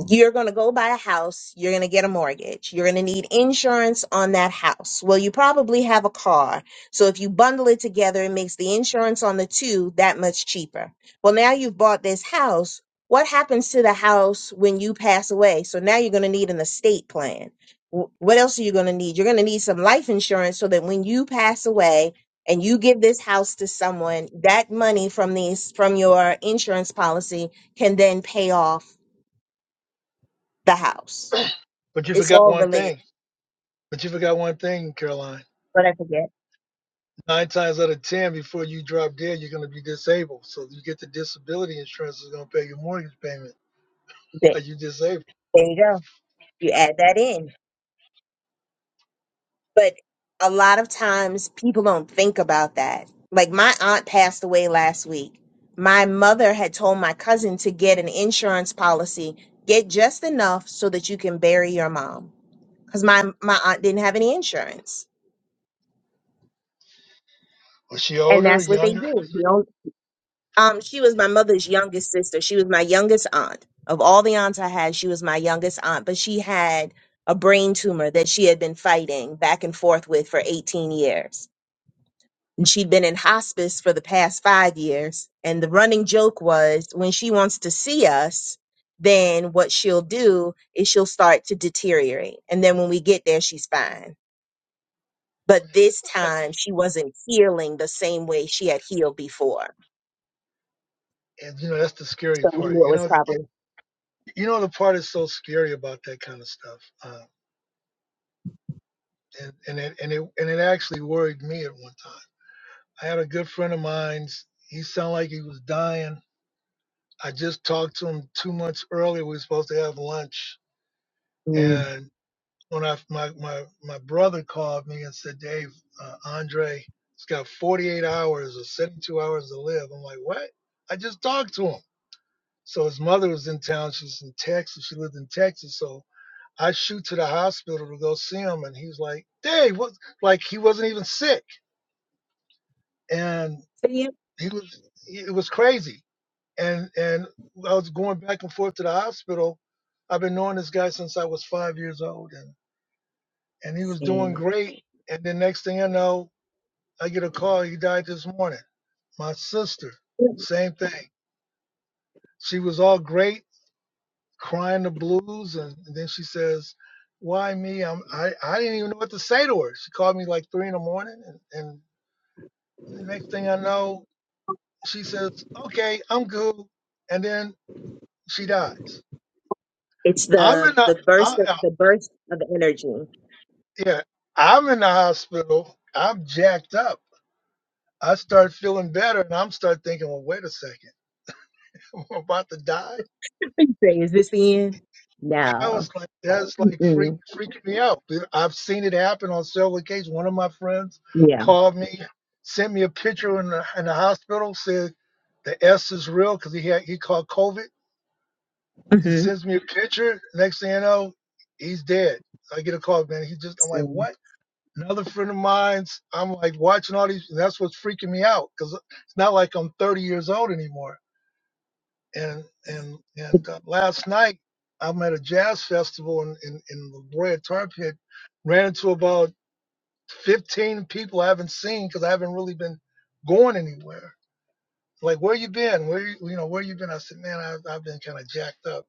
you're going to go buy a house, you're going to get a mortgage, you're going to need insurance on that house. Well, you probably have a car. So if you bundle it together, it makes the insurance on the two that much cheaper. Well, now you've bought this house. What happens to the house when you pass away? So now you're going to need an estate plan. Wh- What else are you going to need? You're going to need some life insurance so that when you pass away, and you give this house to someone that money from these from your insurance policy can then pay off the house. But you It's forgot all one related, thing. But you forgot one thing, Caroline. but I forget. Nine times out of ten, before you drop dead, you're going to be disabled. So you get the disability insurance is going to pay your mortgage payment Th- while you are disabled. There you go. You add that in. But a lot of times people don't think about that. Like my aunt passed away last week. My mother had told my cousin to get an insurance policy, get just enough so that you can bury your mom. Because my, my aunt didn't have any insurance. Was she And older, that's what they younger? do. Um, she was my mother's youngest sister. She was my youngest aunt. Of all the aunts I had, she was my youngest aunt, but she had a brain tumor that she had been fighting back and forth with for 18 years. And she'd been in hospice for the past five years. And the running joke was when she wants to see us, then what she'll do is she'll start to deteriorate. And then when we get there, she's fine. But this time she wasn't healing the same way she had healed before. And you know that's the scary So we part. knew it You was know, probably. you know the part is so scary about that kind of stuff. Uh, and and it, and it and it actually worried me at one time. I had a good friend of mine. He sounded like he was dying. I just talked to him two months earlier. We were supposed to have lunch, Mm. and. when I my my my brother called me and said, Dave, uh, Andre, he's got 48 hours or 72 hours to live. I'm like, what? I just talked to him. So his mother was in town. She's in Texas. She lived in Texas. So I shoot to the hospital to go see him, and he's like, Dave, what? Like he wasn't even sick, and he was. It was crazy and and I was going back and forth to the hospital. I've been knowing this guy since I was five years old, and. and he was doing And great. And the next thing I know, I get a call. He died this morning. My sister, same thing. She was all great, crying the blues, and, and then she says, "Why me?" I'm, I I didn't even know what to say to her. She called me like three in the morning, and, and the next thing I know, she says, "Okay, I'm good," and then she dies. it's I'm in the the the burst I, of I, the burst of energy. You yeah, I'm in the hospital. I'm jacked up. I start feeling better, and I'm start thinking, "Well, wait a second. I'm about to die. say, is this the end? I No. was like, that's like freak, Mm-mm. freaking me out. I've seen it happen on several occasions. One of my friends Yeah. called me, sent me a picture in the, in the hospital, said the S is real because he had he caught COVID. He hmm sends me a picture. Next thing you know, he's dead. So I get a call, man. He just, I'm like, what? Another friend of mine's, I'm like watching all these. That's what's freaking me out because it's not like I'm 30 years old anymore and and and uh, last night I'm at a jazz festival in in, in La Jolla Tar Pit. Ran into about 15 people I haven't seen because I haven't really been going anywhere. Like, where you been? Where you you know where you been? I said, man, I, I've been kind of jacked up.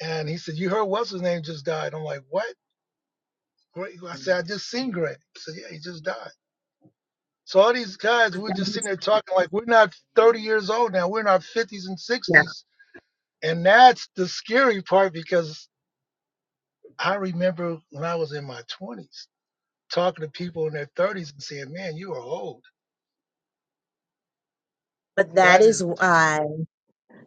And he said, you heard what's his name just died. I'm like, what? Greg? I said, I just seen Greg. He said, yeah, he just died. So all these guys, but we're that just sitting is there talking like we're not 30 years old now. We're in our 50s and yeah. 60s. And that's the scary part because I remember when I was in my 20s talking to people in their 30s and saying, "Man, you are old." But that That is is, why.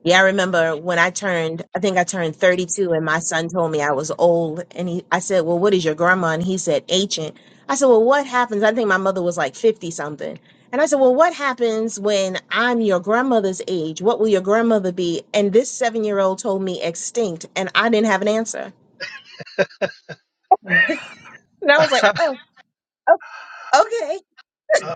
Yeah, I remember when I turned, I think I turned 32 and my son told me I was old and he I said, "Well, what is your grandma?" and he said, "Ancient." I said, "Well, what happens?" I think my mother was like 50 something. And I said, "Well, what happens when I'm your grandmother's age? What will your grandmother be?" And this 7-year-old told me extinct and I didn't have an answer. And I was like, uh, "Oh, oh okay."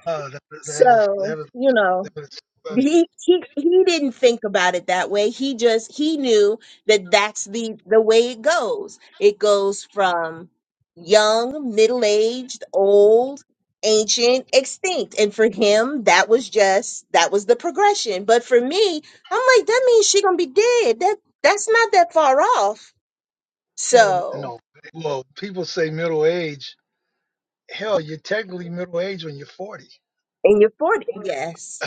that, that is So, that is you know, that is funny. he he he didn't think about it that way he just he knew that that's the the way it goes it goes from young middle-aged old ancient extinct and for him that was just that was the progression but for me i'm like that means she gonna be dead that that's not that far off Or so no, well, people say middle age. Hell, you're technically middle age when you're 40, in your 40 yes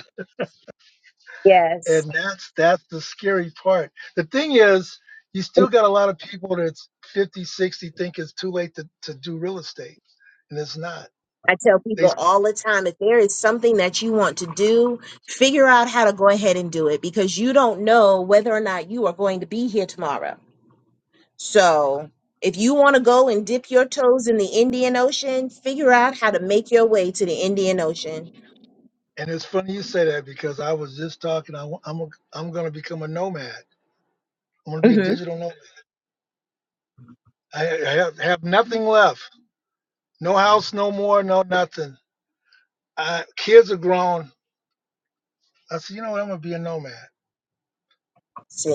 yes and that's that's the scary part. The thing is, you still got a lot of people that's 50, 60 think it's too late to, to do real estate, and it's not. I tell They people all the time if there is something that you want to do, figure out how to go ahead and do it because you don't know whether or not you are going to be here tomorrow. So, if you want to go and dip your toes in the Indian Ocean, figure out how to make your way to the Indian Ocean. And it's funny you say that because I was just talking. I, wa- I'm a, I'm going to become a nomad. I'm going to be a hmm digital nomad. I, I have, have nothing left. No house, no more, no nothing. I, kids are grown. I said, you know what? I'm going to be a nomad. See,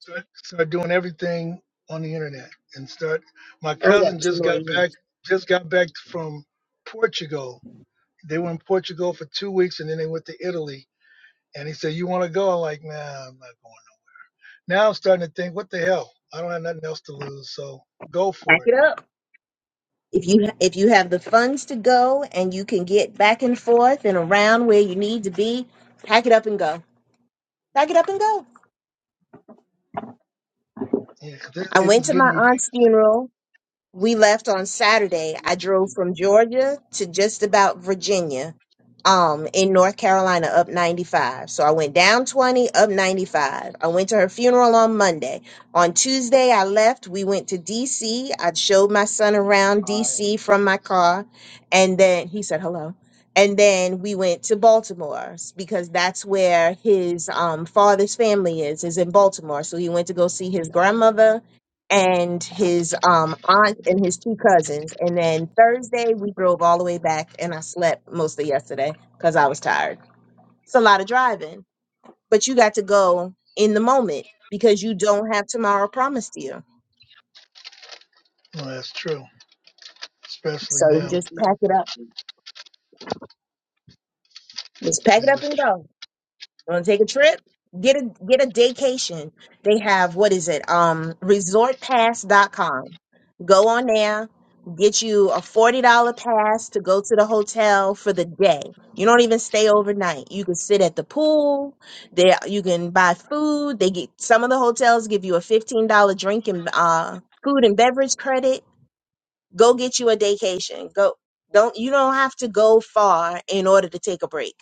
Start, start doing everything on the internet and start. My I cousin got two just more got here. back. Just got back from Portugal. They were in Portugal for two weeks and then they went to Italy. And he said, "You want to go?" I'm like, "Nah, I'm not going." Now I'm starting to think, what the hell? I don't have nothing else to lose, so go Pack for it. it up. If you if you have the funds to go and you can get back and forth and around where you need to be, pack it up and go. Pack it up and go. Yeah, 'cause it, I it went is to my getting ridiculous. aunt's funeral We left on Saturday. I drove from Georgia to just about Virginia, um, in North Carolina, up 95. So I went down 20, up 95. I went to her funeral on Monday. On Tuesday, I left. We went to DC. I showed my son around DC from my car, and then he said hello. And then we went to Baltimore because that's where his um, father's family is, is in Baltimore. So he went to go see his grandmother and his um aunt and his two cousins. And then Thursday we drove all the way back and I slept most of yesterday because I was tired. It's a lot of driving, but you got to go in the moment because you don't have tomorrow promised to you. Well, that's true, especially So you now. just pack it up. Just pack it Yeah, up that's and true. go. You Want to take a trip? Get a get a daycation. They have what is it? Um resort pass dot com. Go on there, get you a $40 pass to go to the hotel for the day. You don't even stay overnight. You can sit at the pool. There you can buy food. They get some of the hotels give you a $15 drink and uh food and beverage credit. Go get you a daycation. Go don't you don't have to go far in order to take a break.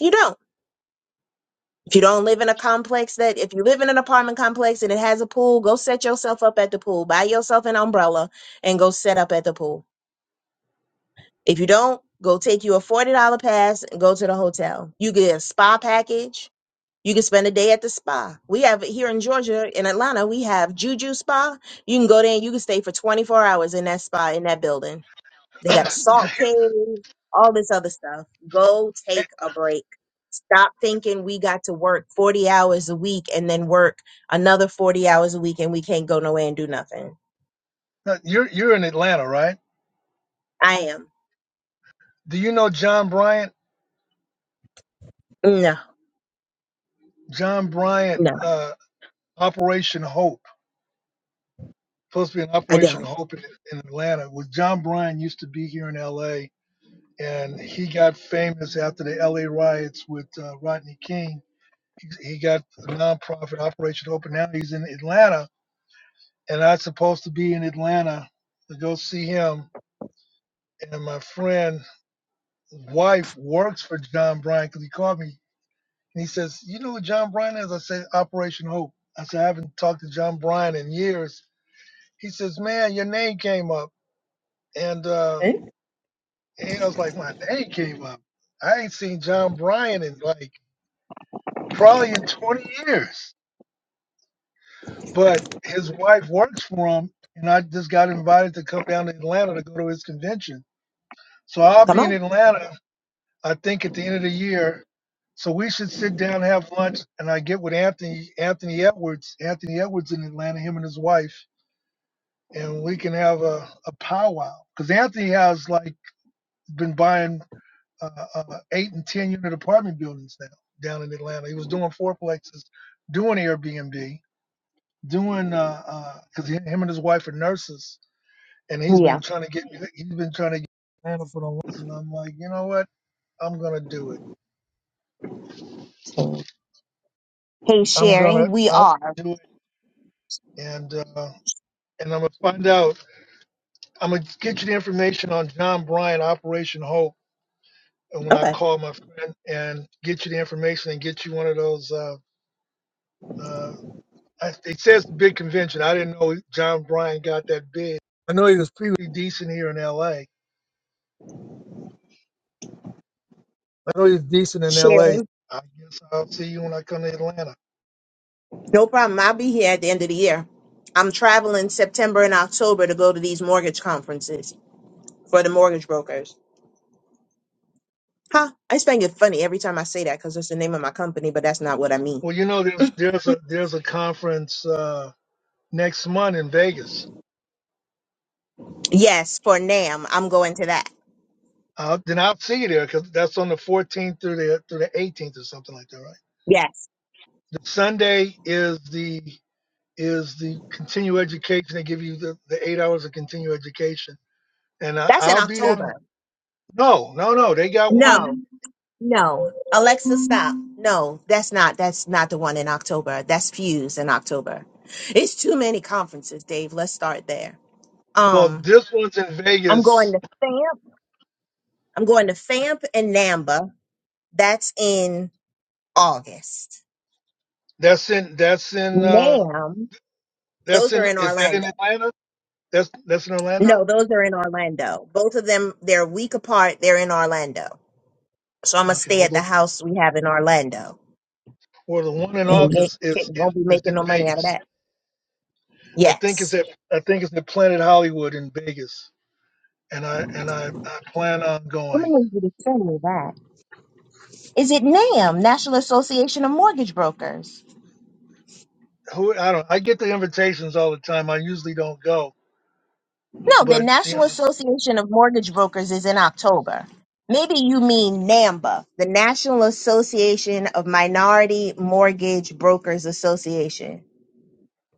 You don't. If you don't live in a complex that, if you live in an apartment complex and it has a pool, go set yourself up at the pool. Buy yourself an umbrella and go set up at the pool. If you don't, go take you a $40 pass and go to the hotel. You get a spa package. You can spend a day at the spa. We have here in Georgia, in Atlanta, we have Juju Spa. You can go there and you can stay for 24 hours in that spa in that building they got a salt cave, all this other stuff. Go take a break. Stop thinking we got to work 40 hours a week and then work another 40 hours a week and we can't go nowhere and do nothing. Now, you're you're in Atlanta, right? I am. Do you know John Bryant? No, John Bryant, no, uh, Operation Hope, supposed to be an I Operation don't. Hope in, in Atlanta. Was John Bryant used to be here in L.A. and he got famous after the L.A. riots with uh, Rodney King. He, he got a nonprofit Operation Hope, and now he's in Atlanta and I was supposed to be in Atlanta to go see him. And my friend's wife works for John Bryan because he called me and he says, "You know what John Bryan is?" I said, "Operation Hope." I said, "I haven't talked to John Bryan in years." He says, "Man, your name came up," and uh, Okay. and I was like, "My name came up. I ain't seen John Bryan in like probably in 20 years." But his wife works for him, and I just got invited to come down to Atlanta to go to his convention. So I'll Come be in on. Atlanta I think at the end of the year. So we should sit down, have lunch, and I get with Anthony Anthony Edwards, Anthony Edwards in Atlanta, him and his wife, and we can have a, a powwow. Because Anthony has like been buying uh, uh, eight and ten unit apartment buildings now down in Atlanta. He was doing fourplexes, doing Airbnb, doing uh because uh, him and his wife are nurses, and he's been Yeah. trying to get he's been trying to get Atlanta for the longest, and I'm like, you know what? I'm gonna do it. Hey, I'm gonna sharing, we are. I'm and uh, and I'm gonna find out. I'm gonna get you the information on John Bryan Operation Hope, and when I Okay. call my friend and get you the information and get you one of those. Uh, uh, I, it says the big convention. I didn't know John Bryan got that big. I know he was pretty decent here in L.A. I know he's decent in L.A. Sharing. I guess I'll see you when I come to Atlanta. No problem. I'll be here at the end of the year. I'm traveling September and October to go to these mortgage conferences for the mortgage brokers. Huh? I just think it's funny every time I say that because it's the name of my company, but that's not what I mean. Well, you know, there's there's a there's a conference uh, next month in Vegas Yes, for NAM, I'm going to that. Uh, then I'll see you there because that's on the 14th through the through the 18th or something like that, right? Yes, The Sunday is the is the continue education. They give you the, the eight hours of continue education, and I, that's in I'll be down. there. October. No, no, no. They got one. No, no, Alexa, stop. No, that's not. That's not the one in October. That's Fuse in October. It's too many conferences, Dave. Let's start there. Well, Um, this one's in I'm going Vegas. to FAMP. I'm going to FAMP and NAMBA. That's in August. That's in that's in uh NAM. Those that's are in in is that in Orlando. Atlanta? That's that's in No, Orlando. those are in Orlando. Both of them, they're a week apart. They're in Orlando. So I'm going to Okay. stay Well, at the the house we have in Orlando well the one in and get, August get, is is, won't be is making in no money out of Vegas. that. I think it's Yes. at I think it's at Planet Hollywood in Vegas. and I and I, I plan on I'm going. going to need you to send me that. Is it NAM, National Association of Mortgage Brokers? Who I don't I get the invitations all the time. I usually don't go, No, the but you National know, Association of Mortgage Brokers is in October. Maybe you mean NAMBA, the National Association of Minority Mortgage Brokers Association.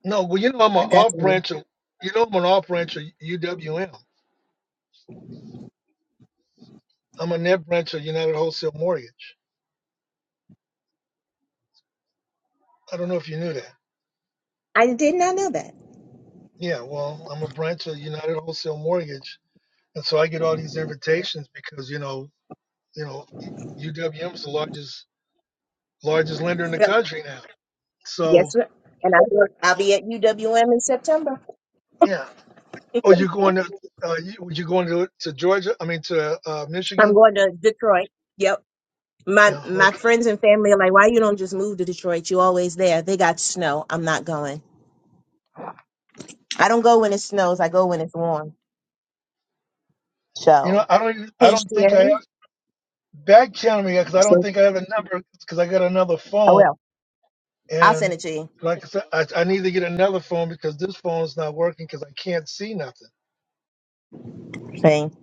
no. Well, you know I'm I an got off to know. branch of you know I'm an off branch of UWM. I'm a net branch of United Wholesale Mortgage. I don't know if you knew that. I did not know that. Yeah, well, I'm a branch of United Wholesale Mortgage, and so I get all these invitations because you know you know UWM is the largest largest lender in the country now. Yes, So sir. And I will, I'll be at UWM in September. yeah, Oh, you're going to uh, you you going to to Georgia? I mean to uh, I'm Michigan? going to Detroit. Yep. My Yeah, my okay. friends and family are like, why you don't just move to Detroit? You always there. They got snow. I'm not going. I don't go when it snows. I go when it's warm. You know, So, I don't even- I hey don't think I Sherry. have back channel me because I don't So think I have a number because I got another I phone will. I'll send and it to you. like I said, I, I need to get another phone because this phone's not working because I can't see nothing. Thing.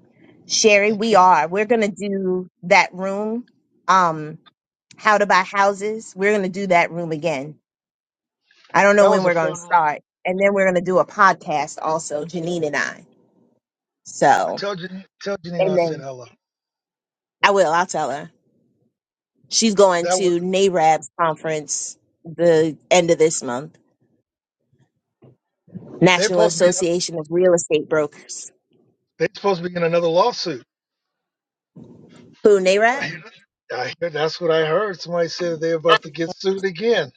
Sherry, I we can't. are. We're gonna do that room. Um, how to buy houses. We're gonna do that room again. I don't know That when was a we're gonna fun room. start. And then we're gonna do a podcast also, Janine and I. I So, tell Janine, tell Janine and I said then hello. I will, I'll tell her. She's going That was to NARAB's conference the end of this month, they're National supposed to be Association of Real Estate Brokers. they're supposed to be in another lawsuit. Who, I hear, NARAB? I hear that's what I heard. Somebody said they're about to get sued again.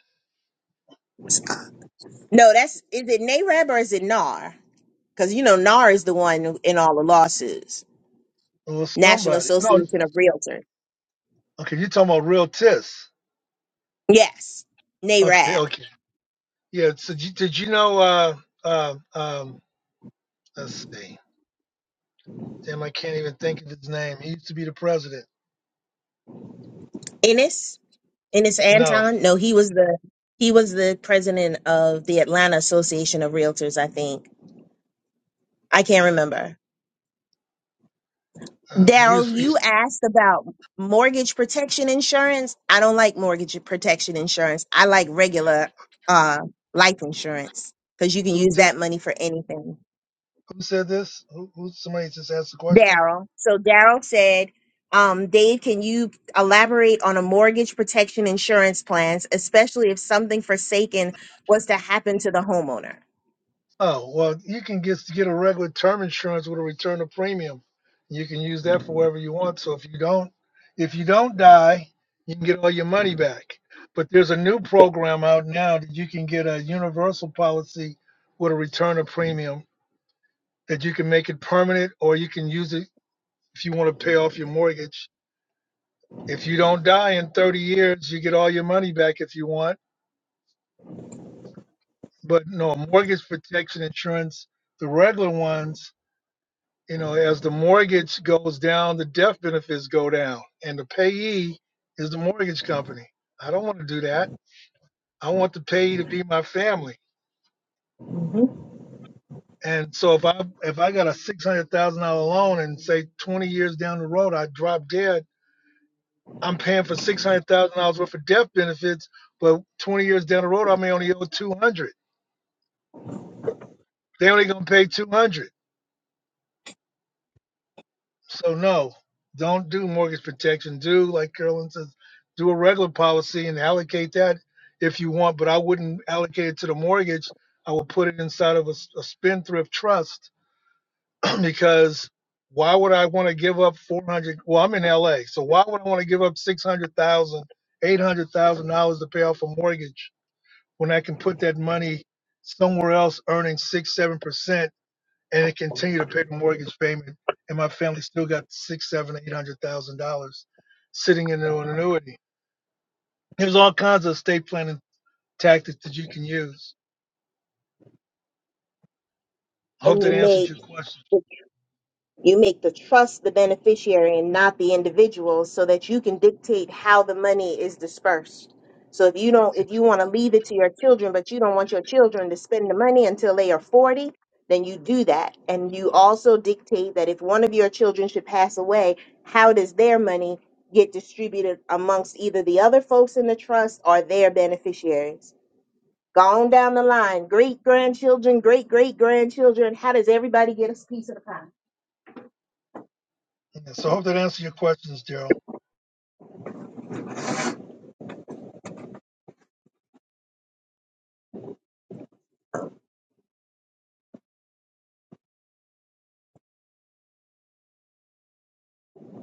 No, that's, is it NARAB or is it NAR? Because, you know, NAR is It the one in all the lawsuits. was National somebody. No, Association of Realtors. Okay, you're talking about real tis. Yes, Okay, NARAB. okay. Yeah, so did you, did you know, uh, uh, um, let's see. Damn, I can't even think of his name. He used to be the president. Ennis? Ennis No, Anton? No, he was the, he was the president of the Atlanta Association of Realtors, I think. I can't remember uh, he Daryl, was, you he's, asked about mortgage protection insurance. I don't like mortgage protection insurance. I like regular uh, life insurance because you can who use said, that money for anything. who said this? Who, who, somebody just asked the question? Daryl. So Daryl said, um, Dave, can you elaborate on a mortgage protection insurance plans, especially if something forsaken was to happen to the homeowner? Oh, well, you can get get a regular term insurance with a return of premium. You can use that for wherever you want. So if you don't if you don't die, you can get all your money back. But there's a new program out now that you can get a universal policy with a return of premium that you can make it permanent or you can use it if you want to pay off your mortgage. If you don't die in 30 years, you get all your money back if you want. But no, mortgage protection insurance, the regular ones You know, as the mortgage goes down, the death benefits go down, and the payee is the mortgage company. I don't want to do that. I want the payee to be my family. Mhm. And so if I if I got a six hundred thousand dollar loan and say twenty years down the road I drop dead, I'm paying for six hundred thousand dollars worth of death benefits, but twenty years down the road I may only owe two hundred. They only gonna pay two hundred. So no, don't do mortgage protection. Do like Carolyn says, do a regular policy and allocate that if you want. But I wouldn't allocate it to the mortgage. I would put it inside of a, s- a spendthrift trust because why would I want to give up four hundred? Well, I'm in LA, so why would I want to give up six hundred thousand, eight hundred thousand dollars to pay off a mortgage when I can put that money somewhere else, earning six, seven percent? and it continued to pay the mortgage payment. And my family still got six, seven, eight hundred thousand dollars sitting in an annuity. There's all kinds of estate planning tactics that you can use. I hope And you that answered make. your question. You make the trust the beneficiary and not the individual so that you can dictate how the money is dispersed. So if you don't if you want to leave it to your children but you don't want your children to spend the money until they are 40, then you do that and you also dictate that if one of your children should pass away, how does their money get distributed amongst either the other folks in the trust or their beneficiaries? Gone down the line, great grandchildren, great great grandchildren, how does everybody get a piece of the pie? Yeah, so I hope that answered your questions, Daryl.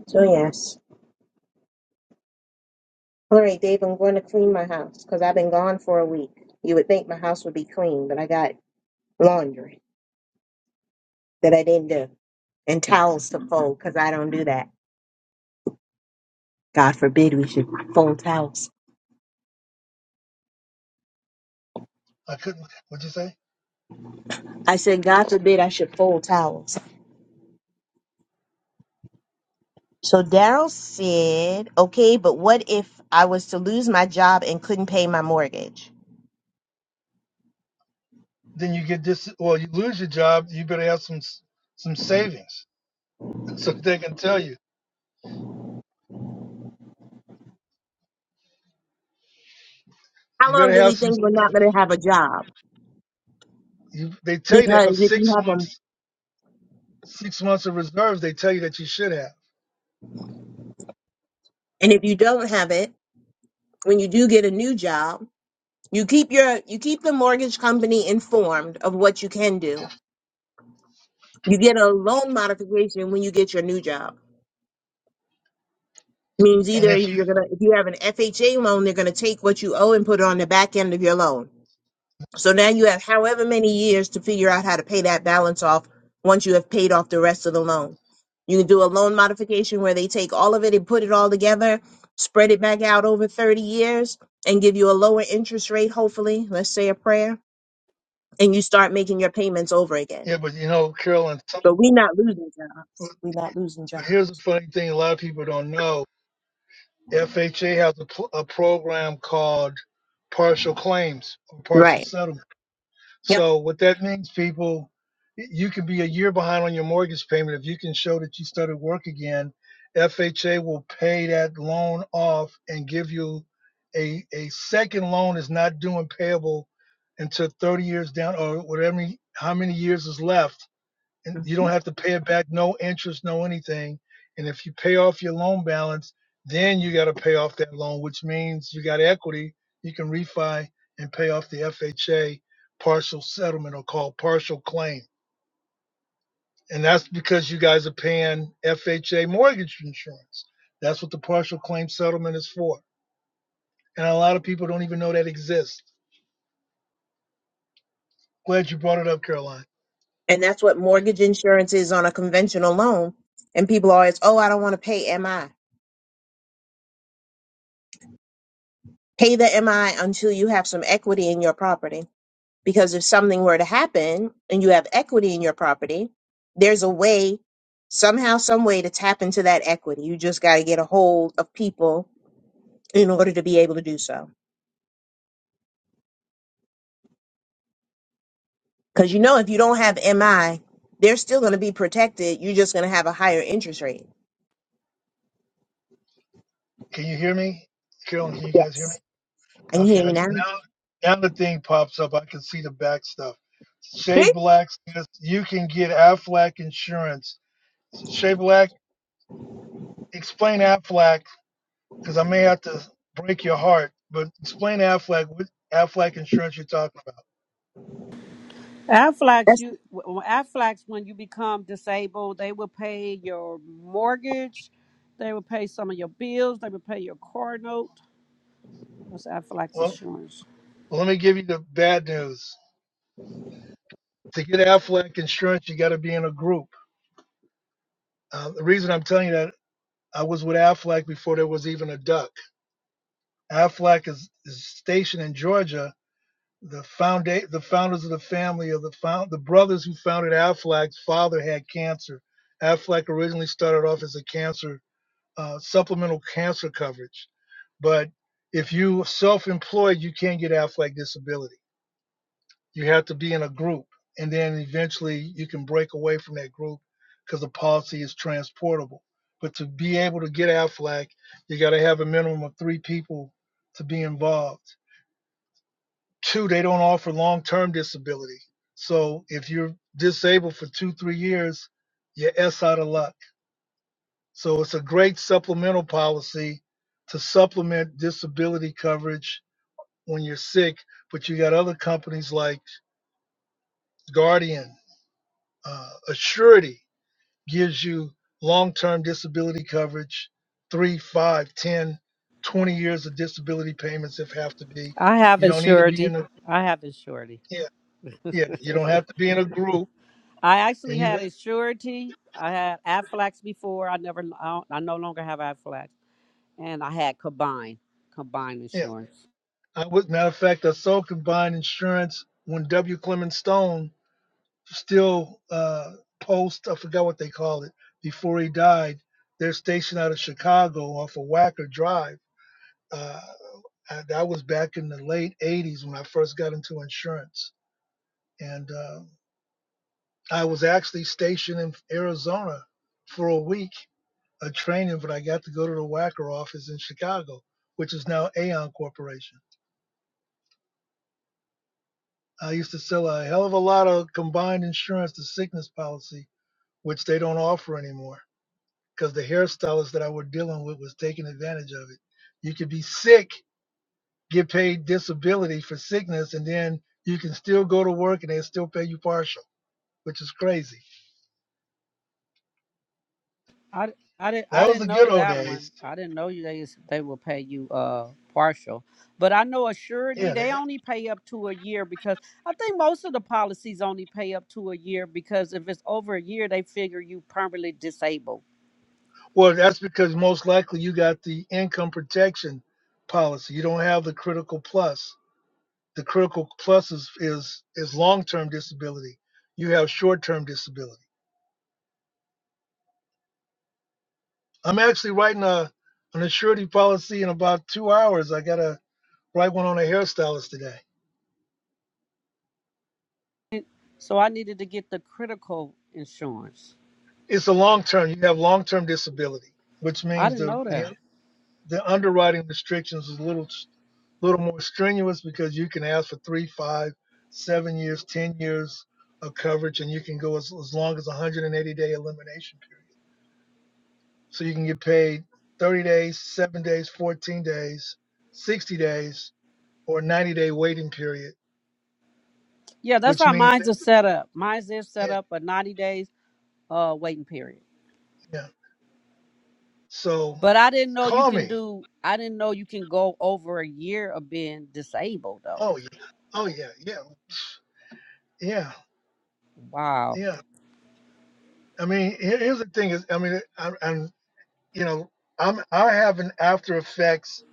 So yes. All right, Dave, I'm going to clean my house because I've been gone for a week. You would think my house would be clean, but I got laundry that I didn't do and towels to fold because I don't do that. God forbid we should fold towels. I couldn't. What'd you say? I said, God forbid I should fold towels. So Daryl said, okay, but what if I was to lose my job and couldn't pay my mortgage? Then you get this. Well, you lose your job. You better have some some savings. So they can tell you. How You long better do we have some. think we're not going to have a job? You, they tell you to Because have if you six have them, months six months of reserves. They tell you that you should have. and if you don't have it, when you do get a new job, You keep your you keep the mortgage company informed of what you can do. You get a loan modification when you get your new job. Means And either if you you're gonna if you have an FHA loan, they're gonna take what you owe and put it on the back end of your loan. So now you have however many years to figure out how to pay that balance off once you have paid off the rest of the loan. You can do a loan modification where they take all of it and put it all together, spread it back out over 30 years, and give you a lower interest rate, hopefully. Let's say a prayer, and you start making your payments over again yeah, but you know, Carolyn, some But we not losing jobs. We not losing jobs. But here's the funny thing: a lot of people don't know. FHA has a, pl- a program called partial claims or partial Right. settlement. Yep. So what that means, people, y- you can be a year behind on your mortgage payment if you can show that you started work again. FHA will pay that loan off and give you a a second loan is not due and payable until 30 years down or whatever how many years is left and you hmm don't have to pay it back, no interest, no anything. And if you pay off your loan balance, then you got to pay off that loan, which means you got equity. You can refi and pay off the FHA partial settlement or called partial claim. And that's because you guys are paying FHA mortgage insurance. That's what the partial claim settlement is for. And a lot of people don't even know that exists. Glad you brought it up, Caroline. And that's what mortgage insurance is on a conventional loan. And people are always, oh, I don't want to pay MI. Pay the MI until you have some equity in your property. Because if something were to happen and you have equity in your property, there's a way, somehow, some way to tap into that equity. You just got to get a hold of people in order to be able to do so. Because you know, if you don't have MI, they're still going to be protected. You're just going to have a higher interest rate. Can you hear me? Carolyn, can you guys hear me? Yes. I can Okay, hear I you just, now. now now the thing pops up. I can see the back stuff. Shay See? Black says you can get Aflac insurance. Shay Black, explain Aflac because I may have to break your heart, but explain Aflac what Aflac insurance you're talking about. Aflac, That's you well, Aflac, when you become disabled, they will pay your mortgage, they will pay some of your bills, they will pay your car note. That's Aflac's Well, insurance. let me give you the bad news. To get Aflac insurance, you got to be in a group. Uh, the reason I'm telling you that I was with Aflac before there was even a duck. Aflac is, is stationed in Georgia, the founda- the founders of the family of the found the brothers who founded Aflac's father had cancer. Aflac originally started off as a cancer uh, supplemental cancer coverage, but if you self-employed, you can't get Aflac disability. You have to be in a group, and then eventually you can break away from that group because the policy is transportable. But to be able to get Aflac, you got to have a minimum of three people to be involved Two, they don't offer long term disability. So if you're disabled for two, three years, you're S out of luck. So it's a great supplemental policy to supplement disability coverage when you're sick. But you got other companies like Guardian, uh, Assurity gives you long term disability coverage, three, five, ten, twenty years of disability payments if have to be. I have You don't need to be insurity. in a, I have insurity. yeah, yeah, you don't have to be in a group I actually and you had a surety. I had Aflac before. I never. I, don't- I no longer have Aflac, and I had combined combined Yeah. insurance. I was matter of fact, I saw combined insurance when W. Clement Stone still uh, post. I forgot what they called it before he died. They're stationed out of Chicago off of Wacker Drive. Uh, I, that was back in the late '80s when I first got into insurance, and uh, I was actually stationed in Arizona for a week, a training, but I got to go to the Wacker office in Chicago, which is now Aon Corporation. I used to sell a hell of a lot of combined insurance to sickness policy, which they don't offer anymore because the hairstylist that I were dealing with was taking advantage of it. You could be sick, get paid disability for sickness, and then you can still go to work and they still pay you partial, which is crazy. I, I didn't I That was didn't the good know old that one. days. I didn't know you they they will pay you uh partial, but I know a surety Yeah. They, they only pay up to a year because I think most of the policies only pay up to a year because if it's over a year they figure you permanently disabled. well, that's because most likely you got the income protection policy. You don't have the critical plus. The critical plus is is, is long term disability. You have short term disability. I'm actually writing a an insurance policy in about two hours. I gotta write one on a hairstylist today. So I needed to get the critical insurance. It's a long term. You have long term disability, which I means didn't the know that. the the underwriting restrictions is a little little more strenuous because you can ask for three, five, seven years, ten years of coverage, and you can go as, as long as 180 day elimination period. So you can get paid 30 days, 7 days, 14 days, 60 days, or a 90 day waiting period, Yeah, that's which how means mine's are set up. Mine's is set yeah, up a ninety days uh waiting period. yeah. So But I didn't know you call can me. do. I didn't know you can go over a year of being disabled though. Oh, yeah. Oh, yeah. Yeah. Yeah. Wow. Yeah. I mean, here- here's the thing is, I mean, I, I'm, you know, I'm, I have an after effects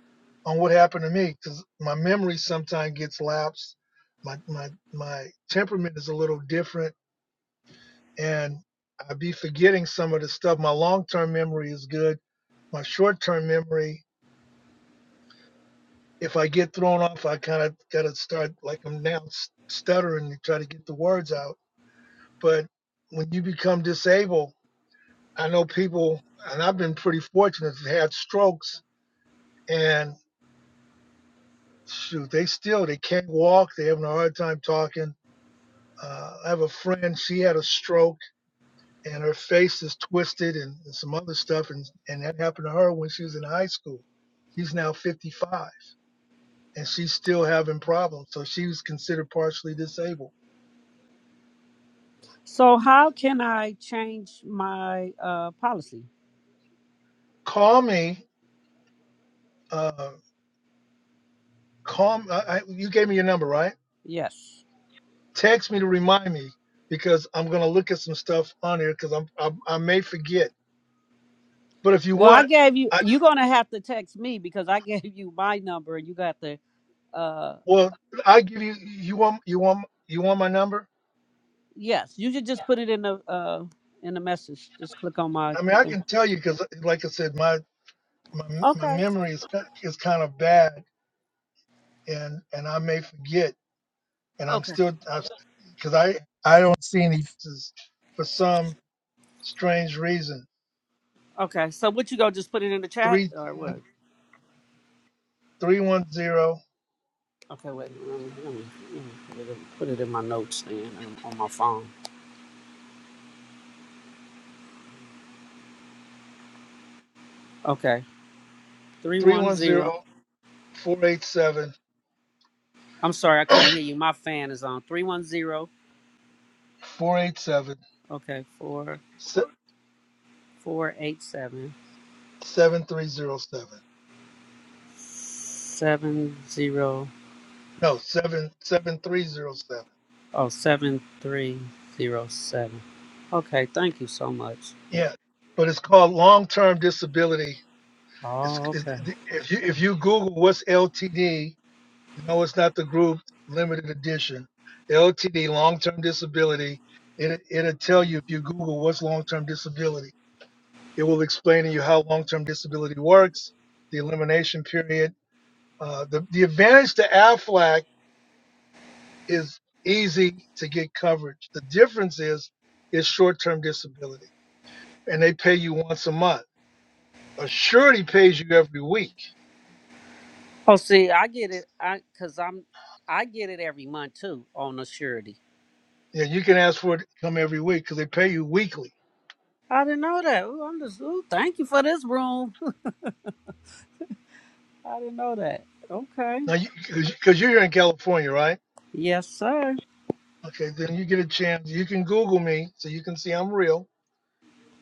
on what happened to me because my memory sometimes gets lapsed. My, my, my temperament is a little different and I would be forgetting some of the stuff. My long term memory is good. My short term memory, if I get thrown off, I kind of got to start like I'm now stuttering to try to get the words out. But when you become disabled, I know people, and I've been pretty fortunate to have strokes, and shoot, they still they can't walk. They're having a hard time talking. Uh, I have a friend; she had a stroke and her face is twisted and, and some other stuff. And, and that happened to her when she was in high school. She's now 55 and she's still having problems. So she was considered partially disabled. So how can I change my uh, policy? Call me. Uh, call I, I, you gave me your number, right? Yes. Text me to remind me because I'm going to look at some stuff on here because I'm, I, I may forget. But if you Well, I want, gave you. I You're gonna have to text me because I gave you my number, and you got the. Uh, well, I give you. You want you want you want my number? yes, you should just put it in the uh, in the message. Just click on my I mean, I thing. can tell you because, like I said, my. my my Okay. memory is ki- is kind of bad, and and I may forget, and I'm Okay. still because I I don't see any faces for some strange reason. Okay. So what you go? Just put it in the chat or what? 310 Okay. Wait. Let me, let me, let me put, it in, put it in my notes then um, on my phone. Okay. Three one zero. I'm sorry, I couldn't hear you. My fan is on. Three one zero. Okay, four four eight seven seven zero No, 7 7307 oh seven three zero seven. Okay, thank you so much. Yeah. But it's called long-term disability. It's, Oh, it's okay. if you if you Google what's LTD, No, it's not the group limited edition. LTD, long term disability. It, it'll tell you if you Google what's long term disability. It will explain to you how long term disability works, the elimination period. Uh, the, the advantage to AFLAC is easy to get coverage. The difference is it's short term disability, and they pay you once a month. A surety pays you every week. Oh, see, I get it. I because I'm I get it every month too on the surety. Yeah, you can ask for it to come every week because they pay you weekly. I didn't know that. Ooh, I'm just ooh, thank you for this room. I didn't know that. Okay. Now, because you, 'cause- 'cause you're here in California, right? Yes, sir. Okay, then you get a chance. You can Google me so you can see I'm real.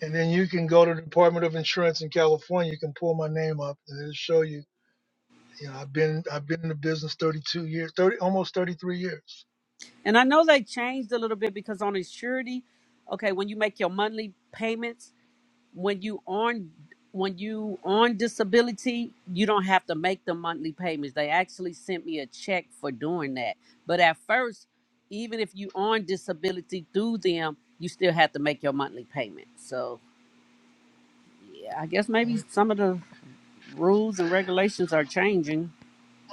And then you can go to the Department of Insurance in California. You can pull my name up and it'll show you. You know, I've been I've been in the business 32 years, 30 almost 33 years. And I know they changed a little bit because on the surety, okay, when you make your monthly payments. when you on when you on disability, you don't have to make the monthly payments. They actually sent me a check for doing that. But at first, even if you on disability through them, you still have to make your monthly payment. So yeah, I guess Mhm. maybe some of the rules and regulations are changing.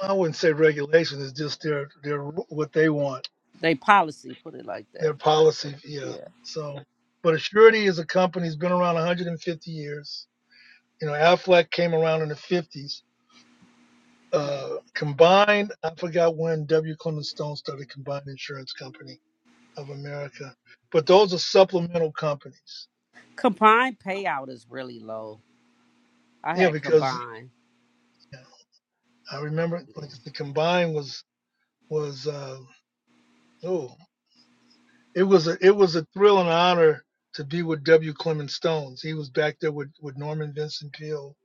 I wouldn't say regulation. It's just their their what they want, They policy, put it like that. their policy. Yeah. Yeah. So, but Assurity is a company that's been around 150 years. You know, Aflac came around in the 50s. Uh, combined, I forgot when W. Clement Stone started Combined Insurance Company of America, but those are supplemental companies. Combined payout is really low. I Yeah, had because combined. yeah, I remember Yeah. like the Combined was was uh, oh It was a it was a thrill and an honor to be with W. Clement Stones. He was back there with, with Norman Vincent Peale,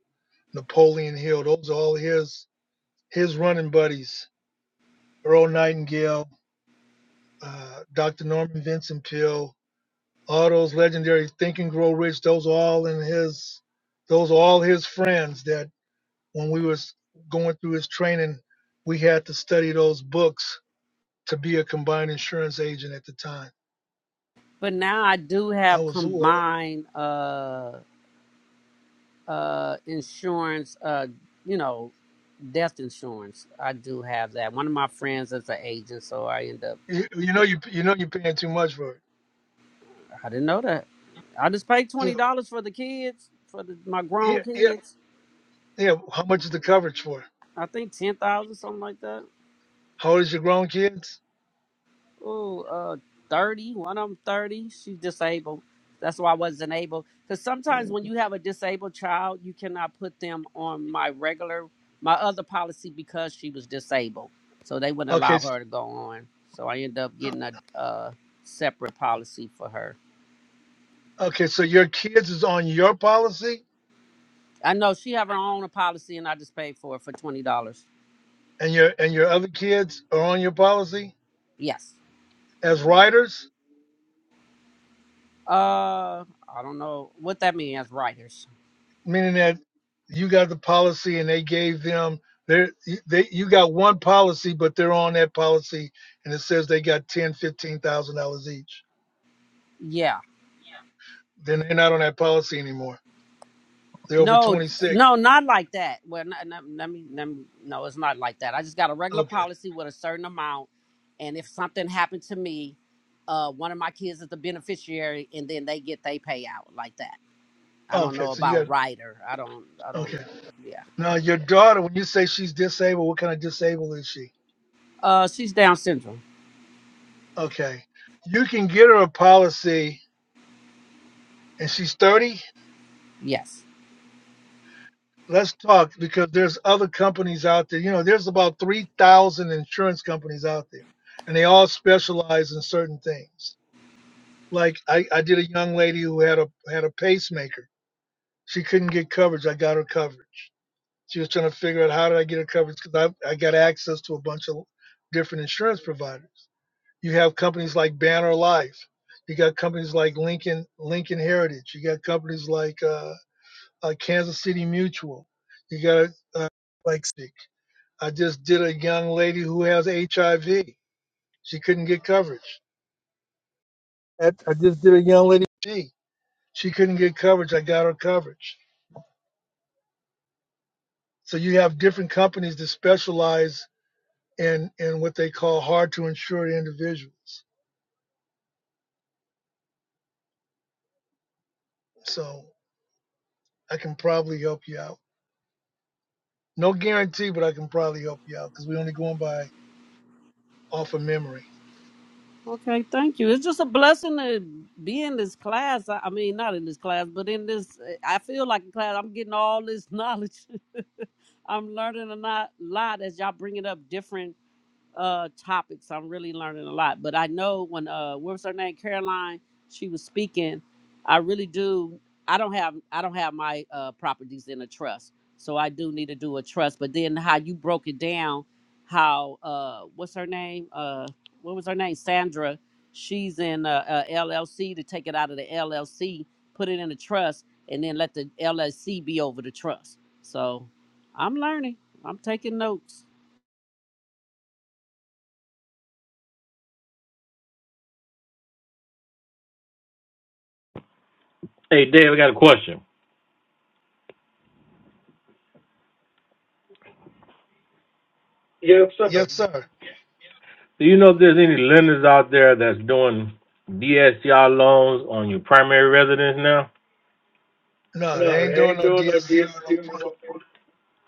Napoleon Hill. Those are all his his running buddies. Earl Nightingale, uh, Dr. Norman Vincent Peale, all those legendary Think and Grow Rich. Those are all in his. Those are all his friends. That when we was going through his training, we had to study those books to be a combined insurance agent at the time. But now I do I have was, ooh, combined uh uh insurance uh you know death insurance i do have that one of my friends is an agent so i end up I- you you know, you you know, you're paying too much for it. i didn't know that i just paid Yeah, $20 for the kids for the, my yeah, grown yeah, kids yeah. How much is the coverage for? i think 10000 something like that How old is your grown kids? Ooh, uh, 30. One of them 30. She's disabled. That's why I wasn't able. Because sometimes when you have a disabled child, you cannot put them on my regular, my other policy because she was disabled. So they wouldn't Okay, allow s- her to go on. So I ended up uh, getting a uh, separate policy for her. okay. So your kids is on your policy, I know she have her own policy, and I just paid for it for twenty dollars. and your and your other kids are on your policy Yes. as riders, Uh, I don't know what that means, writers. meaning that you got the policy and they gave them their you- they you got one policy, but they're on that policy, and it says they got ten, fifteen thousand dollars each. Yeah. Then they're not on that policy anymore. They're over No, twenty six. no, not like that. Well, not, not, let me, let me, no, it's not like that. I just got a regular Okay, policy with a certain amount, and if something happened to me, uh, one of my kids is the beneficiary, and then they get they payout like that. I don't okay. know So you about a got rider. I don't, I don't, okay. yeah. Now, your daughter, when you say she's disabled, what kind of disabled is she? Uh, she's Down syndrome. Okay. You can get her a policy and she's 30. Yes. Let's talk because there's other companies out there. You know, there's about 3,000 insurance companies out there and they all specialize in certain things. Like I, I did a young lady who had a had a pacemaker. She couldn't get coverage. I got her coverage. She was trying to figure out how did I get her coverage because I, I got access to a bunch of different insurance providers. You have companies like Banner Life. You got companies like Lincoln Lincoln Heritage. You got companies like uh, uh, Kansas City Mutual. You got uh, like I just did a young lady who has HIV. She couldn't get coverage. I, I just did a young lady. She she couldn't get coverage. I got her coverage. So you have different companies that specialize in in what they call hard to insure individuals. So I can probably help you out. No guarantee, but I can probably help you out because we are only going by off of memory. Okay, thank you. It's just a blessing to be in this class. I I mean, not in this class, but in this, I feel like a class. I'm getting all this knowledge. I'm learning a lot, lot as y'all bringing up different uh topics. I'm really learning a lot. But I know when uh what was her name? Caroline, she was speaking. I really do I don't have I don't have my uh properties in a trust. So I do need to do a trust. But then how you broke it down, how uh what's her name? Uh what was her name? Sandra. She's in uh, uh LLC to take it out of the LLC, put it in a trust, and then let the LLC be over the trust. So I'm learning. I'm taking notes. Hey, Dave, I got a question. Yes, sir. Yes, sir. Do you know if there's any lenders out there that's doing DSCR loans on your primary residence now? No, they No, ain't they doing ain't no doing no DSC or no prim- deal.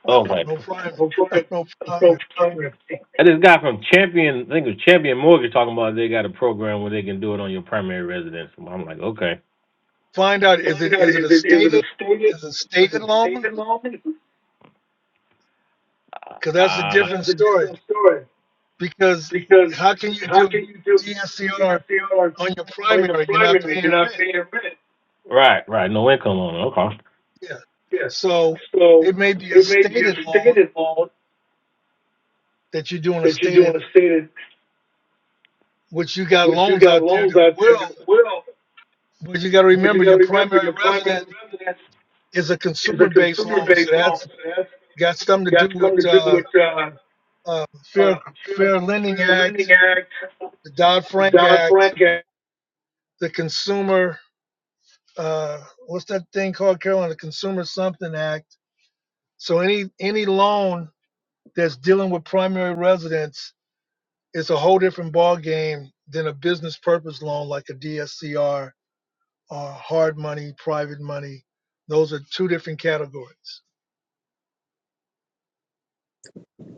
Oh my! no primary. Go for it. No Go primary. for it. I just got from Champion. I think it was Champion Mortgage talking about they got a program where they can do it on your primary residence. I'm like, okay. Find out is Find it out, is it is a it, is it a stated state, is it is stated it state loan? involvement? Uh, Because that's a different That's a story. different story, Because because how can you how do can you do DSCR CSCR on your on your primary? You're not primary, if paying you're not rent. paying rent? right, right. No income on it. Okay. Yeah. So Yeah, so it may be a it may be a stated loan stated loan that you're doing a that you're doing stated, a stated. which you got which you loans got out there loans that out there will, that will, but you got to but you remember your got to remember primary your resident. primary residence is a is a consumer-based loan, so consumer-based loan. that's So that's got something to got do with something to do uh, with uh, uh, Fair uh, Fair, Fair Lending Fair Act, Lending Act, the Dodd the Frank Act, Dodd-Frank Act, the Consumer uh, what's that thing called, Carolyn? The Consumer Something Act. So any any loan that's dealing with primary residence is a whole different ball game than a business purpose loan like a DSCR or hard money, private money. Those are two different categories.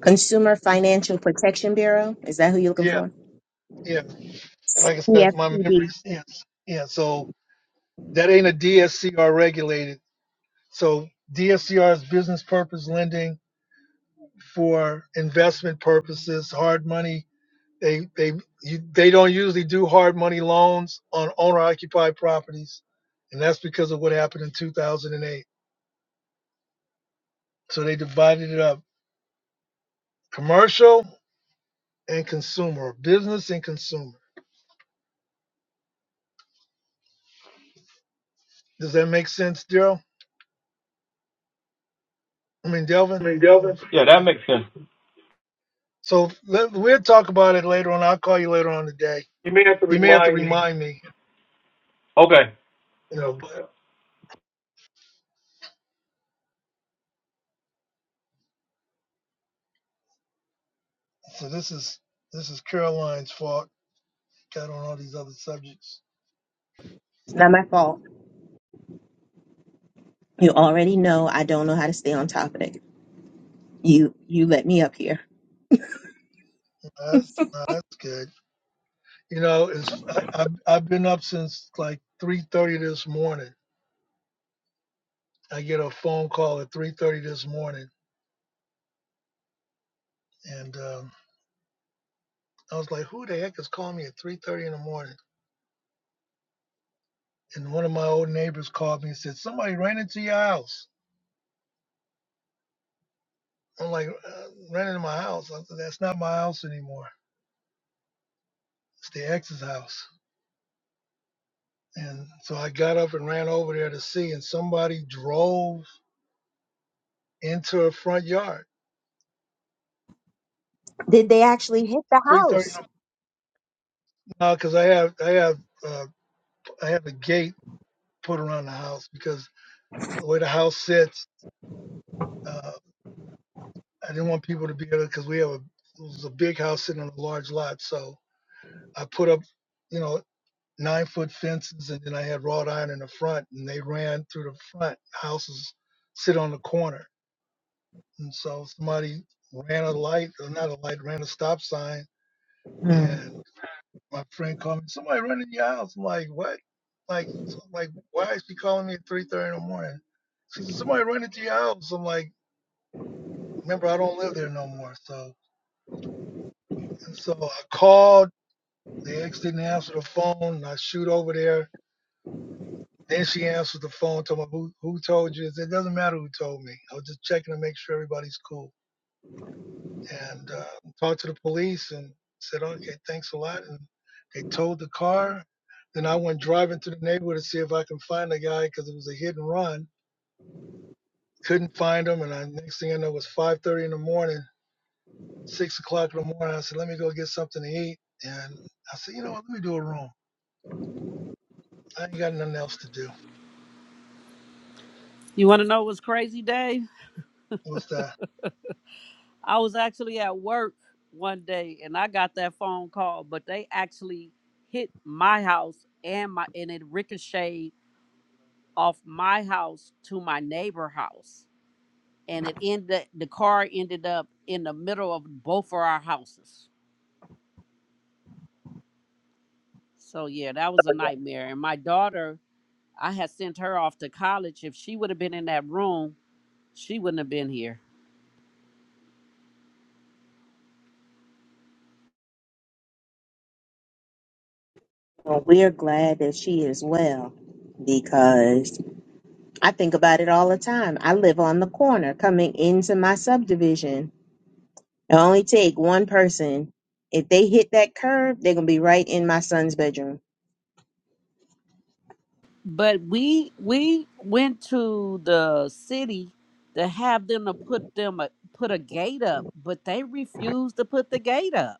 Consumer Financial Protection Bureau. Is that who you're looking Yeah, for? yeah. Like I said, my CFPB. memories. Yes, yeah. So that ain't a DSCR regulated. So DSCR is business purpose lending for investment purposes, hard money. They they you, they don't usually do hard money loans on owner occupied properties, and that's because of what happened in 2008. So they divided it up: commercial and consumer, or business and consumer. Does that make sense, Daryl? I mean, Delvin. and the other. Yeah, that makes sense. So let, we'll talk about it later on. I'll call you later on today. You may have to You may have to remind me, remind me. Okay. you You know, know. but. So this is this is Caroline's fault. Got on all these other subjects. It's not my fault. You already know I don't know how to stay on top of it. You you let me up here. Nah, That's nah, that's good. You know, it's I, I've I've been up since like three thirty this morning. I get a phone call at three thirty this morning, and um, I was like, "Who the heck is calling me at three thirty in the morning?" And one of my old neighbors called me and said, "Somebody ran into your house." I'm like, uh, "Ran into my house? I said, That's not my house anymore. It's the ex's house." And so I got up and ran over there to see, and somebody drove into a front yard. Did they actually hit the Three thirty house? now because I have I have uh, I have a gate put around the house because the way the house sits, uh, I didn't want people to be able because we have a it was a big house sitting on a large lot, so I put up you know nine foot fences and then I had wrought iron in the front and they ran through the front. Houses sit on the corner, and so somebody ran a light or not a light ran a stop sign Hmm. and. my friend called me, somebody running your house. I'm like, what? Like, so- like, why is she calling me at three thirty in the morning? She said, somebody running to your house. I'm like, remember, I don't live there no more. So, and so I called. The ex didn't answer the phone. And I shoot over there. Then she answered the phone, told me who, who told you. I said, it doesn't matter who told me. I was just checking to make sure everybody's cool. and uh, talked to the police and said, okay, thanks a lot. And they towed the car. Then I went driving through the neighborhood to see if I can find the guy because it was a hit and run. Couldn't find him. And I, next thing I know, it was 5.30 in the morning, 6 o'clock in the morning. I said, let me go get something to eat. And I said, you know what, let me do a room. I ain't got nothing else to do. You want to know what's crazy, Dave? What's that? I was actually at work one day and I got that phone call, but they actually hit my house and my and it ricocheted off my house to my neighbor house. And it ended the car ended up in the middle of both of our houses. So yeah, that was a nightmare. And my daughter, I had sent her off to college. If she would have been in that room, she wouldn't have been here. Well, we're glad that she is well because I think about it all the time. I live on the corner coming into my subdivision. It only take one person. If they hit that curb, they're gonna be right in my son's bedroom. but we we went to the city to have them to put them a, put a gate up but they refused to put the gate up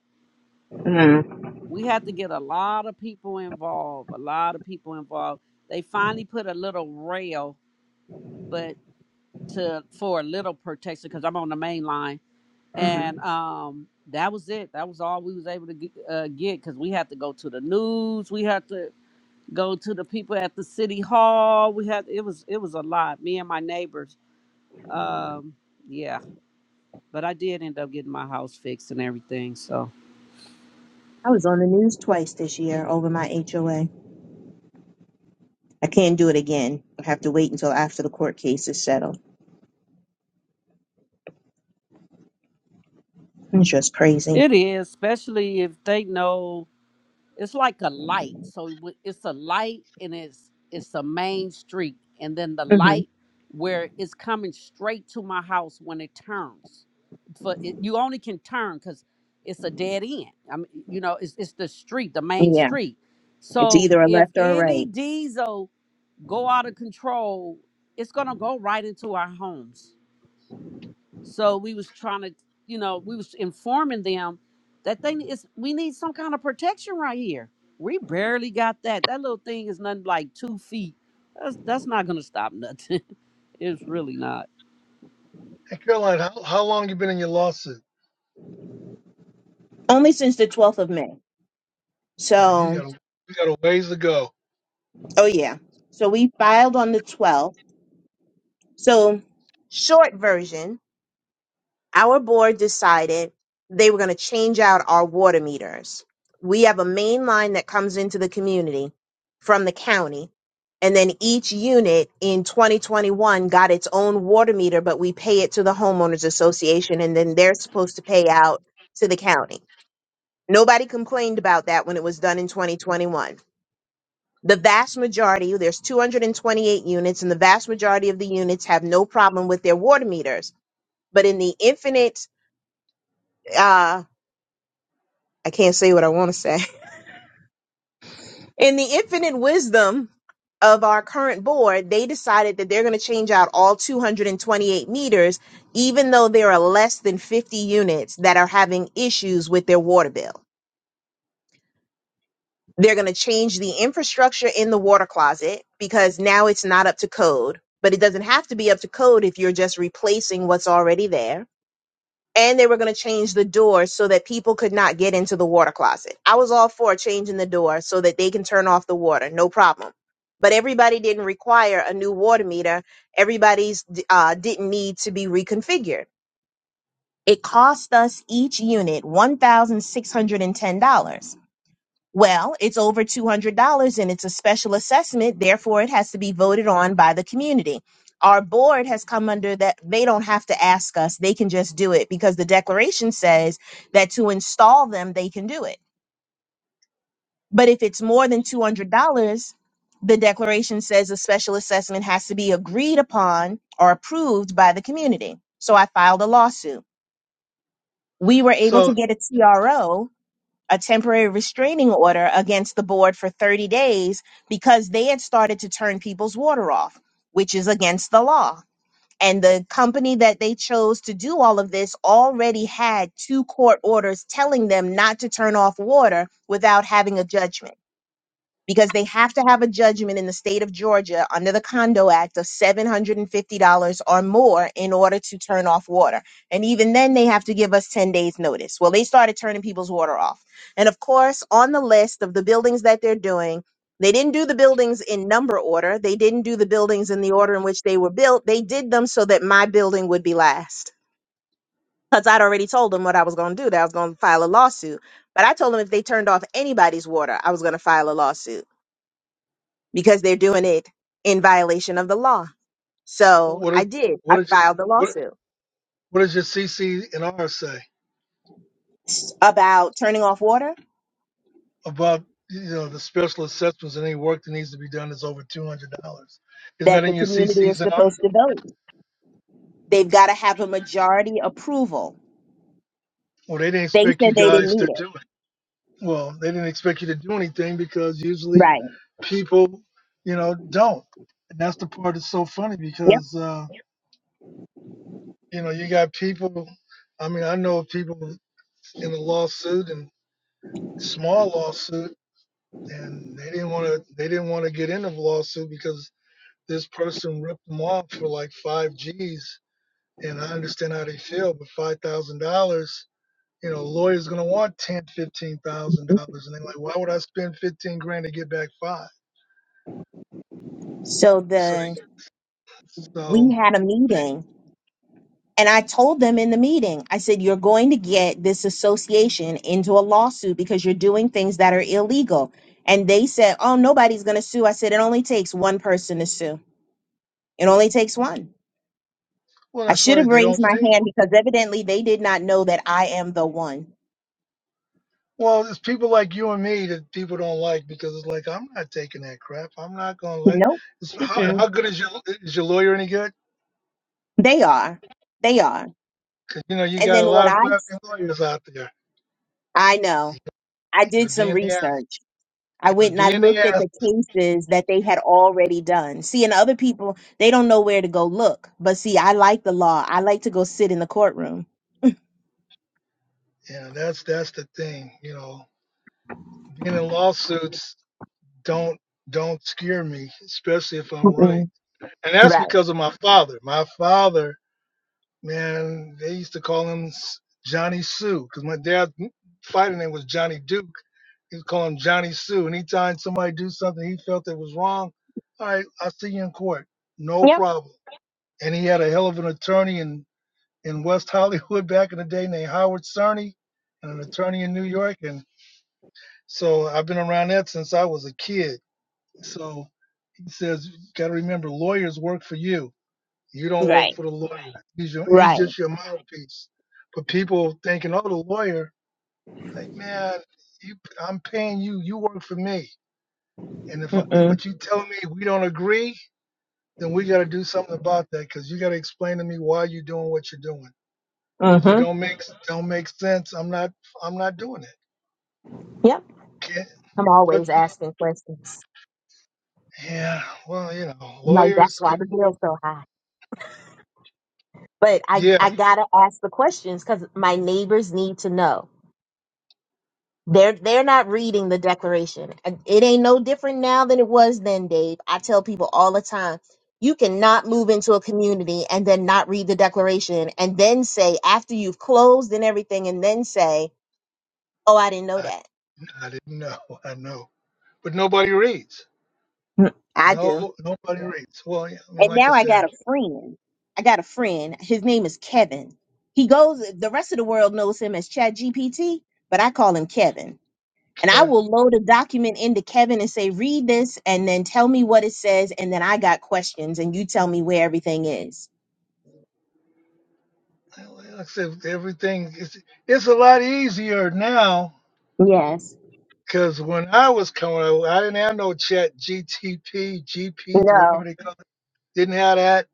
we had to get a lot of people involved a lot of people involved they finally put a little rail but to for a little protection because i'm on the main line hmm and um that was it that was all we was able to get because we had to go to the news we had to go to the people at the city hall. We had it was it was a lot. Me and my neighbors. Um, yeah, but I did end up getting my house fixed and everything. So I was on the news twice this year over my HOA. I can't do it again. I have to wait until after the court case is settled. It's just crazy. it is, especially if they know. it's like a light. So it would- it's a light and it's it's a main street, and then the hmm light where it's coming straight to my house when it turns. For it, you only can turn because it's a dead end. I mean, you know, it's it's the street, the main Yeah, street. it's So either a if left or a any right. diesel go out of control, it's gonna go right into our homes. So we was trying to, you know, we was informing them that thing is we need some kind of protection right here. We barely got that. That little thing is nothing like two feet. That's that's not gonna stop nothing. it's really not. Hey, Caroline, how, how long you been in your lawsuit? Only since the 12th of May. Oh, you So, got a, you got a ways to go. oh yeah. So we filed on the 12th. So, short version. our board decided they were going to change out our water meters. We have a main line that comes into the community from the county. And then each unit in 2021 got its own water meter, but we pay it to the homeowners association and then they're supposed to pay out to the county. Nobody complained about that when it was done in 2021. The vast majority, there's 228 units and the vast majority of the units have no problem with their water meters. But in the infinite uh, I can't say what I want to say. In the infinite wisdom of our current board, they decided that they're going to change out all 228 meters, even though there are less than 50 units that are having issues with their water bill. They're going to change the infrastructure in the water closet because now it's not up to code, but it doesn't have to be up to code if you're just replacing what's already there and they were going to change the door so that people could not get into the water closet. I was all for changing the door so that they can turn off the water, no problem. But everybody didn't require a new water meter. Everybody's uh, didn't need to be reconfigured. It cost us each unit $1,610. Well, it's over $200 and it's a special assessment. Therefore, it has to be voted on by the community. Our board has come under that. They don't have to ask us. They can just do it because the declaration says that to install them, they can do it. But if it's more than $200, the declaration says a special assessment has to be agreed upon or approved by the community. So I filed a lawsuit. We were able to So get a TRO a temporary restraining order against the board for 30 days because they had started to turn people's water off, which is against the law. And the company that they chose to do all of this already had two court orders telling them not to turn off water without having a judgment because they have to have a judgment in the state of Georgia under the Condo Act of $750 or more in order to turn off water. And even then, they have to give us 10 days' notice. Well, they started turning people's water off. And of course, on the list of the buildings that they're doing, they didn't do the buildings in number order. They didn't do the buildings in the order in which they were built. They did them so that my building would be last. Because I'd already told them what I was going to do, that I was going to file a lawsuit. But I told them if they turned off anybody's water, I was going to file a lawsuit because they're doing it in violation of the law. So what, I is, did. what, I did, filed you, the what, lawsuit what does your CC and R say? about turning off water about you know the special assessments and any work that needs to be done is over two hundred dollars. Isn't that that the in your community is CCs and R? supposed to vote. They've got to have a majority approval. Well, they didn't They expect said you they didn't guys need to it. do it. Well, they didn't expect you to do anything because usually Right. people, you know, don't. And that's the part that's so funny because uh, you know you got people. I mean, I know people in a lawsuit and small lawsuit, and they didn't want to. They didn't want to get into the lawsuit because this person ripped them off for like five G's and I understand how they feel, but five thousand dollars, you know, a lawyer's gonna want ten, fifteen thousand Yep. dollars, and they're like, why would I spend fifteen grand to get back five? So So the they, we so had a meeting and I told them in the meeting, I said, you're going to get this association into a lawsuit because you're doing things that are illegal. And they said, oh, nobody's going to sue. I said, it only takes one person to sue. It only takes one. well, I that's should why have they raised don't my think. hand because evidently they did not know that I am the one. Well, it's people like you and me that people don't like because it's like I'm not taking that crap. I'm not gonna let. Nope. It's, how Mm-mm. how good is your is your lawyer any good? They are. They are. 'Cause, you know you And got then a lot what of I, crappy lawyers out there. I know, You I did gotta be some in the ass. research. I You went gotta and I be in the looked at ass. the cases that they had already done. See, and other people, they don't know where to go look. But see, I like the law. I like to go sit in the courtroom. Yeah, that's that's the thing. You know, being in lawsuits don't don't scare me, especially if I'm right. Mm-mm. And that's Right. because of my father. My father, man, they used to call him S- Johnny Sue because my dad's fighting name was Johnny Duke. He would call him Johnny Sue. Anytime somebody do something he felt that was wrong, all right, I'll see you in court, no Yep. problem. And he had a hell of an attorney in in West Hollywood back in the day named Howard Cerny, and an attorney in New York. And so I've been around that since I was a kid. So He says, you got to remember, lawyers work for you. You don't work Right. for the lawyer. He's, your, he's Right. just your mouthpiece. But people thinking, oh, the lawyer, like, man, you, I'm paying you. You work for me. And if I, Mm-mm. what you tell me we don't agree, then we got to do something about that because you got to explain to me why you're doing what you're doing. If it Mm-hmm. don't make don't make sense, I'm not I'm not doing it. Yep. Can't, I'm but always you know, asking questions. yeah, well, you know, I'm like, that's lawyers, why people, the bill's so high. but I yeah, I gotta ask the questions because my neighbors need to know. They're they're not reading the declaration. It ain't no different now than it was then, Dave. I tell people all the time, you cannot move into a community and then not read the declaration and then say after you've closed and everything and then say, "Oh, I didn't know I, that." I didn't know, I know, but nobody reads. Mm, I do. No, nobody reads. Well, yeah, I mean, And like I now I said, got a friend. I got a friend. His name is Kevin. He goes the rest of the world knows him as Chat GPT, but I call him Kevin And I Kevin, will load a document into Kevin and say, read this and then tell me what it says. And then I got questions and you tell me where everything is. like I said, everything is it's a lot easier now Yes. because when I was coming up, I didn't have no chat, GTP, GP, whatever No. they call it. Didn't have that.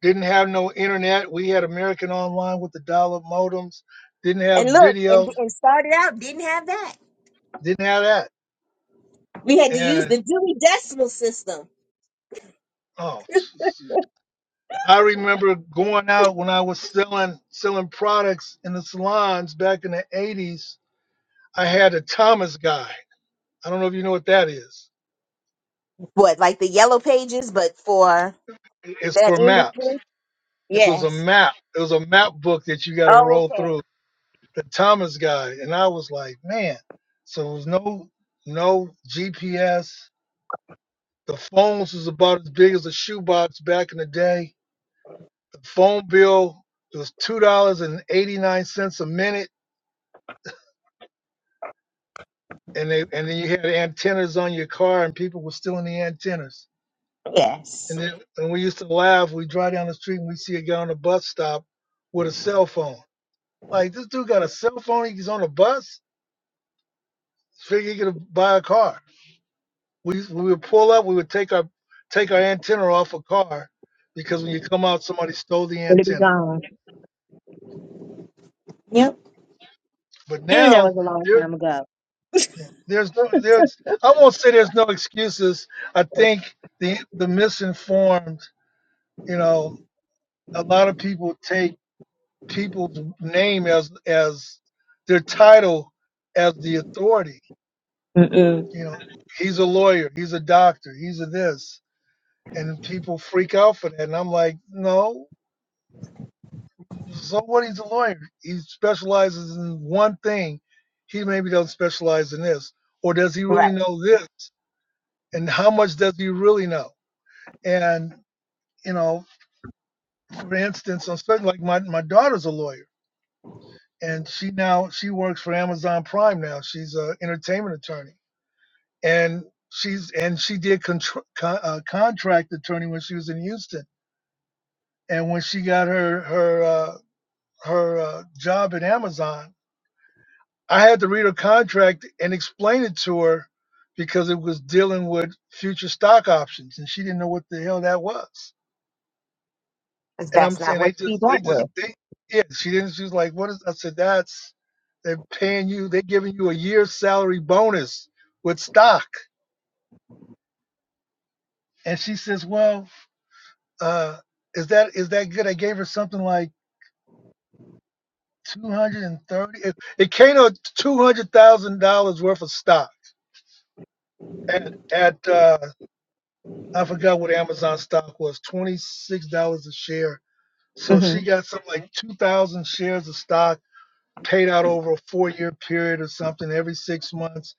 Didn't have no internet. We had American Online with the dial up modems. Didn't And have look, and, video. and started out, didn't have that. Didn't have that. We had to use And the Dewey Decimal System. oh, I remember going out when I was selling selling products in the salons back in the 80s I had a Thomas guy. I don't know if you know what that is. What, like the yellow pages, but for It's that for maps. industry? It was a Yes. map. It was a map book that you got to Oh, roll okay. through. The Thomas guy, and I was like, man. So it was no no GPS. The phones was about as big as a shoebox back in the day. The phone bill it was two dollars and eighty nine cents a minute, and they and then you had antennas on your car, and people were stealing the antennas And Yes. then and we used to laugh. We drive down the street and we see a guy on a bus stop with a cell phone. Like this dude got a cell phone. He's on a bus. Figure he could buy a car. We we would pull up. We would take our take our antenna off a car because when you come out, somebody stole the It'll be antenna. gone. Yep. But Mm, that was now a long there time ago. yeah, there's no there's I won't say there's no excuses. I think the the misinformed. You know, a lot of people take people's name as as their title as the authority. Mm-mm. You know, he's a lawyer, he's a doctor, he's a this, and people freak out for that. And I'm like, no. So what? He's a lawyer. He specializes in one thing. He maybe doesn't specialize in this, or does he Right. really know this? And how much does he really know? And you know, for instance, on certain like my my daughter's a lawyer, and she now she works for Amazon Prime now. She's an entertainment attorney and she's and she did contr con, uh, contract attorney when she was in Houston, and when she got her her uh, her uh, job at Amazon, I had to read her contract and explain it to her because it was dealing with future stock options, and she didn't know what the hell that was. 'Cause And I'm That's not saying what they she just they went just with. they yeah she didn't she was like what is I said that's they're paying you they're giving you a year's salary bonus with stock, and she says well. uh is that is that good? I gave her something like two hundred and thirty. It, it came to two hundred thousand dollars worth of stock at at uh, I forgot what Amazon stock was twenty six dollars a share. So hmm she got something like two thousand shares of stock paid out over a four year period or something every six months.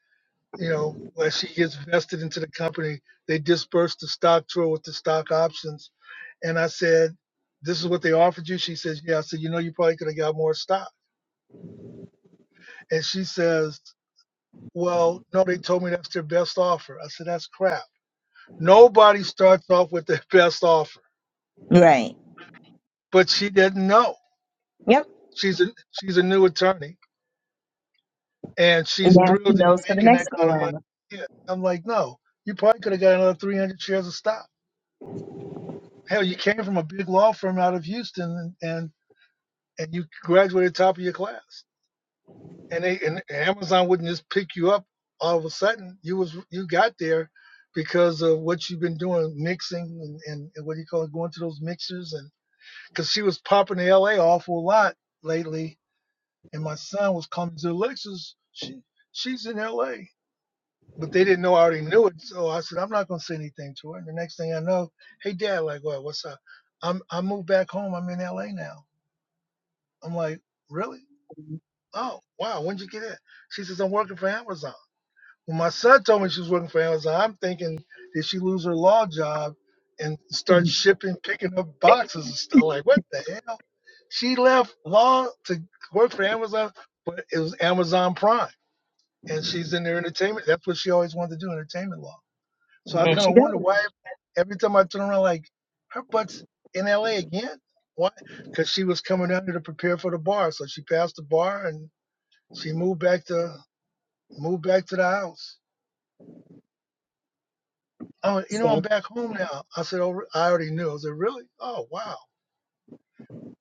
You know, where she gets vested into the company, they disperse the stock to her with the stock options. And I said, "This is what they offered you." She says, "Yeah." I said, "You know, you probably could have got more stock." And she says, Well, no, they told me that's their best offer. I said, That's crap. Nobody starts off with their best offer, Right. but she didn't know. Yep. She's a, she's a new attorney and And she's now she thrilled to be knows for the making next that go kind of money. round. Yeah. I'm like, No, you probably could have got another 300 shares of stock. Hell, you came from a big law firm out of Houston and, and, and you graduated top of your class. and they and Amazon wouldn't just pick you up all of a sudden. You was you got there because of what you've been doing, mixing and, and, and what do you call it, going to those mixers and because she was popping in LA awful lot lately, and my son was coming to Alexis. She she's in LA, but they didn't know I already knew it. So I said I'm not gonna say anything to her. And the next thing I know, hey dad, like what? What's up? I'm I moved back home. I'm in LA now. I'm like really? Oh wow, when'd you get in? She says I'm working for Amazon. When my son told me she was working for Amazon, I'm thinking, did she lose her law job and start And shipping, picking up boxes and stuff? Like, what the hell? She left law to work for Amazon, but it was Amazon Prime. And she's in their entertainment. That's what she always wanted to do, entertainment law. So I there kind she of wonder goes. why every time I turn around, like, her butt's in LA again. Why? Because she was coming down here to prepare for the bar. So she passed the bar and she moved back to moved back to the house. I went, you know, See, I'm back home now. I said, oh, I already knew. I said, really? Oh, wow.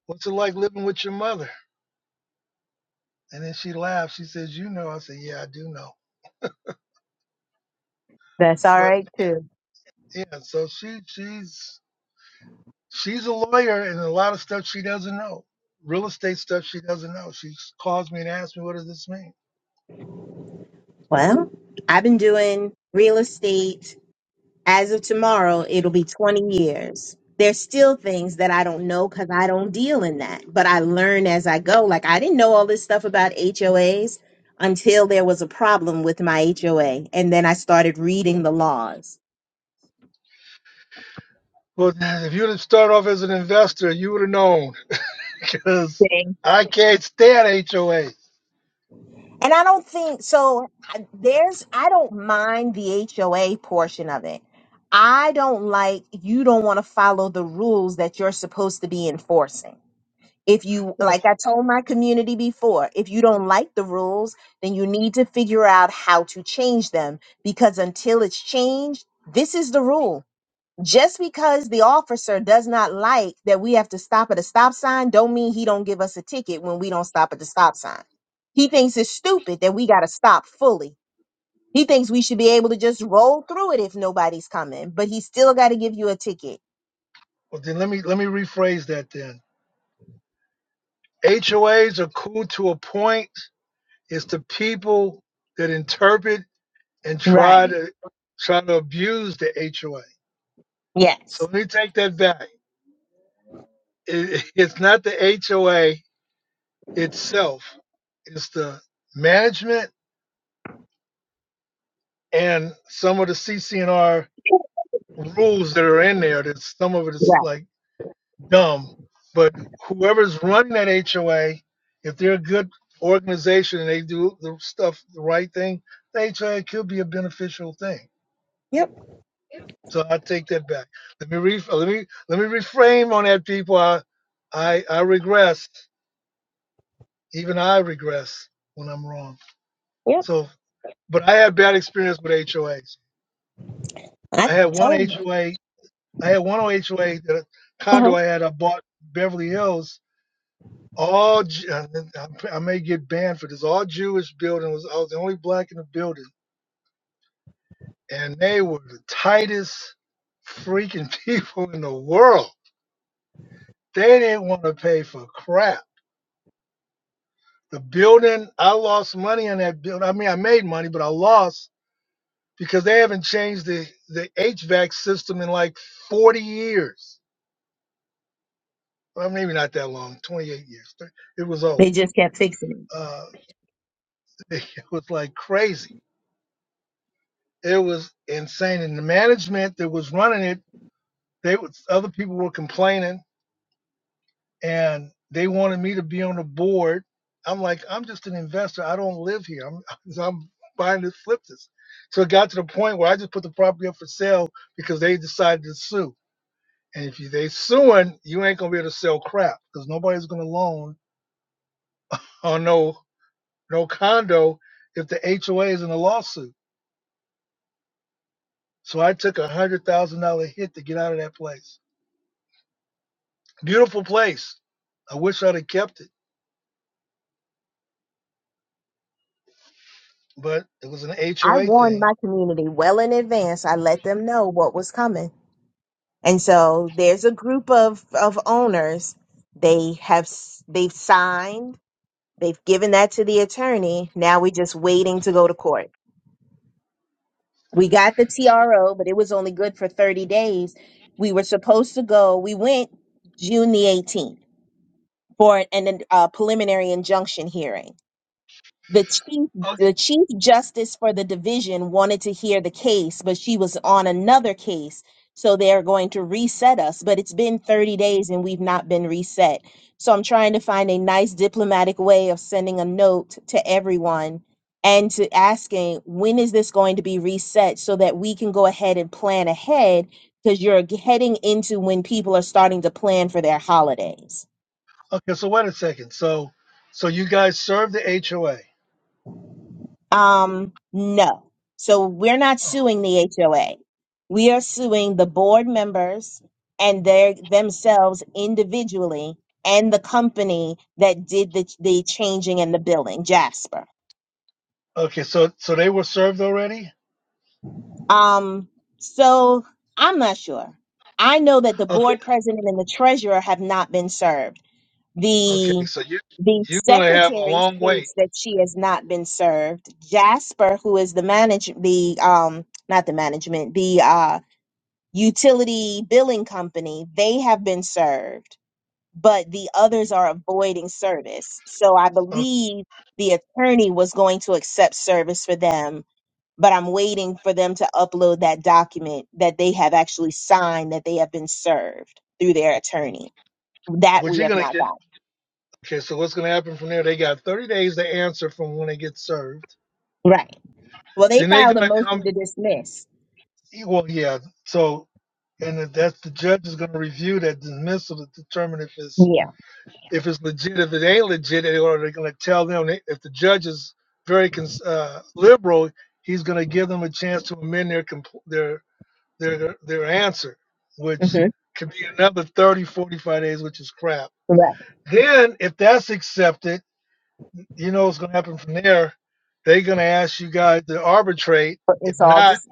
What's it like living with your mother? And then she laughed. She says, you know. I said, yeah, I do know. that's all But right too. yeah, so she she's she's a lawyer and a lot of stuff she doesn't know. Real estate stuff she doesn't know. She calls me and asks me, what does this mean? Well, I've been doing real estate. As of tomorrow, it'll be 20 years. There's still things that I don't know because I don't deal in that, but I learn as I go. Like, I didn't know all this stuff about HOAs until there was a problem with my HOA. And then I started reading the laws. Well, if you'd have started off as an investor, you would have known because I can't stand HOA. And I don't think so. I- There's, I don't mind the HOA portion of it. I don't like, you don't want to follow the rules that you're supposed to be enforcing. If you, like Well, I told my community before, if you don't like the rules, then you need to figure out how to change them because until it's changed, this is the rule. Just because the officer does not like that we have to stop at a stop sign, don't mean he don't give us a ticket when we don't stop at the stop sign. He thinks it's stupid that we got to stop fully. He thinks we should be able to just roll through it if nobody's coming, but he still got to give you a ticket. well, then let me let me rephrase that then. HOAs are cool to a point It's the people that interpret and Right. try to try to abuse the HOA. So Yes. let me take that back. It, it's not the HOA itself. It's the management and some of the CCNR rules that are in there. That some of it is Right. like dumb, but whoever's running that HOA, if they're a good organization and they do the stuff the right thing, the HOA could be a beneficial thing Yep. So I take that back. Let me re- uh, let me let me reframe on that, people. I I I regress. Even I regress when I'm wrong. Yep. So, but I had bad experience with HOAs. I I had one told them. HOA. I had one HOA that a Uh-huh. condo I had. I bought Beverly Hills. All Ju- I I may get banned for this. All Jewish building was. I was the only black in the building, and they were the tightest freaking people in the world. They didn't want to pay for crap The building, I lost money on that building. I mean, I made money, but I lost because they haven't changed the, the HVAC system in like 40 years. Well, maybe not that long, 28 years. It was old. They just kept fixing it. Uh, it was like crazy. It was insane. And the management that was running it, they was, other people were complaining and they wanted me to be on the board. I'm like, I'm just an investor. I don't live here. I'm, I'm buying this, flip this. So it got to the point where I just put the property up for sale because they decided to sue. And if you, they suing, you ain't gonna be able to sell crap because nobody's gonna loan or no no condo if the HOA is in a lawsuit. So I took a one hundred thousand dollar hit to get out of that place. Beautiful place. I wish I'd have kept it, but it was an I HOA warned thing. my community well in advance. I let them know what was coming. And so there's a group of, of owners. They have s- they've signed. They've given that to the attorney. Now we're just waiting to go to court. We got the So. TRO, but it was only good for 30 days. We were supposed to go. We went June the 18th for an, a preliminary injunction hearing. the chief the chief justice for the division wanted to hear the case but she was on another case so they're going to reset us but it's been 30 days and we've not been reset so i'm trying to find a nice diplomatic way of sending a note to everyone and to asking when is this going to be reset so that we can go ahead and plan ahead because you're g- heading into when people are starting to plan for their holidays Okay, so wait a second. So, so you guys served the HOA. Um, no. So we're not Oh, suing the HOA. We are suing the board members and their themselves individually and the company that did the the changing and the billing, Jasper. okay, so so they were served already. Um, so I'm not sure. I know that the Okay, board president and the treasurer have not been served. okay. The So you the you're gonna have a secretary long wait. states that she has not been served. Jasper, who is the manage the um not the management, the uh utility billing company, they have been served, but the others are avoiding service. So I Okay, believe the attorney was going to accept service for them, but I'm waiting for them to upload that document that they have actually signed that they have been served through their attorney. That what we you have gonna not get? got. Okay, so what's gonna happen from there? They got 30 days to answer from when they get served. Right. Well, they Then they're filed a gonna come. motion to dismiss. Well, yeah. So and then that's the judge is gonna review that dismissal to determine if it's Yeah. if it's legit, if it ain't legit, they're going to tell them if the judge is very uh, liberal, he's going to give them a chance to amend their compl- their their their answer, which Mm-hmm. could be another 30 45 days, which is crap. Correct. Then, if that's accepted, you know what's going to happen from there. They're going to ask you guys to arbitrate. But it's If all not, dis.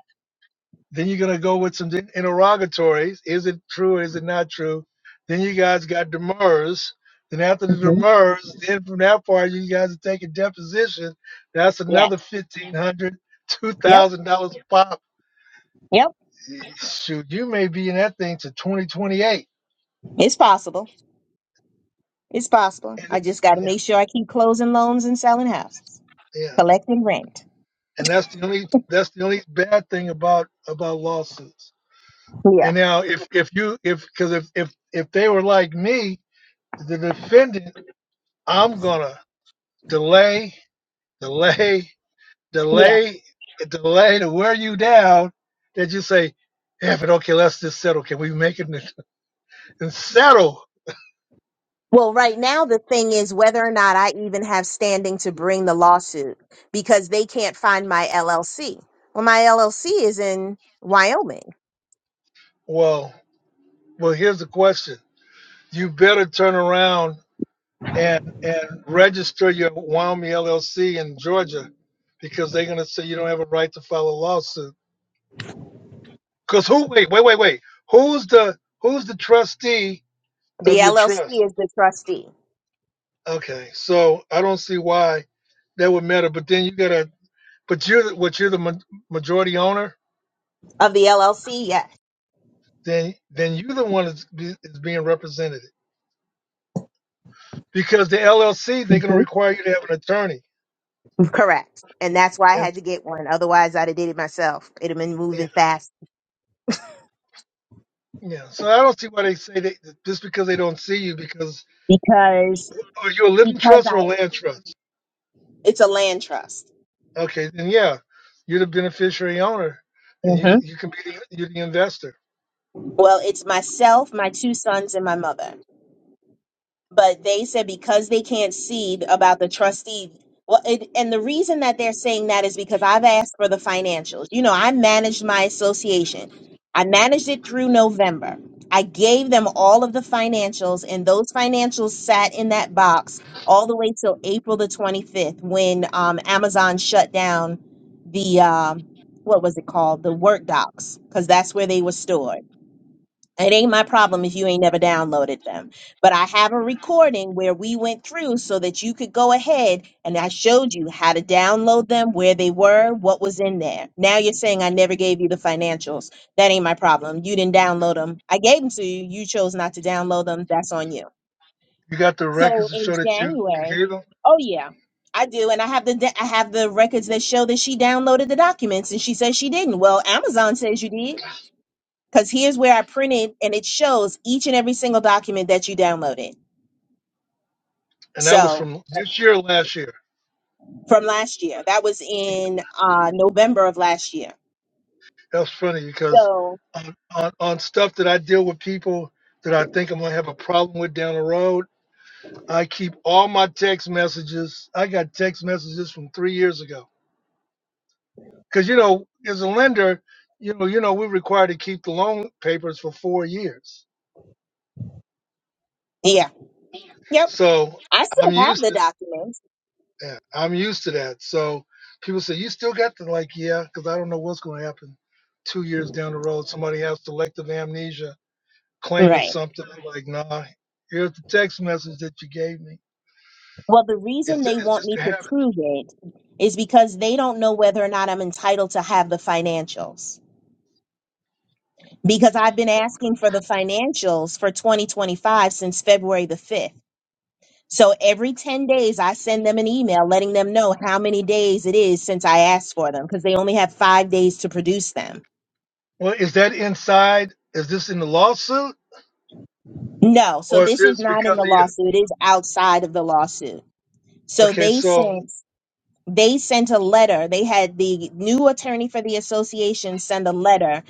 then you're gonna go with some interrogatories. Is it true? Is it not true? Then you guys got demurs. Then after the Mm-hmm. demurs, then from that part, you guys are taking deposition. That's Yes. another fifteen hundred, dollars, two Yep. thousand dollars a pop. Yep. Shoot, you may be in that thing to twenty twenty eight. It's possible. It's possible. And I it- just got to yeah, make sure I keep closing loans and selling houses, yeah. collecting rent. And that's the only that's the only bad thing about about lawsuits. Yeah. And now if if you if because if if if they were like me, the defendant, I'm gonna delay, delay, Yeah. delay, delay to wear you down that you say, "If it' okay, let's just settle. Can we make it and settle? Well, right now the thing is whether or not I even have standing to bring the lawsuit because they can't find my LLC. Well, my LLC is in Wyoming. Well, well, here's the question. You better turn around and and register your Wyoming LLC in Georgia because they're gonna say you don't have a right to file a lawsuit. Cause who wait, wait, wait, wait. Who's the who's the trustee The of your LLC trust? is the trustee Okay, so I don't see why that would matter. But then you gotta but you're the, what you're the ma- majority owner, of the LLC. Yes. then then you're the one that's be, is being represented because the LLC they're going to require you to have an attorney, Correct. And that's why I and had to get one. Otherwise, I'd have did it myself. It'd have been yeah, moving fast yeah. So I don't see why they say that just because they don't see you because because are you a living because trust or a I land trust? it's a land trust. Okay, then yeah, you're the beneficiary owner, and you hmm you can be the, you're the investor. Well, it's myself, my two sons, and my mother. but they said because they can't see about the trustee. Well, it, and the reason that they're saying that is because I've asked for the financials. You know, I managed my association. I managed it through November. I gave them all of the financials, and those financials sat in that box all the way till April the 25th when um, Amazon shut down the, um, what was it called? The work docs, because that's where they were stored. It ain't my problem if you ain't never downloaded them. But I have a recording where we went through so that you could go ahead and I showed you how to download them, where they were, what was in there. Now you're saying I never gave you the financials. That ain't my problem. You didn't download them. I gave them to you. You chose not to download them. That's on you. You got the So records to in show that you, you January, gave them, oh yeah, I do, and I have the da- I have the records that show that she downloaded the documents and she says she didn't. Well, Amazon says you did because here's where I printed and it shows each and every single document that you downloaded. and that was So from this year, last year. from last year, that was in uh, November of last year. That's funny because So on, on, on stuff that I deal with people that I think I'm gonna have a problem with down the road, I keep all my text messages. I got text messages from three years ago. Cause you know, as a lender, you know, you know, we're required to keep the loan papers for four years. yeah, yep, So I I'm still have used the to documents. yeah, I'm used to that. So people say, You still got the like, yeah, because I don't know what's gonna happen two years down the road. Somebody has selective amnesia claiming Right. something. I'm like, nah, here's the text message that you gave me. Well, the Is reason they this, is want this me to have to it? prove it is because they don't know whether or not I'm entitled to have the financials. Because I've been asking for the financials for 2025 since February the 5th. So every 10 days, I send them an email letting them know how many days it is since I asked for them because they only have five days to produce them. Well, is that inside? Is this in the lawsuit? No, so Or is this is this not in because the of you? lawsuit. It is outside of the lawsuit. So Okay, they so, sent they sent a letter. They had the new attorney for the association send a letter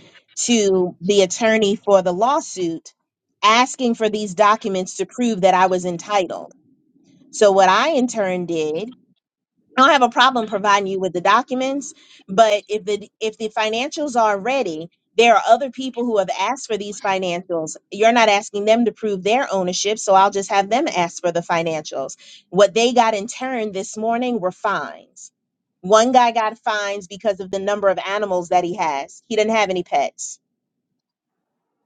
to the attorney for the lawsuit asking for these documents to prove that I was entitled. So what I in turn did I don't have a problem providing you with the documents, but if the if the financials are ready, there are other people who have asked for these financials. You're not asking them to prove their ownership, so I'll just have them ask for the financials. What they got in turn this morning were fines. One guy got fines because of the number of animals that he has. He didn't have any pets.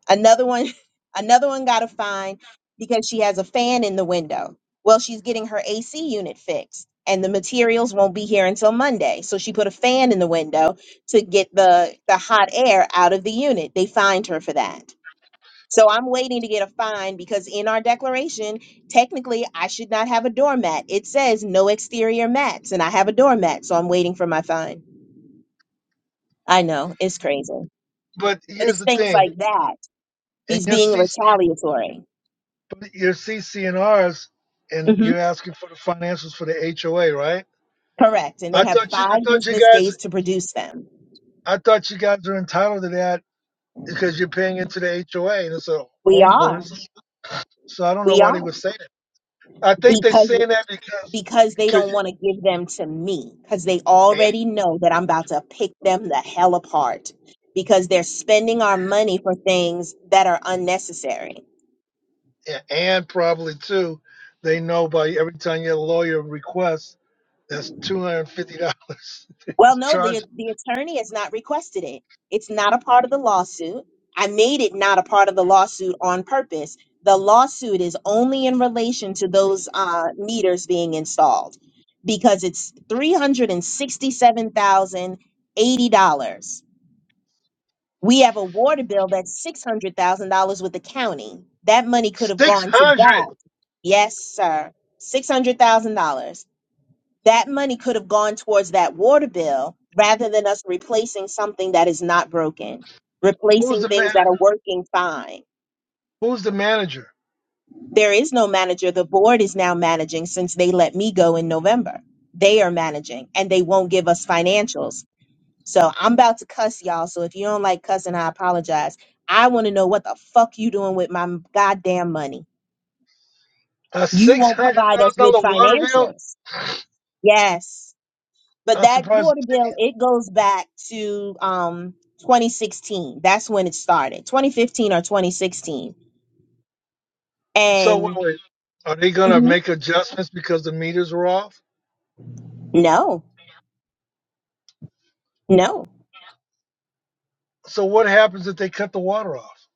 Another one, another one got a fine because she has a fan in the window. Well, she's getting her AC unit fixed and the materials won't be here until Monday. So she put a fan in the window to get the the hot air out of the unit. They fined her for that. So I'm waiting to get a fine because in our declaration, technically I should not have a doormat. It says no exterior mats and I have a doormat, so I'm waiting for my fine. I know, it's crazy. but But here's it's the things thing. like that. And He's your being CC, retaliatory. your CCNRs, and Rs, and Mhm. you're asking for the financials for the HOA, right? Correct. And they I have thought you, I five thought you business guys, days to produce them. I thought you guys are entitled to that because you're paying into the HOA and it's a We are. homeowners. So I don't know We why are. they would say that. I think they're Because saying that because because they because don't want to give them to me. Because they you already know that I'm about to pick them the hell apart. Because they're spending our money for things that are unnecessary. A- And probably too, they know by every time your lawyer requests, that's two hundred and fifty dollars. Well, no, the Charge the attorney has not requested it. It's not a part of the lawsuit. I made it not a part of the lawsuit on purpose. The lawsuit is only in relation to those uh, meters being installed because it's three hundred and sixty-seven thousand eighty dollars. We have a water bill that's six hundred thousand dollars with the county. That money could have six gone to hundred. that. Yes, sir. $600,000 that money could have gone towards that water bill rather than us replacing something that is not broken, Who's replacing the things man? that are working fine. Who's the manager? There is no manager. The board is now managing since they let me go in November. They are managing and they won't give us financials. So I'm about to cuss y'all. So if you don't like cussing, I apologize. I want to know what the fuck you doing with my goddamn money. A You six won't hundred provide us thousand with dollar water bill? financials. Yes. But I'm that surprised water the bill, city. it goes back to um 2016. That's when it started. 2015 or 2016. So wait, And wait, are they gonna Mhm. make adjustments because the meters were off? no, no. So what happens if they cut the water off?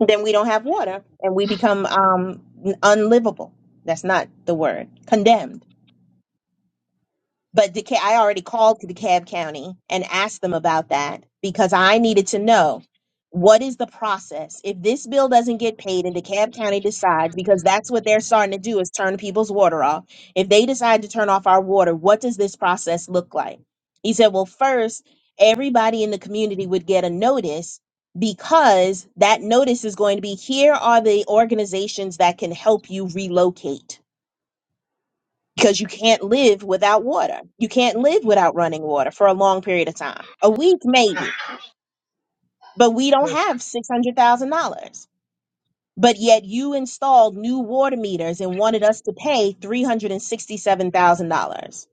Then we don't have water and we become um n- unlivable. That's not the word. Condemned. But DeKalb, I already called to DeKalb County and asked them about that because I needed to know what is the process if this bill doesn't get paid and DeKalb County decides because that's what they're starting to do is turn people's water off. If they decide to turn off our water, what does this process look like? He said, well, first everybody in the community would get a notice because that notice is going to be here are the organizations that can help you relocate because you can't live without water. You can't live without running water for a long period of time. A week, maybe, but we don't That's have $600,000. But yet you installed new water meters and wanted us to pay $367,000.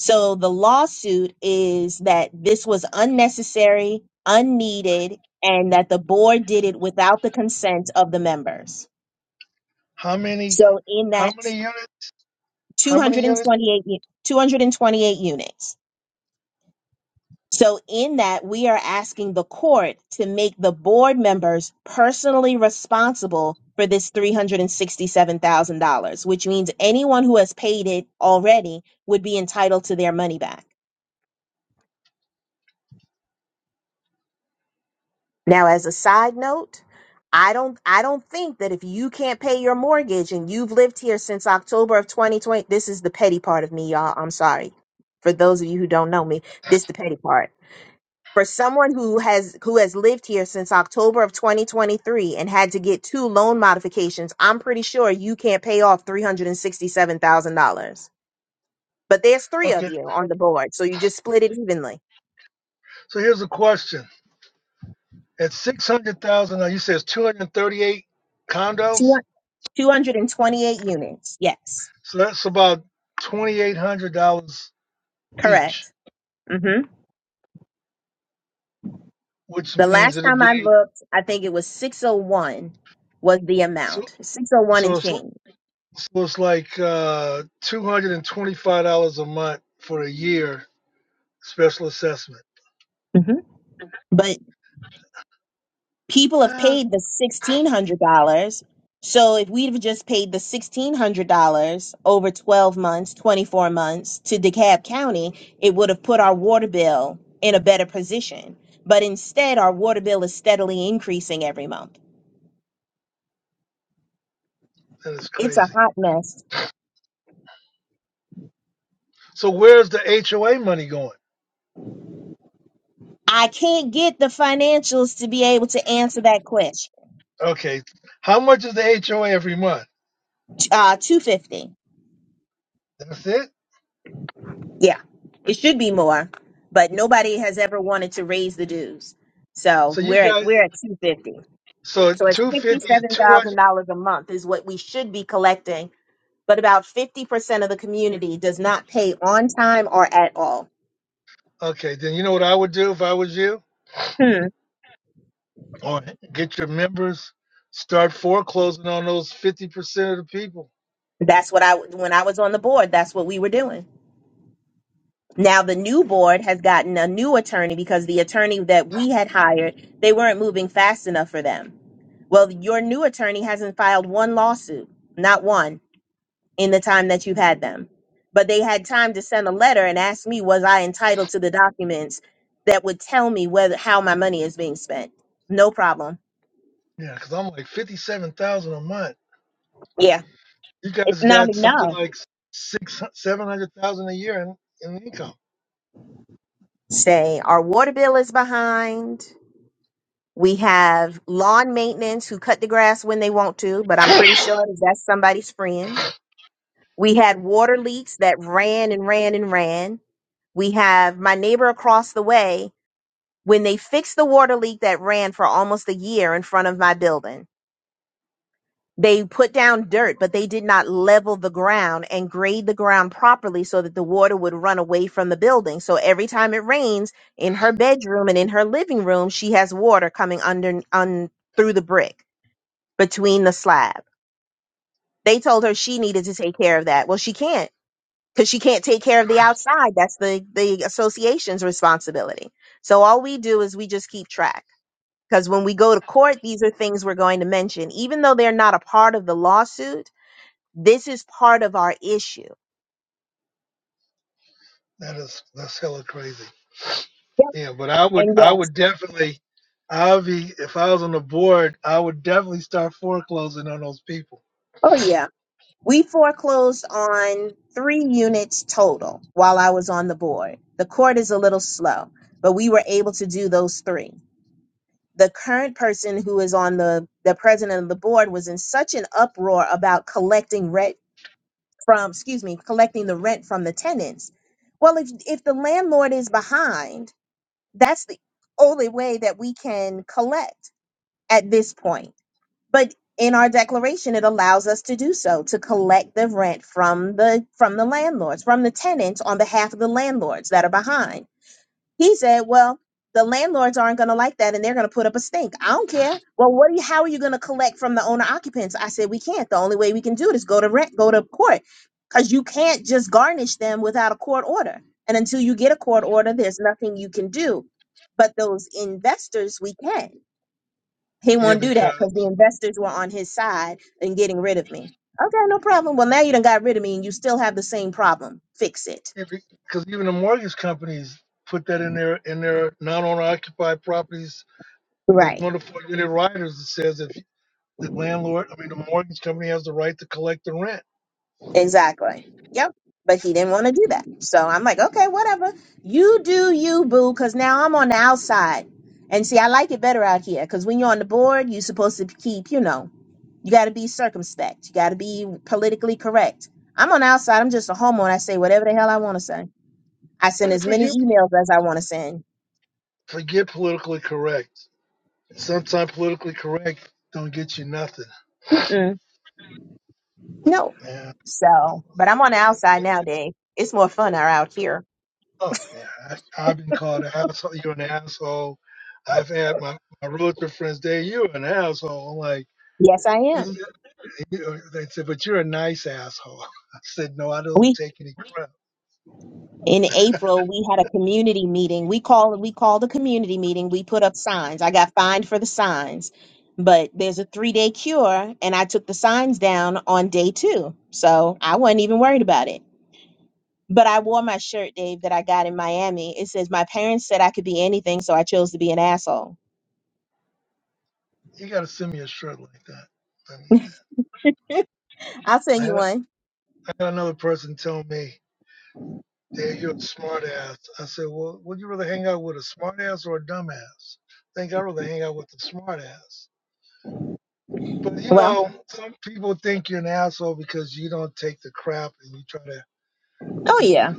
So the lawsuit is that this was unnecessary, unneeded, and that the board did it without the consent of the members. how many? So in How that many units? How many units? 228, u- 228 units So, in that, we are asking the court to make the board members personally responsible for this $367,000, which means anyone who has paid it already would be entitled to their money back. Now, as a side note, I don't I don't think that if you can't pay your mortgage and you've lived here since October of 2020, this is the petty part of me, y'all. I'm sorry. For those of you who don't know me, this is the petty part. for someone who has who has lived here since October of 2023 and had to get two loan modifications, I'm pretty sure you can't pay off $367,000. But there's three of Okay. you on the board, so you just split it evenly. So here's a question. At six hundred thousand, now you said it's two hundred and thirty-eight Two- condos, 228 units. Yes. so that's about twenty-eight hundred dollars each, Correct. Mhm. which The means last it'll time I be looked, I think it was 601 was the so. amount. 601 and So it's, change. so it's like uh, two hundred and twenty-five dollars a month for a year special assessment. Mhm. people have Ah, paid the sixteen hundred dollars. So if we'd have just paid the sixteen hundred dollars over twelve months, twenty four months to DeKalb County, it would have put our water bill in a better position. But instead, our water bill is steadily increasing every month. that is It's a crazy. hot mess. So where's the HOA money going? I can't get the financials to be able to answer that question. Okay, how much is the HOA every month? Uh, two fifty. That's it. Yeah, it should be more, but nobody has ever wanted to raise the dues. So So you we're at guys, we're at two fifty. so So it's two fifty, fifty-seven two hundred. thousand dollars a month is what we should be collecting, but about fifty percent of the community does not pay on time or at all. Okay, then you know what I would do if I was you? Hmm. or get your members start foreclosing on those 50% of the people That's what I when I was on the board. That's what we were doing. Now the new board has gotten a new attorney because the attorney that we had hired they weren't moving fast enough for them. Well, your new attorney hasn't filed one lawsuit, not one in the time that you've had them. But they had time to send a letter and ask me, was I entitled to the documents that would tell me whether how my money is being spent? No problem. yeah because i'm like 57000 a month Yeah, you it's guys not got something enough. like six 700000 a year in, in income Say our water bill is behind. We have lawn maintenance who cut the grass when they want to, but I'm pretty sure that's somebody's friend. We had water leaks that ran and ran and ran. We have my neighbor across the way when they fixed the water leak that ran for almost a year in front of my building. They put down dirt, but they did not level the ground and grade the ground properly so that the water would run away from the building. So every time it rains in her bedroom and in her living room, she has water coming under un, through the brick between the slab. They told her she needed to take care of that. Well, she can't because she can't take care of the outside. That's the, the association's responsibility. So all we do is we just keep track Because when we go to court, these are things we're going to mention. Even though they're not a part of the lawsuit, this is part of our issue. that is that's hella crazy Yep, yeah but i would and i yes. would definitely i'll be if i was on the board i would definitely start foreclosing on those people Oh, yeah. We foreclosed on three units total while I was on the board. The court is a little slow, but we were able to do those three. The current person who is on the, the president of the board was in such an uproar about collecting rent from, excuse me, collecting the rent from the tenants. Well, if, if the landlord is behind, That's the only way that we can collect at this point. But in our declaration, it allows us to do so to collect the rent from the from the landlords, from the tenants on behalf of the landlords that are behind. He said, "Well, the landlords aren't going to like that, and they're going to put up a stink. I don't care. Well, what? Are you, how are you going to collect from the owner occupants?" I said, "We can't. The only way we can do it is go to rent, go to court, because you can't just garnish them without a court order. And until you get a court order, there's nothing you can do. But those investors, we can. He yeah won't do that because because the investors were on his side in getting rid of me. Okay, no problem. Well, now you done got rid of me, and you still have the same problem. Fix it. because even the mortgage companies put that in their in their non-owner occupied properties those Right." wonderful unit riders that says if the landlord, I mean the mortgage company has the right to collect the rent. Exactly. Yep. But he didn't want to do that. So I'm like, okay, whatever. You do you, boo, because now I'm on the outside. And see, I like it better out here because when you're on the board, you're supposed to keep, you know, you got to be circumspect. You got to be politically correct. I'm on the outside. I'm just a homo and I say whatever the hell I want to say. I send Eh, as many Forget emails as I want to send. forget politically correct. Sometimes politically correct don't get you nothing. Mm-mm. No. man. So, but I'm on the outside nowadays. It's more fun out here. Oh yeah, I, I've been called an asshole. You're an asshole. I've had my my realtor friends say you're an asshole. I'm like Yes, I they said, am. you- they said, but you're a nice asshole. I said, no, I don't We. take any crap. in April, we had a community meeting. We call we called a community meeting. We put up signs. I got fined for the signs, but there's a three day cure, and I took the signs down on day two, so I wasn't even worried about it. But I wore my shirt, Dave, that I got in Miami. It says, "My parents said I could be anything, so I chose to be an asshole." You got to send me a shirt like that. I mean, I'll send I you had, I one. had another person tell me. Hey, you're a smart ass. I said, Well, would you rather hang out with a smart ass or a dumbass? I think I'd rather hang out with the smart ass. But you Well, know, some people think you're an asshole because you don't take the crap and you try to oh you yeah. you,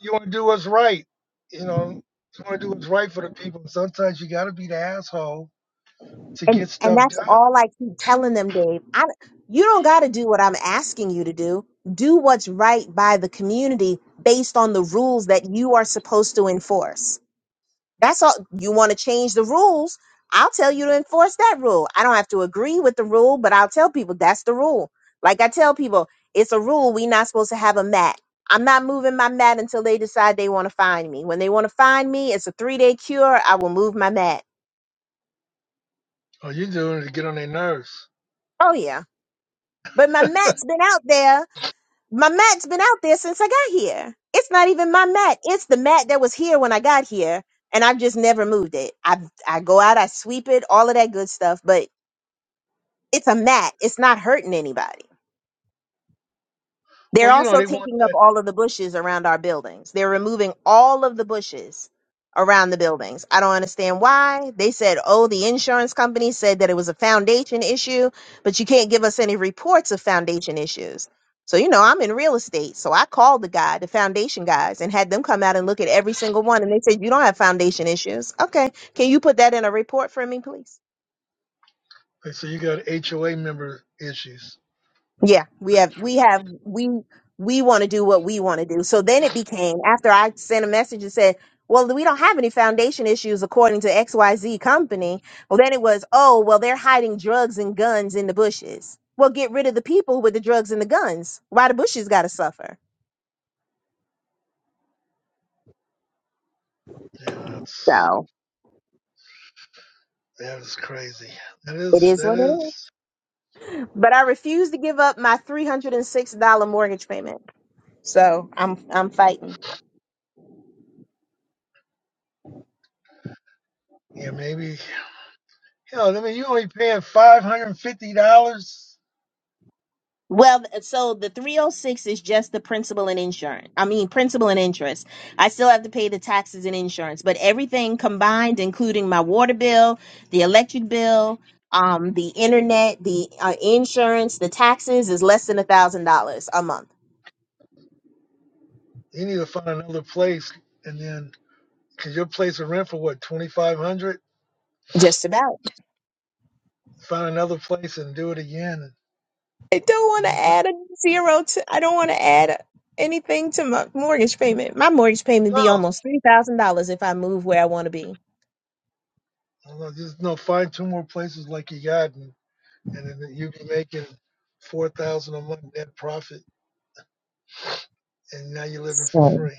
you want to do what's right. You know, you want to do what's right for the people. And sometimes you got to be the asshole to And get and stuff that's done. all I keep telling them, Dave. I you don't got to do what I'm asking you to do. Do what's right by the community based on the rules that you are supposed to enforce. That's all. You want to change the rules? I'll tell you to enforce that rule. I don't have to agree with the rule, but I'll tell people that's the rule. Like I tell people, it's a rule. We're not supposed to have a mat. I'm not moving my mat until they decide they want to find me. When they want to find me, it's a three day cure. I will move my mat. Or you are doing it to get on their nerves. Oh yeah, but my mat's been out there my mat's been out there since I got here. It's not even my mat. It's the mat that was here when I got here, and I've just never moved it. I I go out, I sweep it, all of that good stuff, but it's a mat. It's not hurting anybody. They're Well, you know, also they want taking up that. all of the bushes around our buildings. They're removing all of the bushes around the buildings. I don't understand why. They said, oh, the insurance company said that it was a foundation issue, but you can't give us any reports of foundation issues. So, you know, I'm in real estate. So I called the guy, the foundation guys, and had them come out and look at every single one. And they said, you don't have foundation issues. Okay. Can you put that in a report for me, please? They say you got HOA member issues. Yeah, we have, we have, we, we want to do what we want to do. So then it became after I sent a message and said, well, we don't have any foundation issues according to XYZ company. Well, then it was, oh, well, they're hiding drugs and guns in the bushes. Well, get rid of the people with the drugs and the guns. Why the bushes got to suffer? Yeah, that's So that is crazy. That it is is that what it is. is. But I refuse to give up my $306 mortgage payment. So I'm, I'm fighting. Yeah, maybe. Hell, I mean, you only paying five hundred and fifty dollars. Well, th- so the 306 is just the principal and insurance. I mean, principal and interest. I still have to pay the taxes and insurance, but everything combined, including my water bill, the electric bill, um, the internet, the uh, insurance, the taxes, is less than a thousand dollars a month. You need to find another place, and then because your place will rent for what twenty five hundred. Just about. Find another place and do it again. I don't want And to you, but add a zero to. I don't want to add a- anything to my mortgage payment. My mortgage payment be no, almost three thousand dollars if I move where I want to be. no, just no. Find two more places like you got, and, and then you be making four thousand a month net profit. And now you're living for So, free.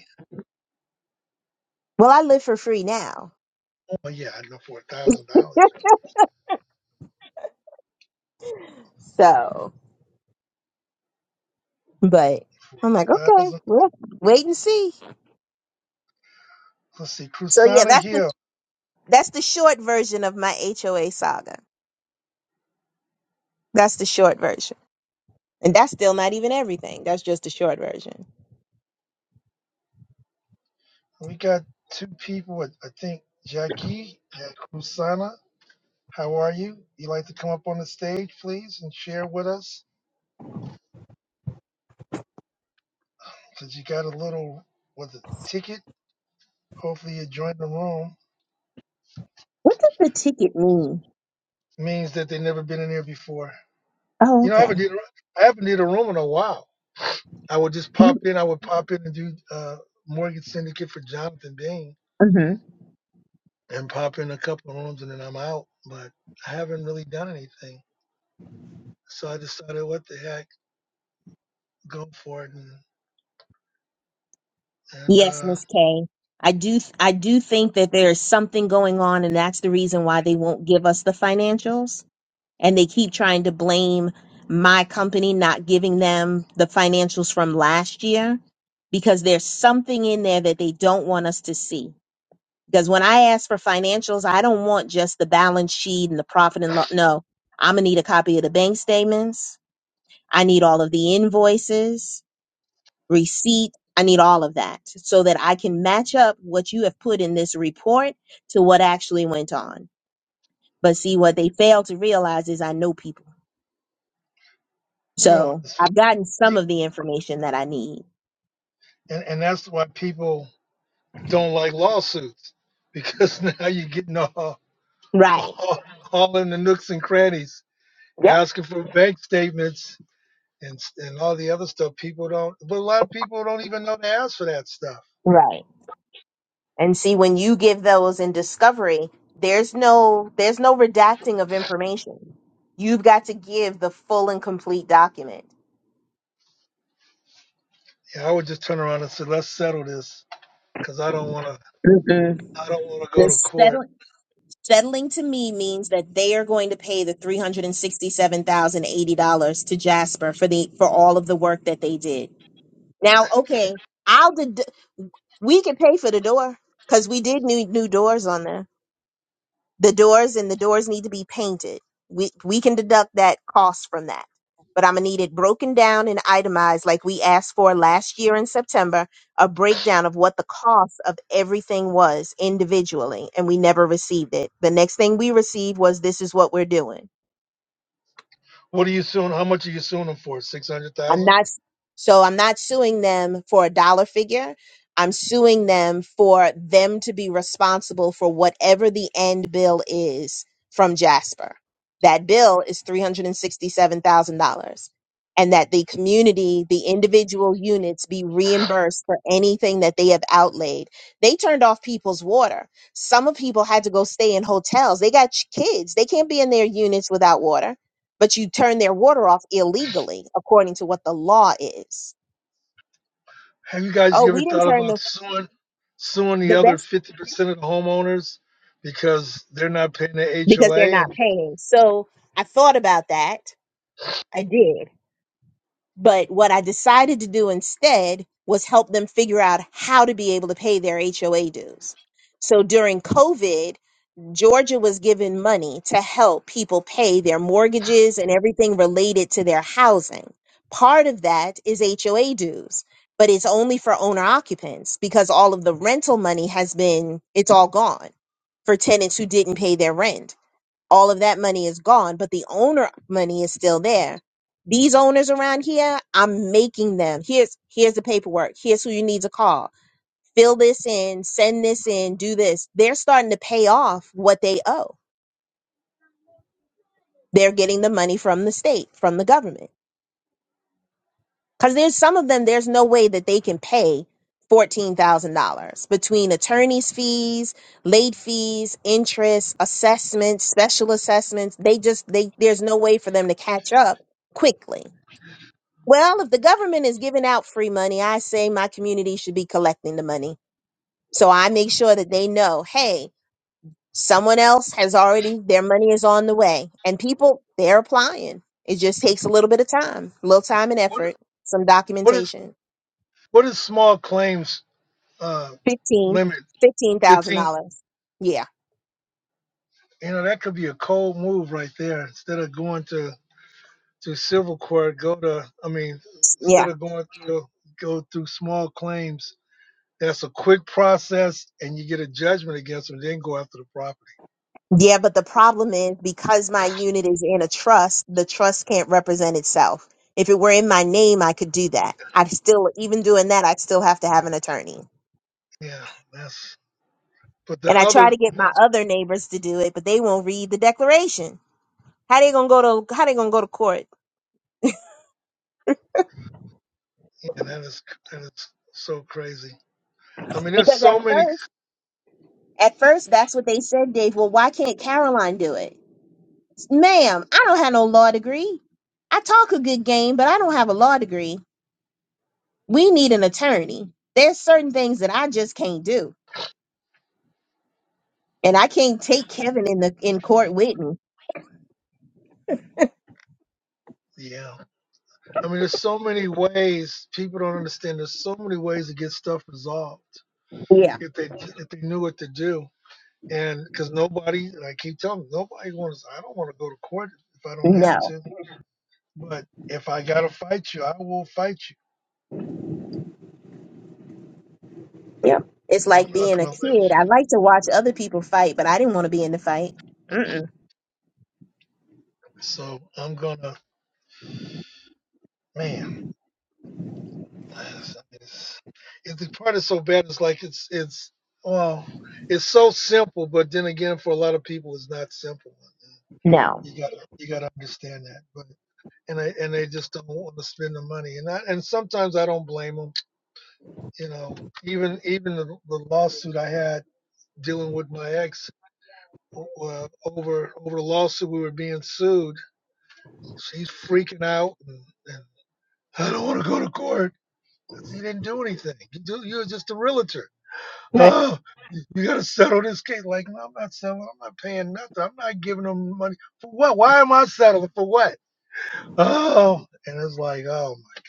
well, I live for free now. Oh yeah, I know for a thousand dollars. So, but I'm like, okay, Thousand. well, wait and see. Let's see, So yeah, Crusana that's the Hill. that's the short version of my HOA saga. That's the short version, and that's still not even everything. That's just the short version. We got two people. I I think Jackie and Crusana. How are you? You like to come up on the stage, please, and share with us? Because you got a little, with a ticket. Hopefully you join the room. What does the ticket mean? Means that they've never been in here before. Oh, You know, I haven't okay. did, I haven't did a room in a while. I would just pop in. I would pop in and do uh, Mortgage Syndicate for Jonathan Bain Mm-hmm. and pop in a couple of rooms and then I'm out. But I haven't really done anything. So I decided, what the heck, go for it. And, and Yes, uh, Miss K. I do I do think that there is something going on, and that's the reason why they won't give us the financials and they keep trying to blame my company not giving them the financials from last year because there's something in there that they don't want us to see. Because when I ask for financials, I don't want just the balance sheet and the profit and loss. No, I'm going to need a copy of the bank statements. I need all of the invoices, receipt. I need all of that so that I can match up what you have put in this report to what actually went on. But see, what they fail to realize is I know people. you know, So it's, I've gotten some fun. of the information that I need. and, and that's why people don't like lawsuits because now you're getting all, Right. all, all in the nooks and crannies Yep. asking for bank statements and s- and all the other stuff. People don't, but a lot of people don't even know to ask for that stuff. Right. And see, when you give those in discovery, there's no there's no redacting of information. You've got to give the full and complete document. Yeah, I would just turn around and say, let's settle this because I don't want to. Mm-mm. I don't want to go The to court. settling settling to me means that they are going to pay the three hundred and sixty seven thousand eighty dollars to Jasper for the for all of the work that they did. Now, okay, I'll ded- we could pay for the door because we did new new doors on them. the doors and the doors need to be painted. We we can deduct that cost from that. But I'm gonna need it broken down and itemized like we asked for last year in September, a breakdown of what the cost of everything was individually, and we never received it. The next thing we received was this is what we're doing. What are you suing? How much are you suing them for? Six hundred I'm thousand? not so I'm not suing them for a dollar figure. I'm suing them for them to be responsible for whatever the end bill is from Jasper. That bill is $367,000 and sixty-seven thousand dollars, and that the community, the individual units be reimbursed for anything that they have outlaid. They turned off people's water. Some of people had to go stay in hotels. They got ch- kids. They can't be in their units without water but you turn their water off illegally according to what the law is. Have you guys Oh, you ever we didn't thought turn about the suing suing the the other best fifty percent of the homeowners because they're not paying their because they're HOA not and paying. So I thought about that. I did. But what I decided to do instead was help them figure out how to be able to pay their HOA dues. So during COVID, Georgia was given money to help people pay their mortgages and everything related to their housing. Part of that is HOA dues, but it's only for owner occupants because all of the rental money has been, it's all gone for tenants who didn't pay their rent. All of that money is gone, but the owner money is still there. These owners around here, I'm making them. Here's here's the paperwork. Here's who you need to call fill this in, send this in, do this. They're starting to pay off what they owe. They're getting the money from the state, from the government. Because there's some of them, there's no way that they can pay $14,000 between attorney's fees, late fees, interest, assessments, special assessments. They just, they, there's no way for them to catch up quickly. Well, if the government is giving out free money, I say my community should be collecting the money. So I make sure that they know, hey, Someone else has already, their money is on the way. And people, they're applying. It just takes a little bit of time, a little time and what? effort, some What is? documentation. What is small claims uh, Fifteen, limit? fifteen thousand 15? dollars. Yeah, You know, that could be a cold move right there. Instead of going to, to civil court, go to, I mean, instead yeah, of going through, go through small claims, that's a quick process and you get a judgment against them, then go after the property. yeah. But the problem is because my unit is in a trust, the trust can't represent itself. If it were in my name, I could do that. I'd still, even doing that, I'd still have to have an attorney. Yeah, that's, but the And I try other, to get my that's, other neighbors to do it, but they won't read the declaration. How they gonna go to how they gonna go to court? yeah, that is, that is so crazy. I mean, there's Because so at many, first At first, that's what they said, Dave. Well, why can't Caroline do it? Ma'am, I don't have no law degree. I talk a good game, but I don't have a law degree. We need an attorney. There's certain things that I just can't do. And I can't take Kevin in the in court with me. yeah. I mean, there's so many ways people don't understand. There's so many ways to get stuff resolved. Yeah. if they if they knew what to do. And because nobody, I keep telling them, nobody wants. I don't want to go to court if I don't have No. to. But if I gotta fight you, I will fight you. Yeah. It's But I'm like being not a gonna let kid. I you. like to watch other people fight, but I didn't want to be in the fight. Mm-mm. So I'm gonna, man. It's, it's, it's- the part is so bad. It's like it's it's well, it's so simple. But then again, for a lot of people, it's not simple. No. You gotta you gotta understand that. But and I and they just don't want to spend the money. And I, and sometimes I don't blame them you know, even even the, the lawsuit I had dealing with my ex uh, uh, over over the lawsuit we were being sued. She's freaking out, and, and I don't want to go to court. I You didn't do anything. You do, you're just a realtor. Right. Oh, you got to settle this case. Like, no, I'm not settling. I'm not paying nothing. I'm not giving them money for what? Why am I settling for what? Oh, and it's like, oh my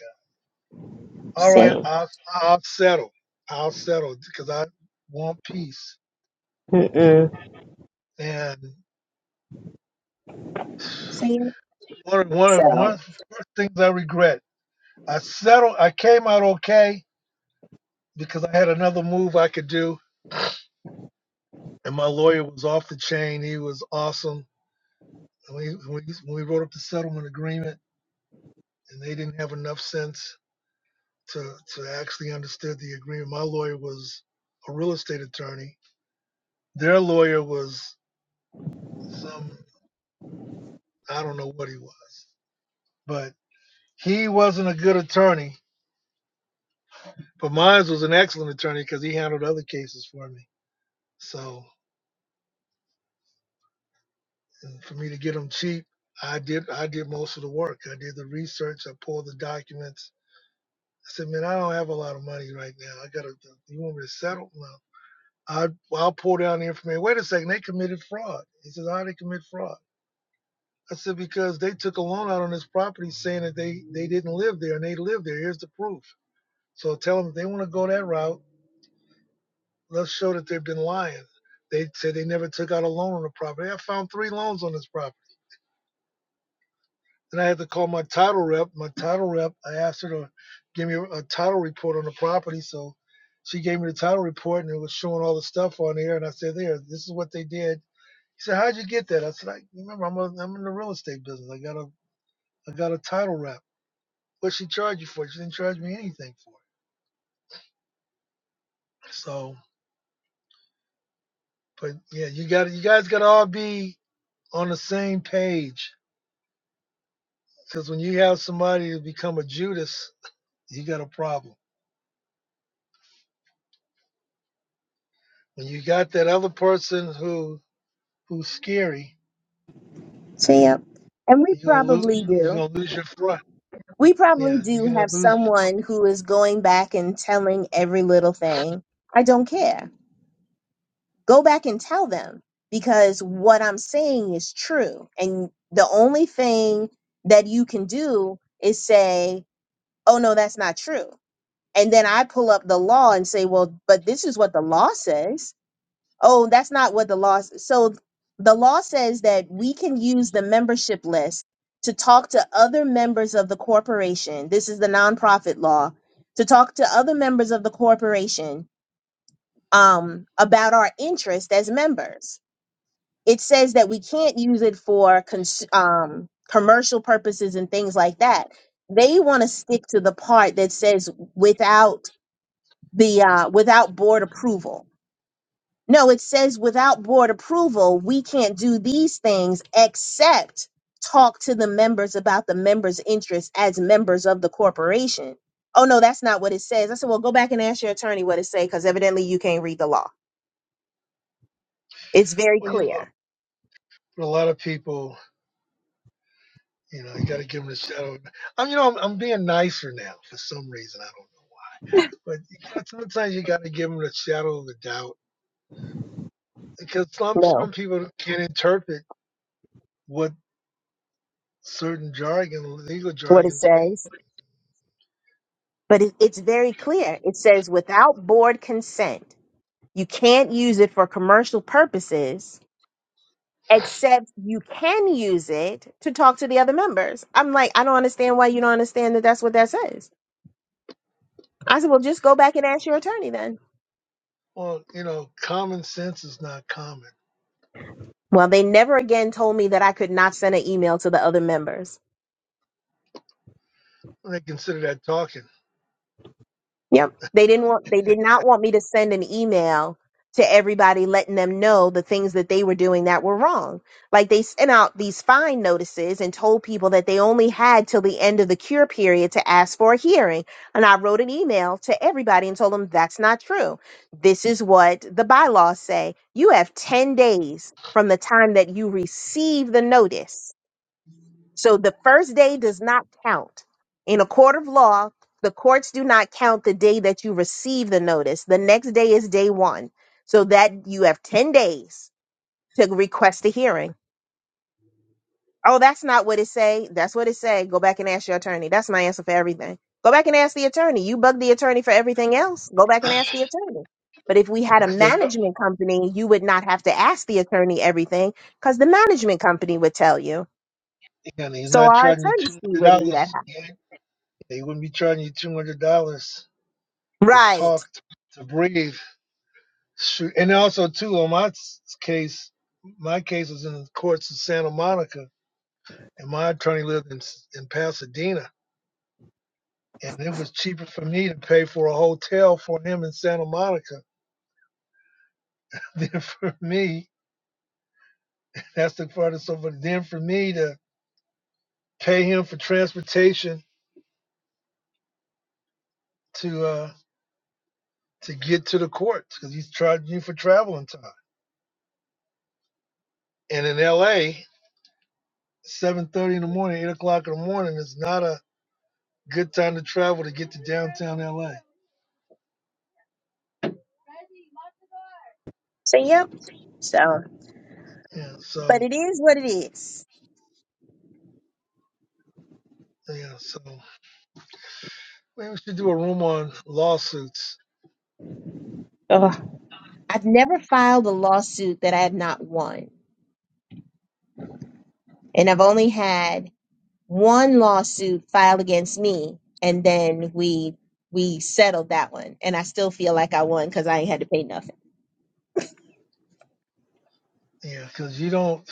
God. All right, Same. I'll I'll settle. I'll settle because I want peace. Mm-mm. And Same. one of one of one So, of the first things I regret. I settled. I came out okay because I had another move I could do, and my lawyer was off the chain. He was awesome. And we when we, when we wrote up the settlement agreement, and they didn't have enough sense to to actually understand the agreement. My lawyer was a real estate attorney. Their lawyer was some I don't know what he was, but he wasn't a good attorney. But mine was an excellent attorney because he handled other cases for me. So And for me to get them cheap, I did I did most of the work. I did the research. I pulled the documents. I said, man, I don't have a lot of money right now. I gotta. You want me to settle? No. I I'll pull down the information. Wait a second, they committed fraud. He says, how did they commit fraud? I said because they took a loan out on this property saying that they they didn't live there and they lived there. Here's the proof. So tell them if they want to go that route, let's show that they've been lying. They said they never took out a loan on the property. I found three loans on this property. and I had to call my title rep. My title rep, I asked her to give me a, title report on the property. So she gave me the title report and it was showing all the stuff on there. And I said, There, this is what they did. He said, How'd you get that? I said, I remember I'm, a, I'm in the real estate business. I got a I got a title rep. What she charge you for? She didn't charge me anything for it. So but yeah, you got you guys gotta all be on the same page. Because when you have somebody to become a Judas, you got a problem. When you got that other person who who's scary, same. And we you're gonna probably lose you're do. gonna lose your front. We probably Yeah, you're do gonna have lose. someone who is going back and telling every little thing. I don't care. Go back and tell them because what I'm saying is true. And the only thing that you can do is say, oh, no, that's not true. And then I pull up the law and say, well, but this is what the law says. Oh, that's not what the law. s- So the law says that we can use the membership list to talk to other members of the corporation. This is the nonprofit law to talk to other members of the corporation um, about our interest as members. It says that we can't use it for cons- um, commercial purposes and things like that. They want to stick to the part that says without the uh, without board approval no, it says without board approval, we can't do these things except talk to the members about the members' interests as members of the corporation. Oh no, that's not what it says. I said, well, go back and ask your attorney what it says, because evidently you can't read the law. It's very Well, you know, clear. for a lot of people, you know, you got to give them the shadow. I'm, you know, I'm, I'm being nicer now for some reason. I don't know why, but you got sometimes you got to give them the shadow of the doubt because some No, some people can't interpret what certain jargon, legal what it jargons mean. says, but it, it's very clear. It says without board consent, you can't use it for commercial purposes except you can use it to talk to the other members. I'm like, I don't understand why you don't understand that that's what that says. I said, well, just go back and ask your attorney then. Well, you know, common sense is not common. Well, they never again told me that I could not send an email to the other members. They consider that talking Yep. They didn't want they did not want me to send an email to everybody letting them know the things that they were doing that were wrong. Like they sent out these fine notices and told people that they only had till the end of the cure period to ask for a hearing. And I wrote an email to everybody and told them that's not true. This is what the bylaws say. You have 10 days from the time that you receive the notice so the first day does not count. In a court of law, the courts do not count the day that you receive the notice. The next day is day one. So that you have 10 days to request a hearing. Oh, that's not what it say. That's what it say. Go back and ask your attorney. That's my answer for everything. Go back and ask the attorney. You bug the attorney for everything else. Go back and ask the attorney. But if we had a because they know, management company, you would not have to ask the attorney everything because the management company would tell you. and he's So not our charging you attorney's two fee hundred wouldn't be that dollars. high. They wouldn't be charging you two hundred dollars to Right. talk to breathe. Shoot, and also too on my case, my case was in the courts in Santa Monica, and my attorney lived in in Pasadena, and it was cheaper for me to pay for a hotel for him in Santa Monica than for me. That's the farthest over. then for me to pay him for transportation to uh to get to the courts because he's charging you for traveling time. And in L.A. seven thirty in the morning, eight o'clock in the morning is not a good time to travel to get to downtown LA. So yep. So, Yeah, but so it is what it is. yeah, so maybe we should do a room on lawsuits. Ugh. I've never filed a lawsuit that I have not won, and I've only had one lawsuit filed against me, and then we we settled that one, and I still feel like I won because I ain't had to pay nothing. Yeah, because you don't,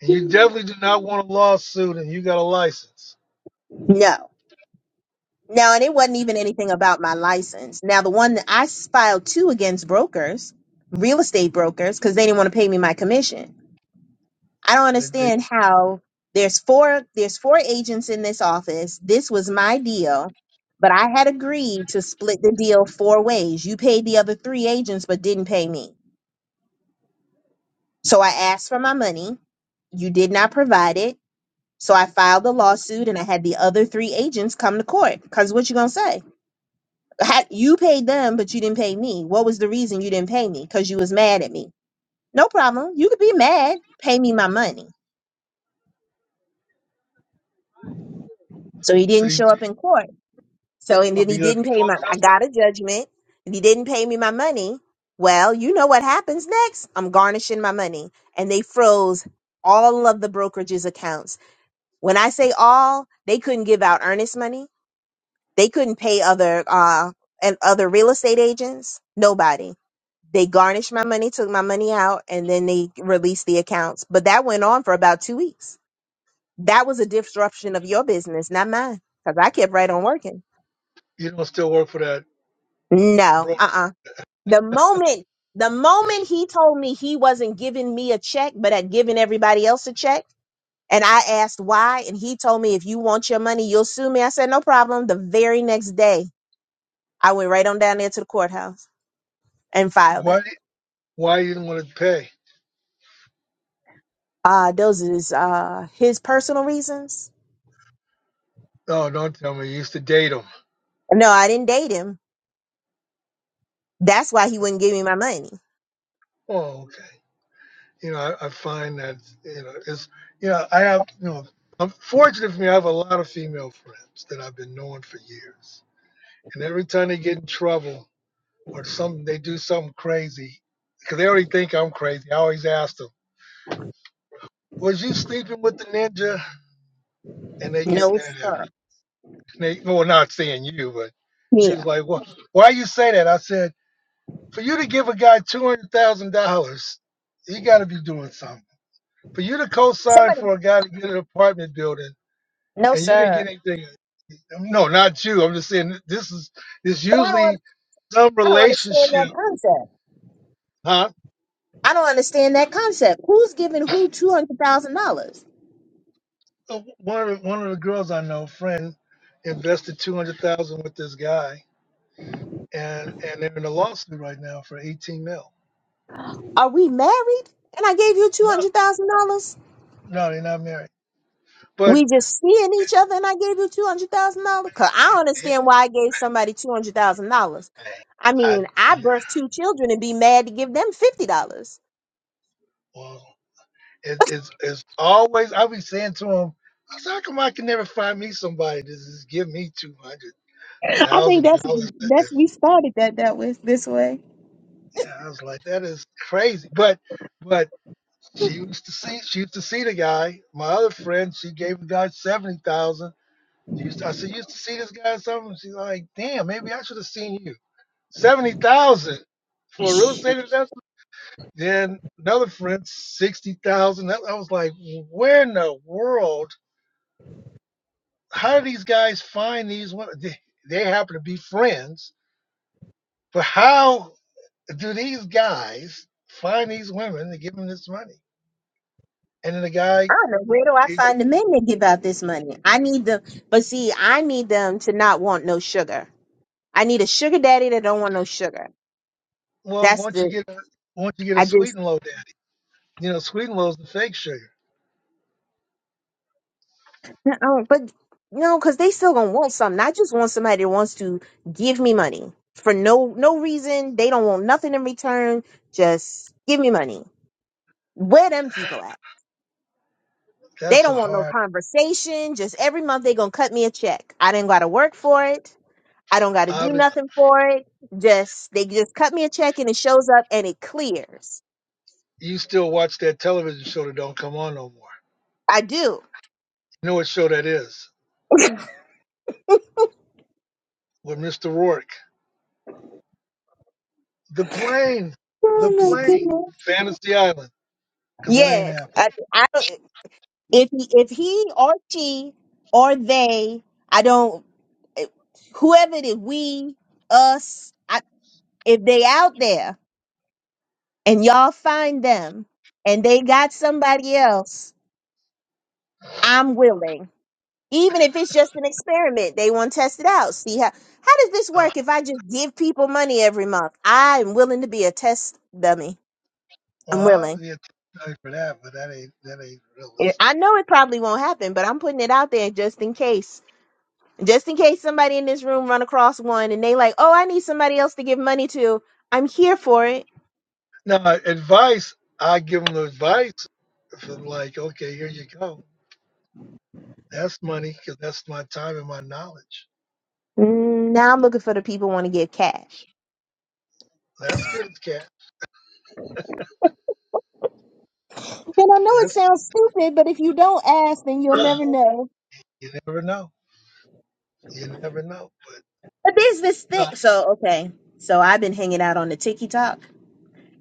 and you definitely do not want a lawsuit, and you got a license. No. No, and it wasn't even anything about my license. Now, the one that I filed two against brokers, real estate brokers, because they didn't want to pay me my commission. I don't They, they, understand how there's four there's four agents in this office. This was my deal, but I had agreed to split the deal four ways. You paid the other three agents but didn't pay me. So I asked for my money. You did not provide it. So I filed the lawsuit and I had the other three agents come to court. Cause what you gonna say? Ha- You paid them, but you didn't pay me. What was the reason you didn't pay me? Cause you was mad at me. No problem. You could be mad. Pay me my money. So he didn't they show up in court. So and oh, then he you got a didn't pay default my I judgment. got a judgment and he didn't pay me my money. Well, you know what happens next? I'm garnishing my money. And they froze all of the brokerage's accounts. When I say all, they couldn't give out earnest money. They couldn't pay other uh and other real estate agents. Nobody. They garnished my money, took my money out, and then they released the accounts. But that went on for about two weeks. That was a disruption of your business, not mine. Because I kept right on working. You don't still work for that No, broker. uh uh The moment, the moment he told me he wasn't giving me a check, but had given everybody else a check, and I asked why, and he told me, if you want your money, you'll sue me. I said, no problem. The very next day, I went right on down there to the courthouse and filed it. Why? Why you didn't want to pay? Uh, those is uh, his personal reasons. Oh, don't tell me. You used to date them. No, I didn't date him. That's why he wouldn't give me my money. Oh, okay. you know, I, I find that you know it's you know I have you know I'm fortunate for me I have a lot of female friends that I've been knowing for years, and every time they get in trouble or something they do something crazy because they already think I'm crazy. I always ask them, "Was you sleeping with the ninja?" And they get No, mad at me. sir. And they well, not saying you, but she Yeah. was like, "Well, why you say that?" I said, "For you to give a guy two hundred thousand dollars, you got to be doing something." For you to co-sign Somebody, for a guy to get an apartment building no, and you didn't sir. get anything. No, not you. I'm just saying this is it's But I don't, usually some I don't understand that relationship, concept. huh? I don't understand that concept. Who's giving who two hundred thousand dollars? Uh, One of the, one of the girls I know, friend, invested two hundred thousand with this guy, and and they're in a lawsuit right now for eighteen mil. Are we married? And I gave you two No, hundred thousand dollars. no, they're not married. But We just seeing each other, and I gave you two hundred thousand dollars. Cause I don't eh, understand why I gave somebody two hundred thousand dollars. I I, I mean, I birthed two children and be mad to give them fifty dollars. well, it, it's it's always I be saying to him, I said, how come I can never find me somebody to just give me two hundred I think thousand that's that's dollars? we started that that was this way. Yeah, I was like, that is crazy. But but she used to see she used to see the guy. My other friend, she gave the guy seventy thousand. Used to, I said, you used to see this guy or something. She's like, damn, maybe I should have seen you. Seventy thousand for a real Shit, estate investment. Then another friend, sixty thousand. I I was like, where in the world? How do these guys find these women? They, they happen to be friends, but how do these guys find these women to give them this money? And then the I guy, don't know where do I he go- find the men that give out this money. I need them, but see, I need them to not want no sugar. I need a sugar daddy that don't want no sugar. well, That's once you the get a, once you get a I sweet just and low daddy, you know, sweet and low is the fake sugar. oh, but no, because they still gonna want something. I just want somebody that wants to give me money for no no reason. They don't want nothing in return. Just give me money. Where them people at? They That's a don't want no hard. conversation. Just every month they gonna cut me a check. I didn't gotta work for it. I don't gotta do Obvious. nothing for it. Just they just cut me a check and it shows up and it clears. You still watch that television show that don't come on no more. I do. You know what show that is? With Mr. Rourke, the plane, the Oh my plane, goodness. Fantasy Island, because that ain't Yes, happening. I, I don't. if he, if he or she or they, I don't, eh, whoever it is, we, us, I, if they out there and y'all find them and they got somebody else, I'm willing. Even if it's just an experiment, they want to test it out. See how how does this Uh, work? If I just give people money every month, I am willing to be a test dummy. well, I'm I'll willing. be a sorry for that, but that ain't that ain't And realistic. I know it probably won't happen, but I'm putting it out there just in case. just in case somebody in this room run across one and they like, oh, I need somebody else to give money to. I'm here for it. Now, advice, I give them advice. If I'm like, okay, here you go. That's money because that's my time and my knowledge Mm, Now I'm looking for the people who want to give cash. That's good, Cat. And I know it That's sounds stupid, but if you don't ask, then you'll never know. you never know. You never know. But there's this But uh, thing. So okay, so I've been hanging out on the TikTok,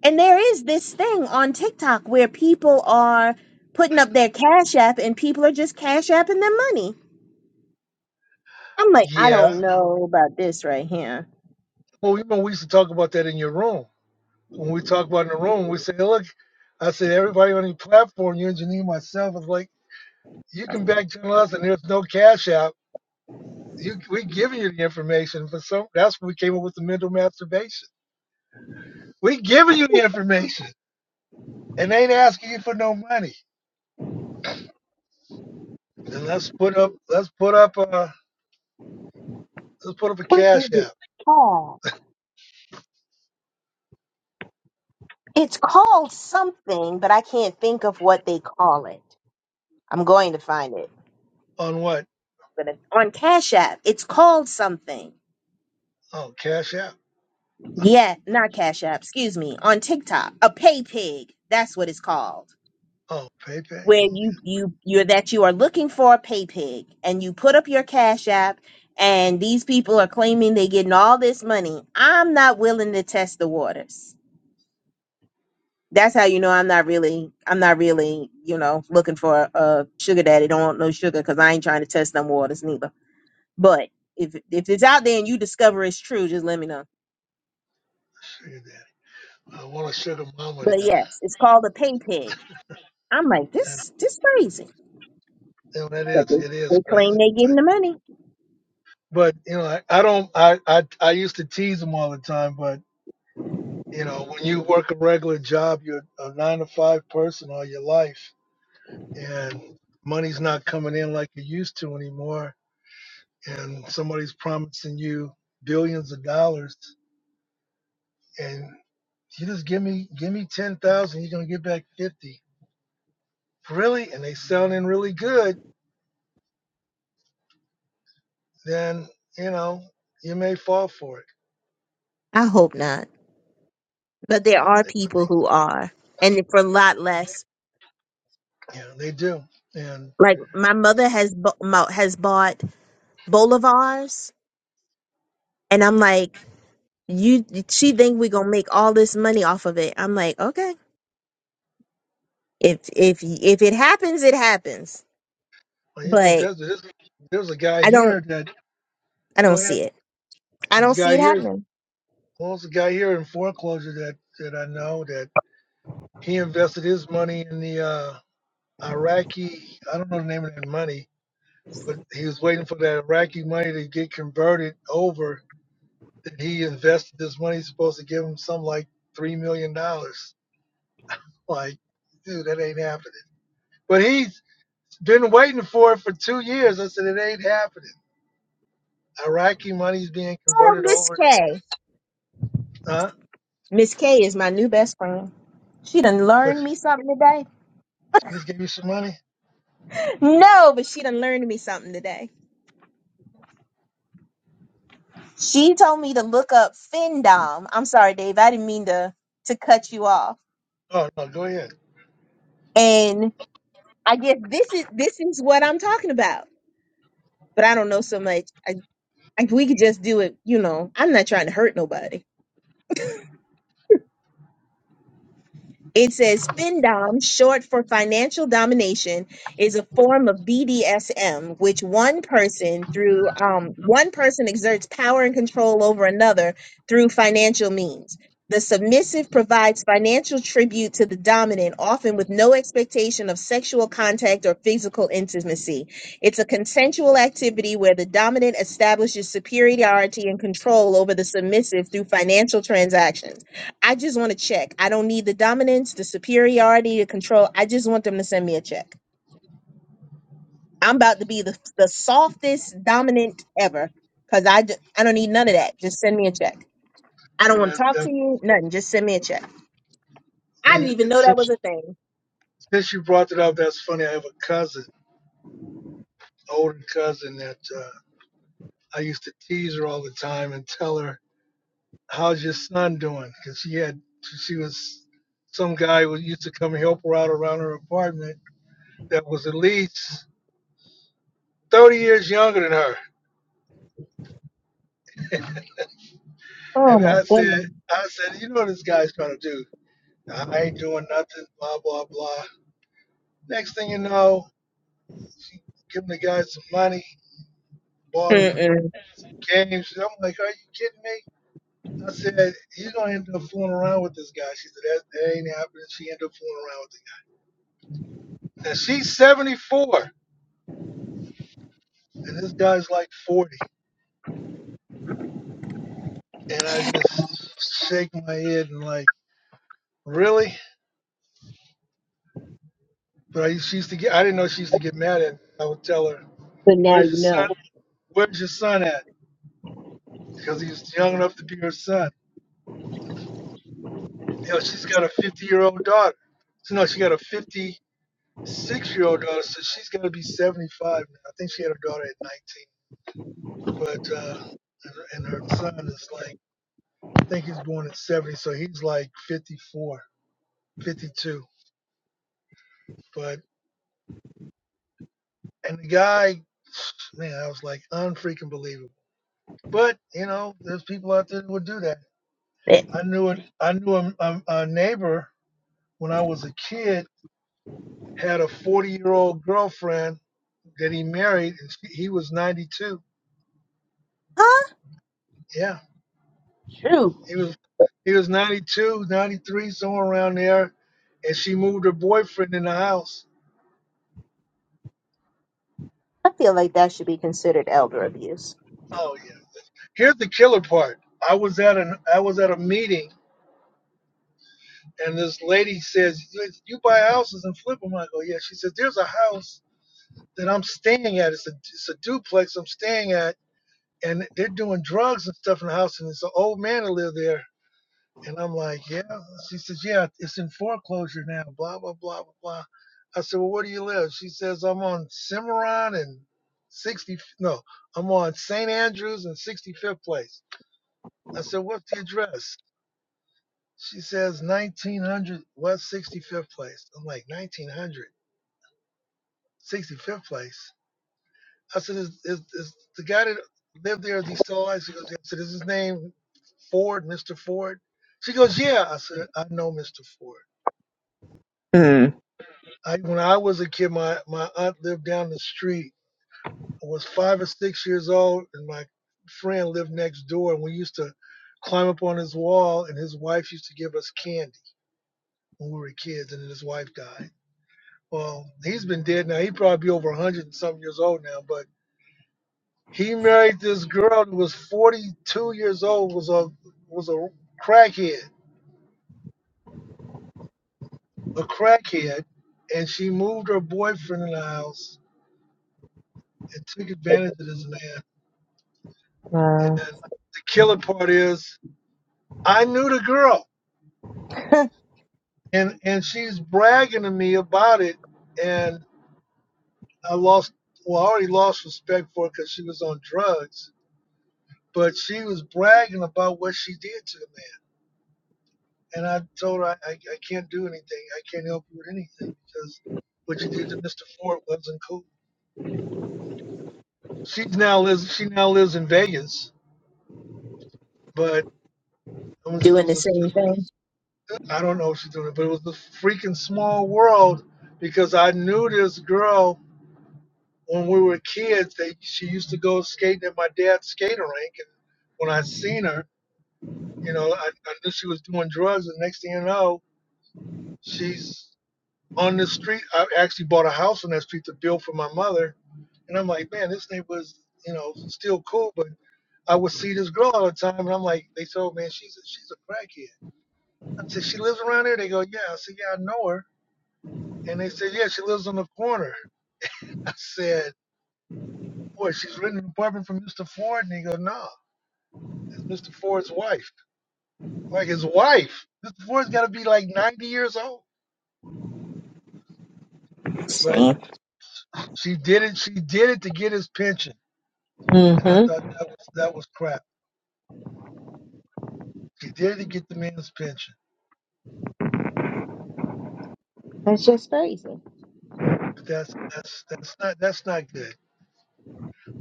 and there is this thing on TikTok where people are putting up their Cash App, and people are just Cash Apping their money. I'm like, I yeah. don't know about this right here. Well, you know, we used to talk about that in your room. When we talk about in the room, we say, look, I said everybody on the platform, you engineer myself, is like, you can back channel us and there's no cash out. You we giving you the information for some that's when we came up with the mental masturbation. We giving you the information and they ain't asking you for no money. Then let's put up let's put up uh let's put up a What is cash it app called? It's called something, but I can't think of what they call it. I'm going to find it. on what? But it's on Cash App, it's called something. Oh, cash app. Yeah, not Cash App, excuse me. On TikTok, a pay pig. That's what it's called. Oh, Pepe. Okay, Where you you you're that you are looking for a pay pig and you put up your Cash App and these people are claiming they're getting all this money. I'm not willing to test the waters. That's how you know I'm not really, I'm not really, you know, looking for a sugar daddy. Don't want no sugar because I ain't trying to test them waters neither. But if if it's out there and you discover it's true, just let me know. sugar daddy. I want a sugar mama But then. yes, it's called a pay pig. I'm like And, this, this crazy, and it but they, is, it is they crazy. claim they But, getting the money. but you know, I, I don't, I, I, I used to tease them all the time. But you know, when you work a regular job, you're a nine to five person all your life, and money's not coming in like it used to anymore. And somebody's promising you billions of dollars, and you just give me, give me ten thousand, you're gonna get back fifty. Really? And they sounding really good then you know you may fall for it. I hope not, but there No, are they, but they, people who you are, and for a lot less. know, they do. And Like my mother has bu- mo- has bought bolivars, and I'm like. you she think we gonna make all this money off of it i'm like okay if if if it happens it happens well, you think but that's this, there's a guy i here don't that i go don't ahead. see it i This don't see guy it here. happening well, there's a guy here in foreclosure that that I know that he invested his money in the uh, Iraqi. I don't know the name of that money, but he was waiting for that Iraqi money to get converted over. That he invested this money, he's supposed to give him some like three million dollars. Like, dude, that ain't happening. But he Been waiting for it for two years. I said it ain't happening. Iraqi money's being oh converted miss over. To, k huh? miss k is my new best friend she done What? learned She me something today just gave you some money? no but she done learned me something today she told me to look up findom i'm sorry dave i didn't mean to to cut you off Oh no, go ahead. and i guess this is this is what i'm talking about but i don't know so much Like we could just do it, you know. I'm not trying to hurt nobody. It says FinDom, short for financial domination, is a form of BDSM, which one person through um, one person exerts power and control over another through financial means. The submissive provides financial tribute to the dominant, often with no expectation of sexual contact or physical intimacy. It's a consensual activity where the dominant establishes superiority and control over the submissive through financial transactions. I just want a check. I don't need the dominance, the superiority, the control. I just want them to send me a check. I'm about to be the, the softest dominant ever because I, d- I don't need none of that. Just send me a check. I don't You know, want to that's, talk to that, you, nothing. Just send me a check. I didn't it, even it, know that was since a thing. since you brought it up, that's funny. I have a cousin, older cousin that uh, I used to tease her all the time and tell her, "How's your son doing?" Because she had she was some guy who used to come help her out around her apartment that was at least 30 years younger than her. Oh And my I said, goodness. I said, you know what this guy's trying to do? I ain't doing nothing, blah, blah, blah. Next thing you know, she giving the guy some money, bought him Mm-mm. some games. I'm like, are you kidding me? I said, you're going to end up fooling around with this guy. She said, that, that ain't happening. She ended up fooling around with the guy. And she's 74, and this guy's like 40. And I just shake my head and like, really? But I, she used to get, I didn't know she used to get mad at me. I would tell her, But now where's you your son? know. Where's your son at? Because he was young enough to be her son. you know, she's got a 50 year old daughter. So, no, she got a 56 year old daughter. So she's going to be 75. now. I think she had her daughter at 19. But, uh, and, and her son is like, I think he's born at 70. So he's like 54, 52. But, and the guy, man, I was like unfreaking believable. But, you know, there's people out there that would do that. It- I knew it. I knew a, a, a neighbor when I was a kid had a 40 year old girlfriend that he married. He was 92. huh? Yeah, Shoot. he was he was 92, 93, somewhere around there, and she moved her boyfriend in the house. I feel like that should be considered elder abuse. Oh yeah. Here's the killer part. I was at an I was at a meeting, and this lady says, "You buy houses and flip them." I go, "Yeah." She says, "There's a house that I'm staying at. It's a it's a duplex I'm staying at, and they're doing drugs and stuff in the house, and it's an old man that live there." And I'm like, yeah. She says, yeah, it's in foreclosure now, blah, blah, blah, blah, blah. I said, well, where do you live? She says, I'm on Cimarron and 60, no, I'm on St. Andrews and 65th Place. I said, what's the address? She says, 1900 West 65th Place. I'm like, nineteen hundred sixty fifth Place. I said, is, is, is the guy that lived there, is he still alive? She goes, yeah. I said, is his name Ford, Mr. Ford? She goes, yeah. I said, I know Mr. Ford. Mm. I, when I was a kid, my, my aunt lived down the street. I was five or six years old, and my friend lived next door. And we used to climb up on his wall, and his wife used to give us candy when we were kids. And then his wife died. Well, he's been dead now. He'd probably be over 100 and something years old now. But he married this girl who was 42 years old, was a was a crackhead, a crackhead, and she moved her boyfriend in the house and took advantage of this man Uh, And the killer part is, I knew the girl, and and she's bragging to me about it, and I lost. Well, I already lost respect for her because she was on drugs, but she was bragging about what she did to the man, and I told her I, I, I can't do anything. I can't help you with anything because what you did to Mr. Ford wasn't cool. She now lives. She now lives in Vegas, but it was, it Doing the was a, same thing. I don't know if she's doing it, but it was the freaking small world because I knew this girl when we were kids. They she used to go skating at my dad's skater rink, and when I seen her, you know, I, I knew she was doing drugs. And next thing you know, she's on the street. I actually bought a house on that street to build for my mother, and I'm like, man, this neighborhood's you know still cool, but I would see this girl all the time, and I'm like, they told me, man, she's a, she's a crackhead. I said, she lives around here. They go, yeah. I said, yeah, I know her. And they said, yeah, she lives on the corner. I said, what, she's renting an apartment from Mr. Ford? And he goes, no, it's Mr. Ford's wife. Like his wife. Mr. Ford's got to be like 90 years old. But see. she did it. She did it to get his pension. And I hmm thought that was that was crap. She did it to get the man's pension. That's just crazy. That's that's that's not that's not good.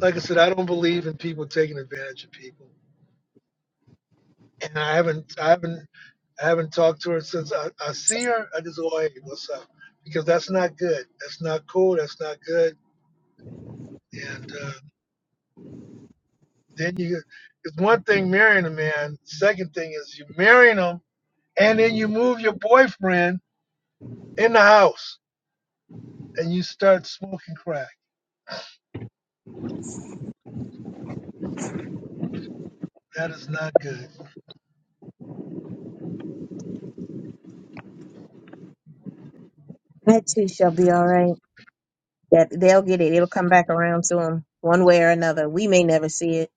Like I said, I don't believe in people taking advantage of people. and I haven't I haven't I haven't talked to her since I, I see her. I just go, hey, what's up? Because that's not good. That's not cool. That's not good. And uh, then you, it's one thing marrying a man. Second thing is you marrying him, and then you move your boyfriend in the house, and you start smoking crack. That is not good. That too shall be all right. That they'll get it. It'll come back around to them one way or another. We may never see it.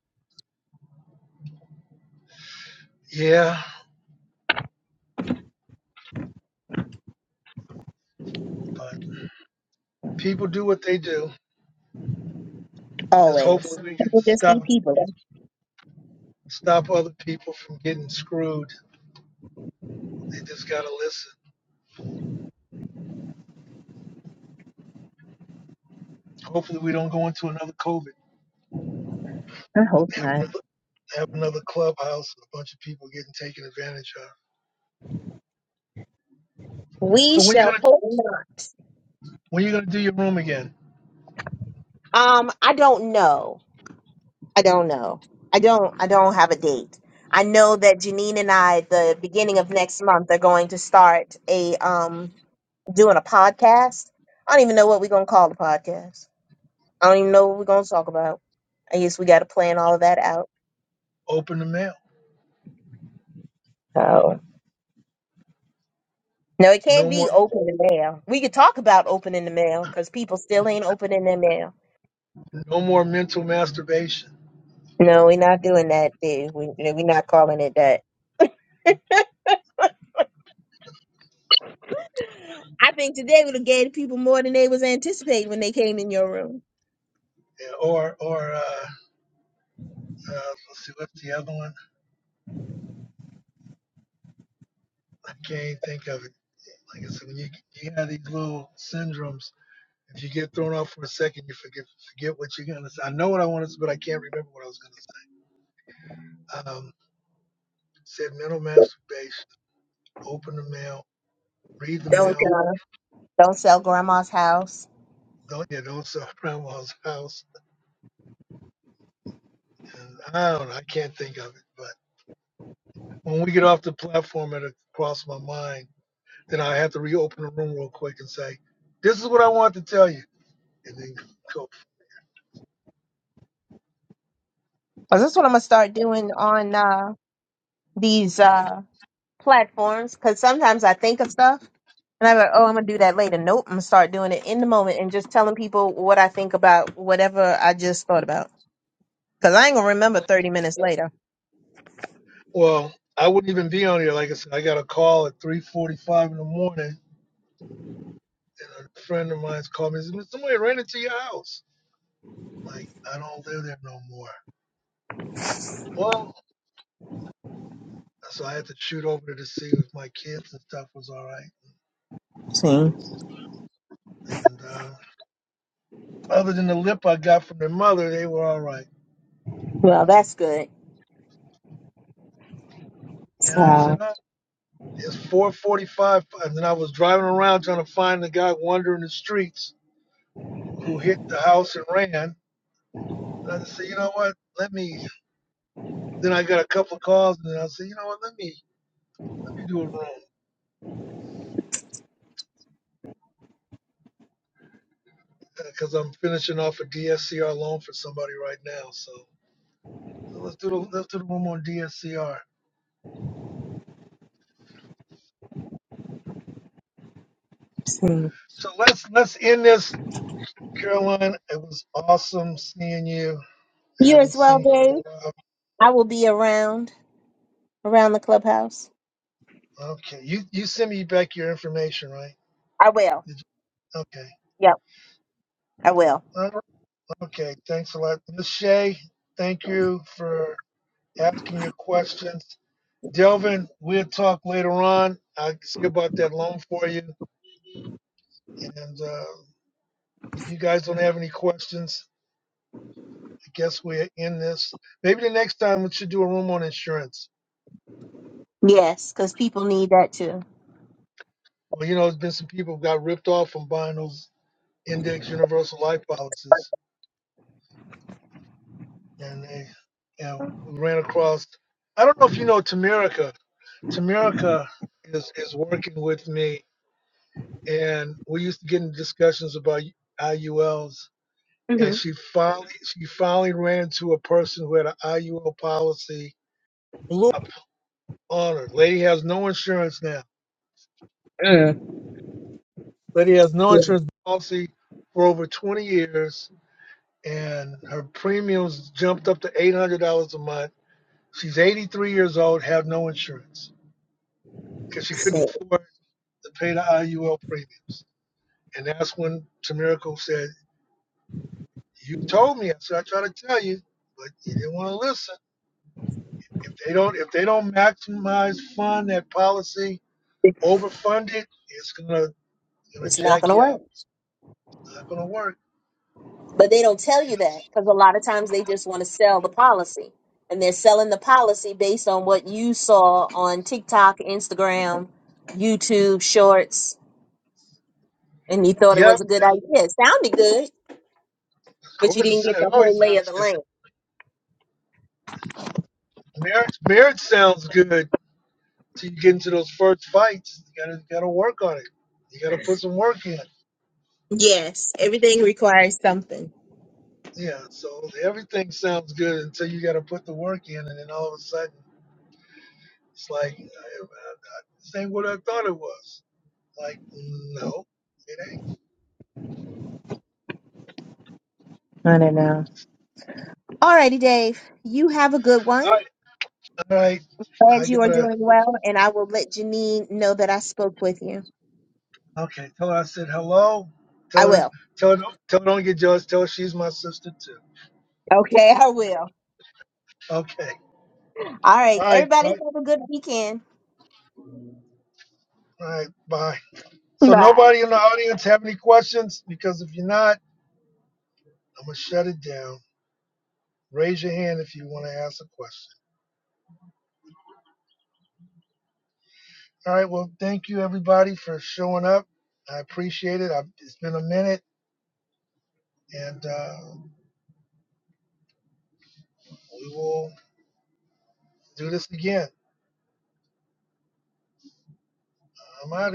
Yeah, but people do what they do. Just Always. hopefully we can People just be stop people. stop other people from getting screwed. They just gotta listen. Hopefully, we don't go into another COVID. I hope Have not. another have another clubhouse with a bunch of people getting taken advantage of. We So when you shall gonna hope not. when you gonna do your room again? Um, I don't know. I don't know. I don't I don't have a date. I know that Janine and I the beginning of next month are going to start a um doing a podcast. I don't even know what we're gonna call the podcast. I don't even know what we're gonna talk about. I guess we gotta plan all of that out. Open the mail. So no, it can't No be more open the mail. We could talk about opening the mail because people still ain't opening their mail. no more mental masturbation. No, we're not doing that. Dude. We we're not calling it that. I think today would have gave people more than they was anticipating when they came in your room. Yeah, or or uh, uh, let's see what's the other one. I can't think of it. Like I said, when you you have these little syndromes. If you get thrown off for a second, you forget forget what you're gonna say. I know what I wanted to, but I can't remember what I was gonna say. Um, said mental masturbation. Open the mail. Read the Don't. mail Don't sell grandma's house. Don't Donya don't saw Grandma's house. And I don't know, I can't think of it. But when we get off the platform, it'll cross my mind. Then I have to reopen the room real quick and say, this is what I want to tell you. And then go. Cause that's what I'm gonna start doing on uh, these uh, platforms. Cause sometimes I think of stuff and I'm like, oh, I'm gonna do that later. Nope, I'm gonna start doing it in the moment and just telling people what I think about whatever I just thought about. Cause I ain't gonna remember 30 minutes later. Well, I wouldn't even be on here. Like I said, I got a call at 3.45 in the morning. And a friend of mine's called me and said, "Mr. somebody ran into your house. Like, I don't live there no more. Well, so I had to shoot over to see if my kids and stuff was all right. See. And uh, Other than the lip I got from their mother, they were all right. Well, that's good. And I said, So, oh, it's 4:45. And then I was driving around trying to find the guy wandering the streets who hit the house and ran. And I said, you know what? Let me. Then I got a couple of calls, and then I said, you know what? Let me let me do a room because I'm finishing off a DSCR loan for somebody right now. So, so let's do the let's do the room on DSCR. see. So let's let's end this, Caroline. It was awesome seeing you. I You as haven't well, seen you in Dave. a while. I will be around around the clubhouse. Okay. You you send me back your information, right? I will. Did you, okay. Yep, I will. All right. Okay. Thanks a lot, Miss Shea. Thank you for asking your questions. Delvin, we'll talk later on. I see about that loan for you. And uh, if you guys don't have any questions, I guess we're in this. Maybe the next time we should do a room on insurance. Yes, because people need that too. Well, you know, there's been some people who got ripped off from buying those index universal life policies. and they yeah, ran across. I don't know if you know Tamerica. Tamerica is is working with me, and we used to get into discussions about IULs. And Mm-hmm. she finally she finally ran into a person who had an IUL policy. Blew up on her. Lady has no insurance now. Mm. Lady has no insurance policy for over 20 years, and her premiums jumped up to $800 a month. She's 83 years old, have no insurance because she couldn't Yeah. afford. to pay the IUL premiums. And that's when Tamirico said, "You told me." I said, "I try to tell you, but you didn't want to listen. If they don't, if they don't maximize fund that policy, overfund it, it's gonna gonna It's not going jack to you work. up. It's not gonna work." But they don't tell You you know? that because a lot of times they just want to sell the policy. And they're selling the policy based on what you saw on TikTok, Instagram, YouTube, Shorts. And you thought it was Yep, a good that- idea. It sounded good, of but you course. It, didn't get the it whole always lay of sounds the good. land. Marriage, marriage sounds good till you get into those first fights. You gotta gotta work on it. You gotta put some work in. Yes, everything requires something. Yeah, so everything sounds good until you gotta put the work in, and then all of a sudden. It's like, uh, uh, this ain't what I thought it was. Like, no, it ain't. I don't know. All righty, Dave. You have a good one. All right, all right. I Glad you are gotta. doing well. And I will let Janine know that I spoke with you. Okay, tell her I said hello. I Tell her, will. tell her, don't- tell her don't get jealous. Tell her she's my sister too. Okay, I will. Okay. All right. All right. Everybody All right. have a good weekend. All right, Bye. So Bye. nobody in the audience have any questions? Because if you're not, I'm gonna shut it down. Raise your hand if you want to ask a question. All right. Well, thank you everybody for showing up. I appreciate it. I've, it's been a minute, and uh, we will do this again. I'm out of here.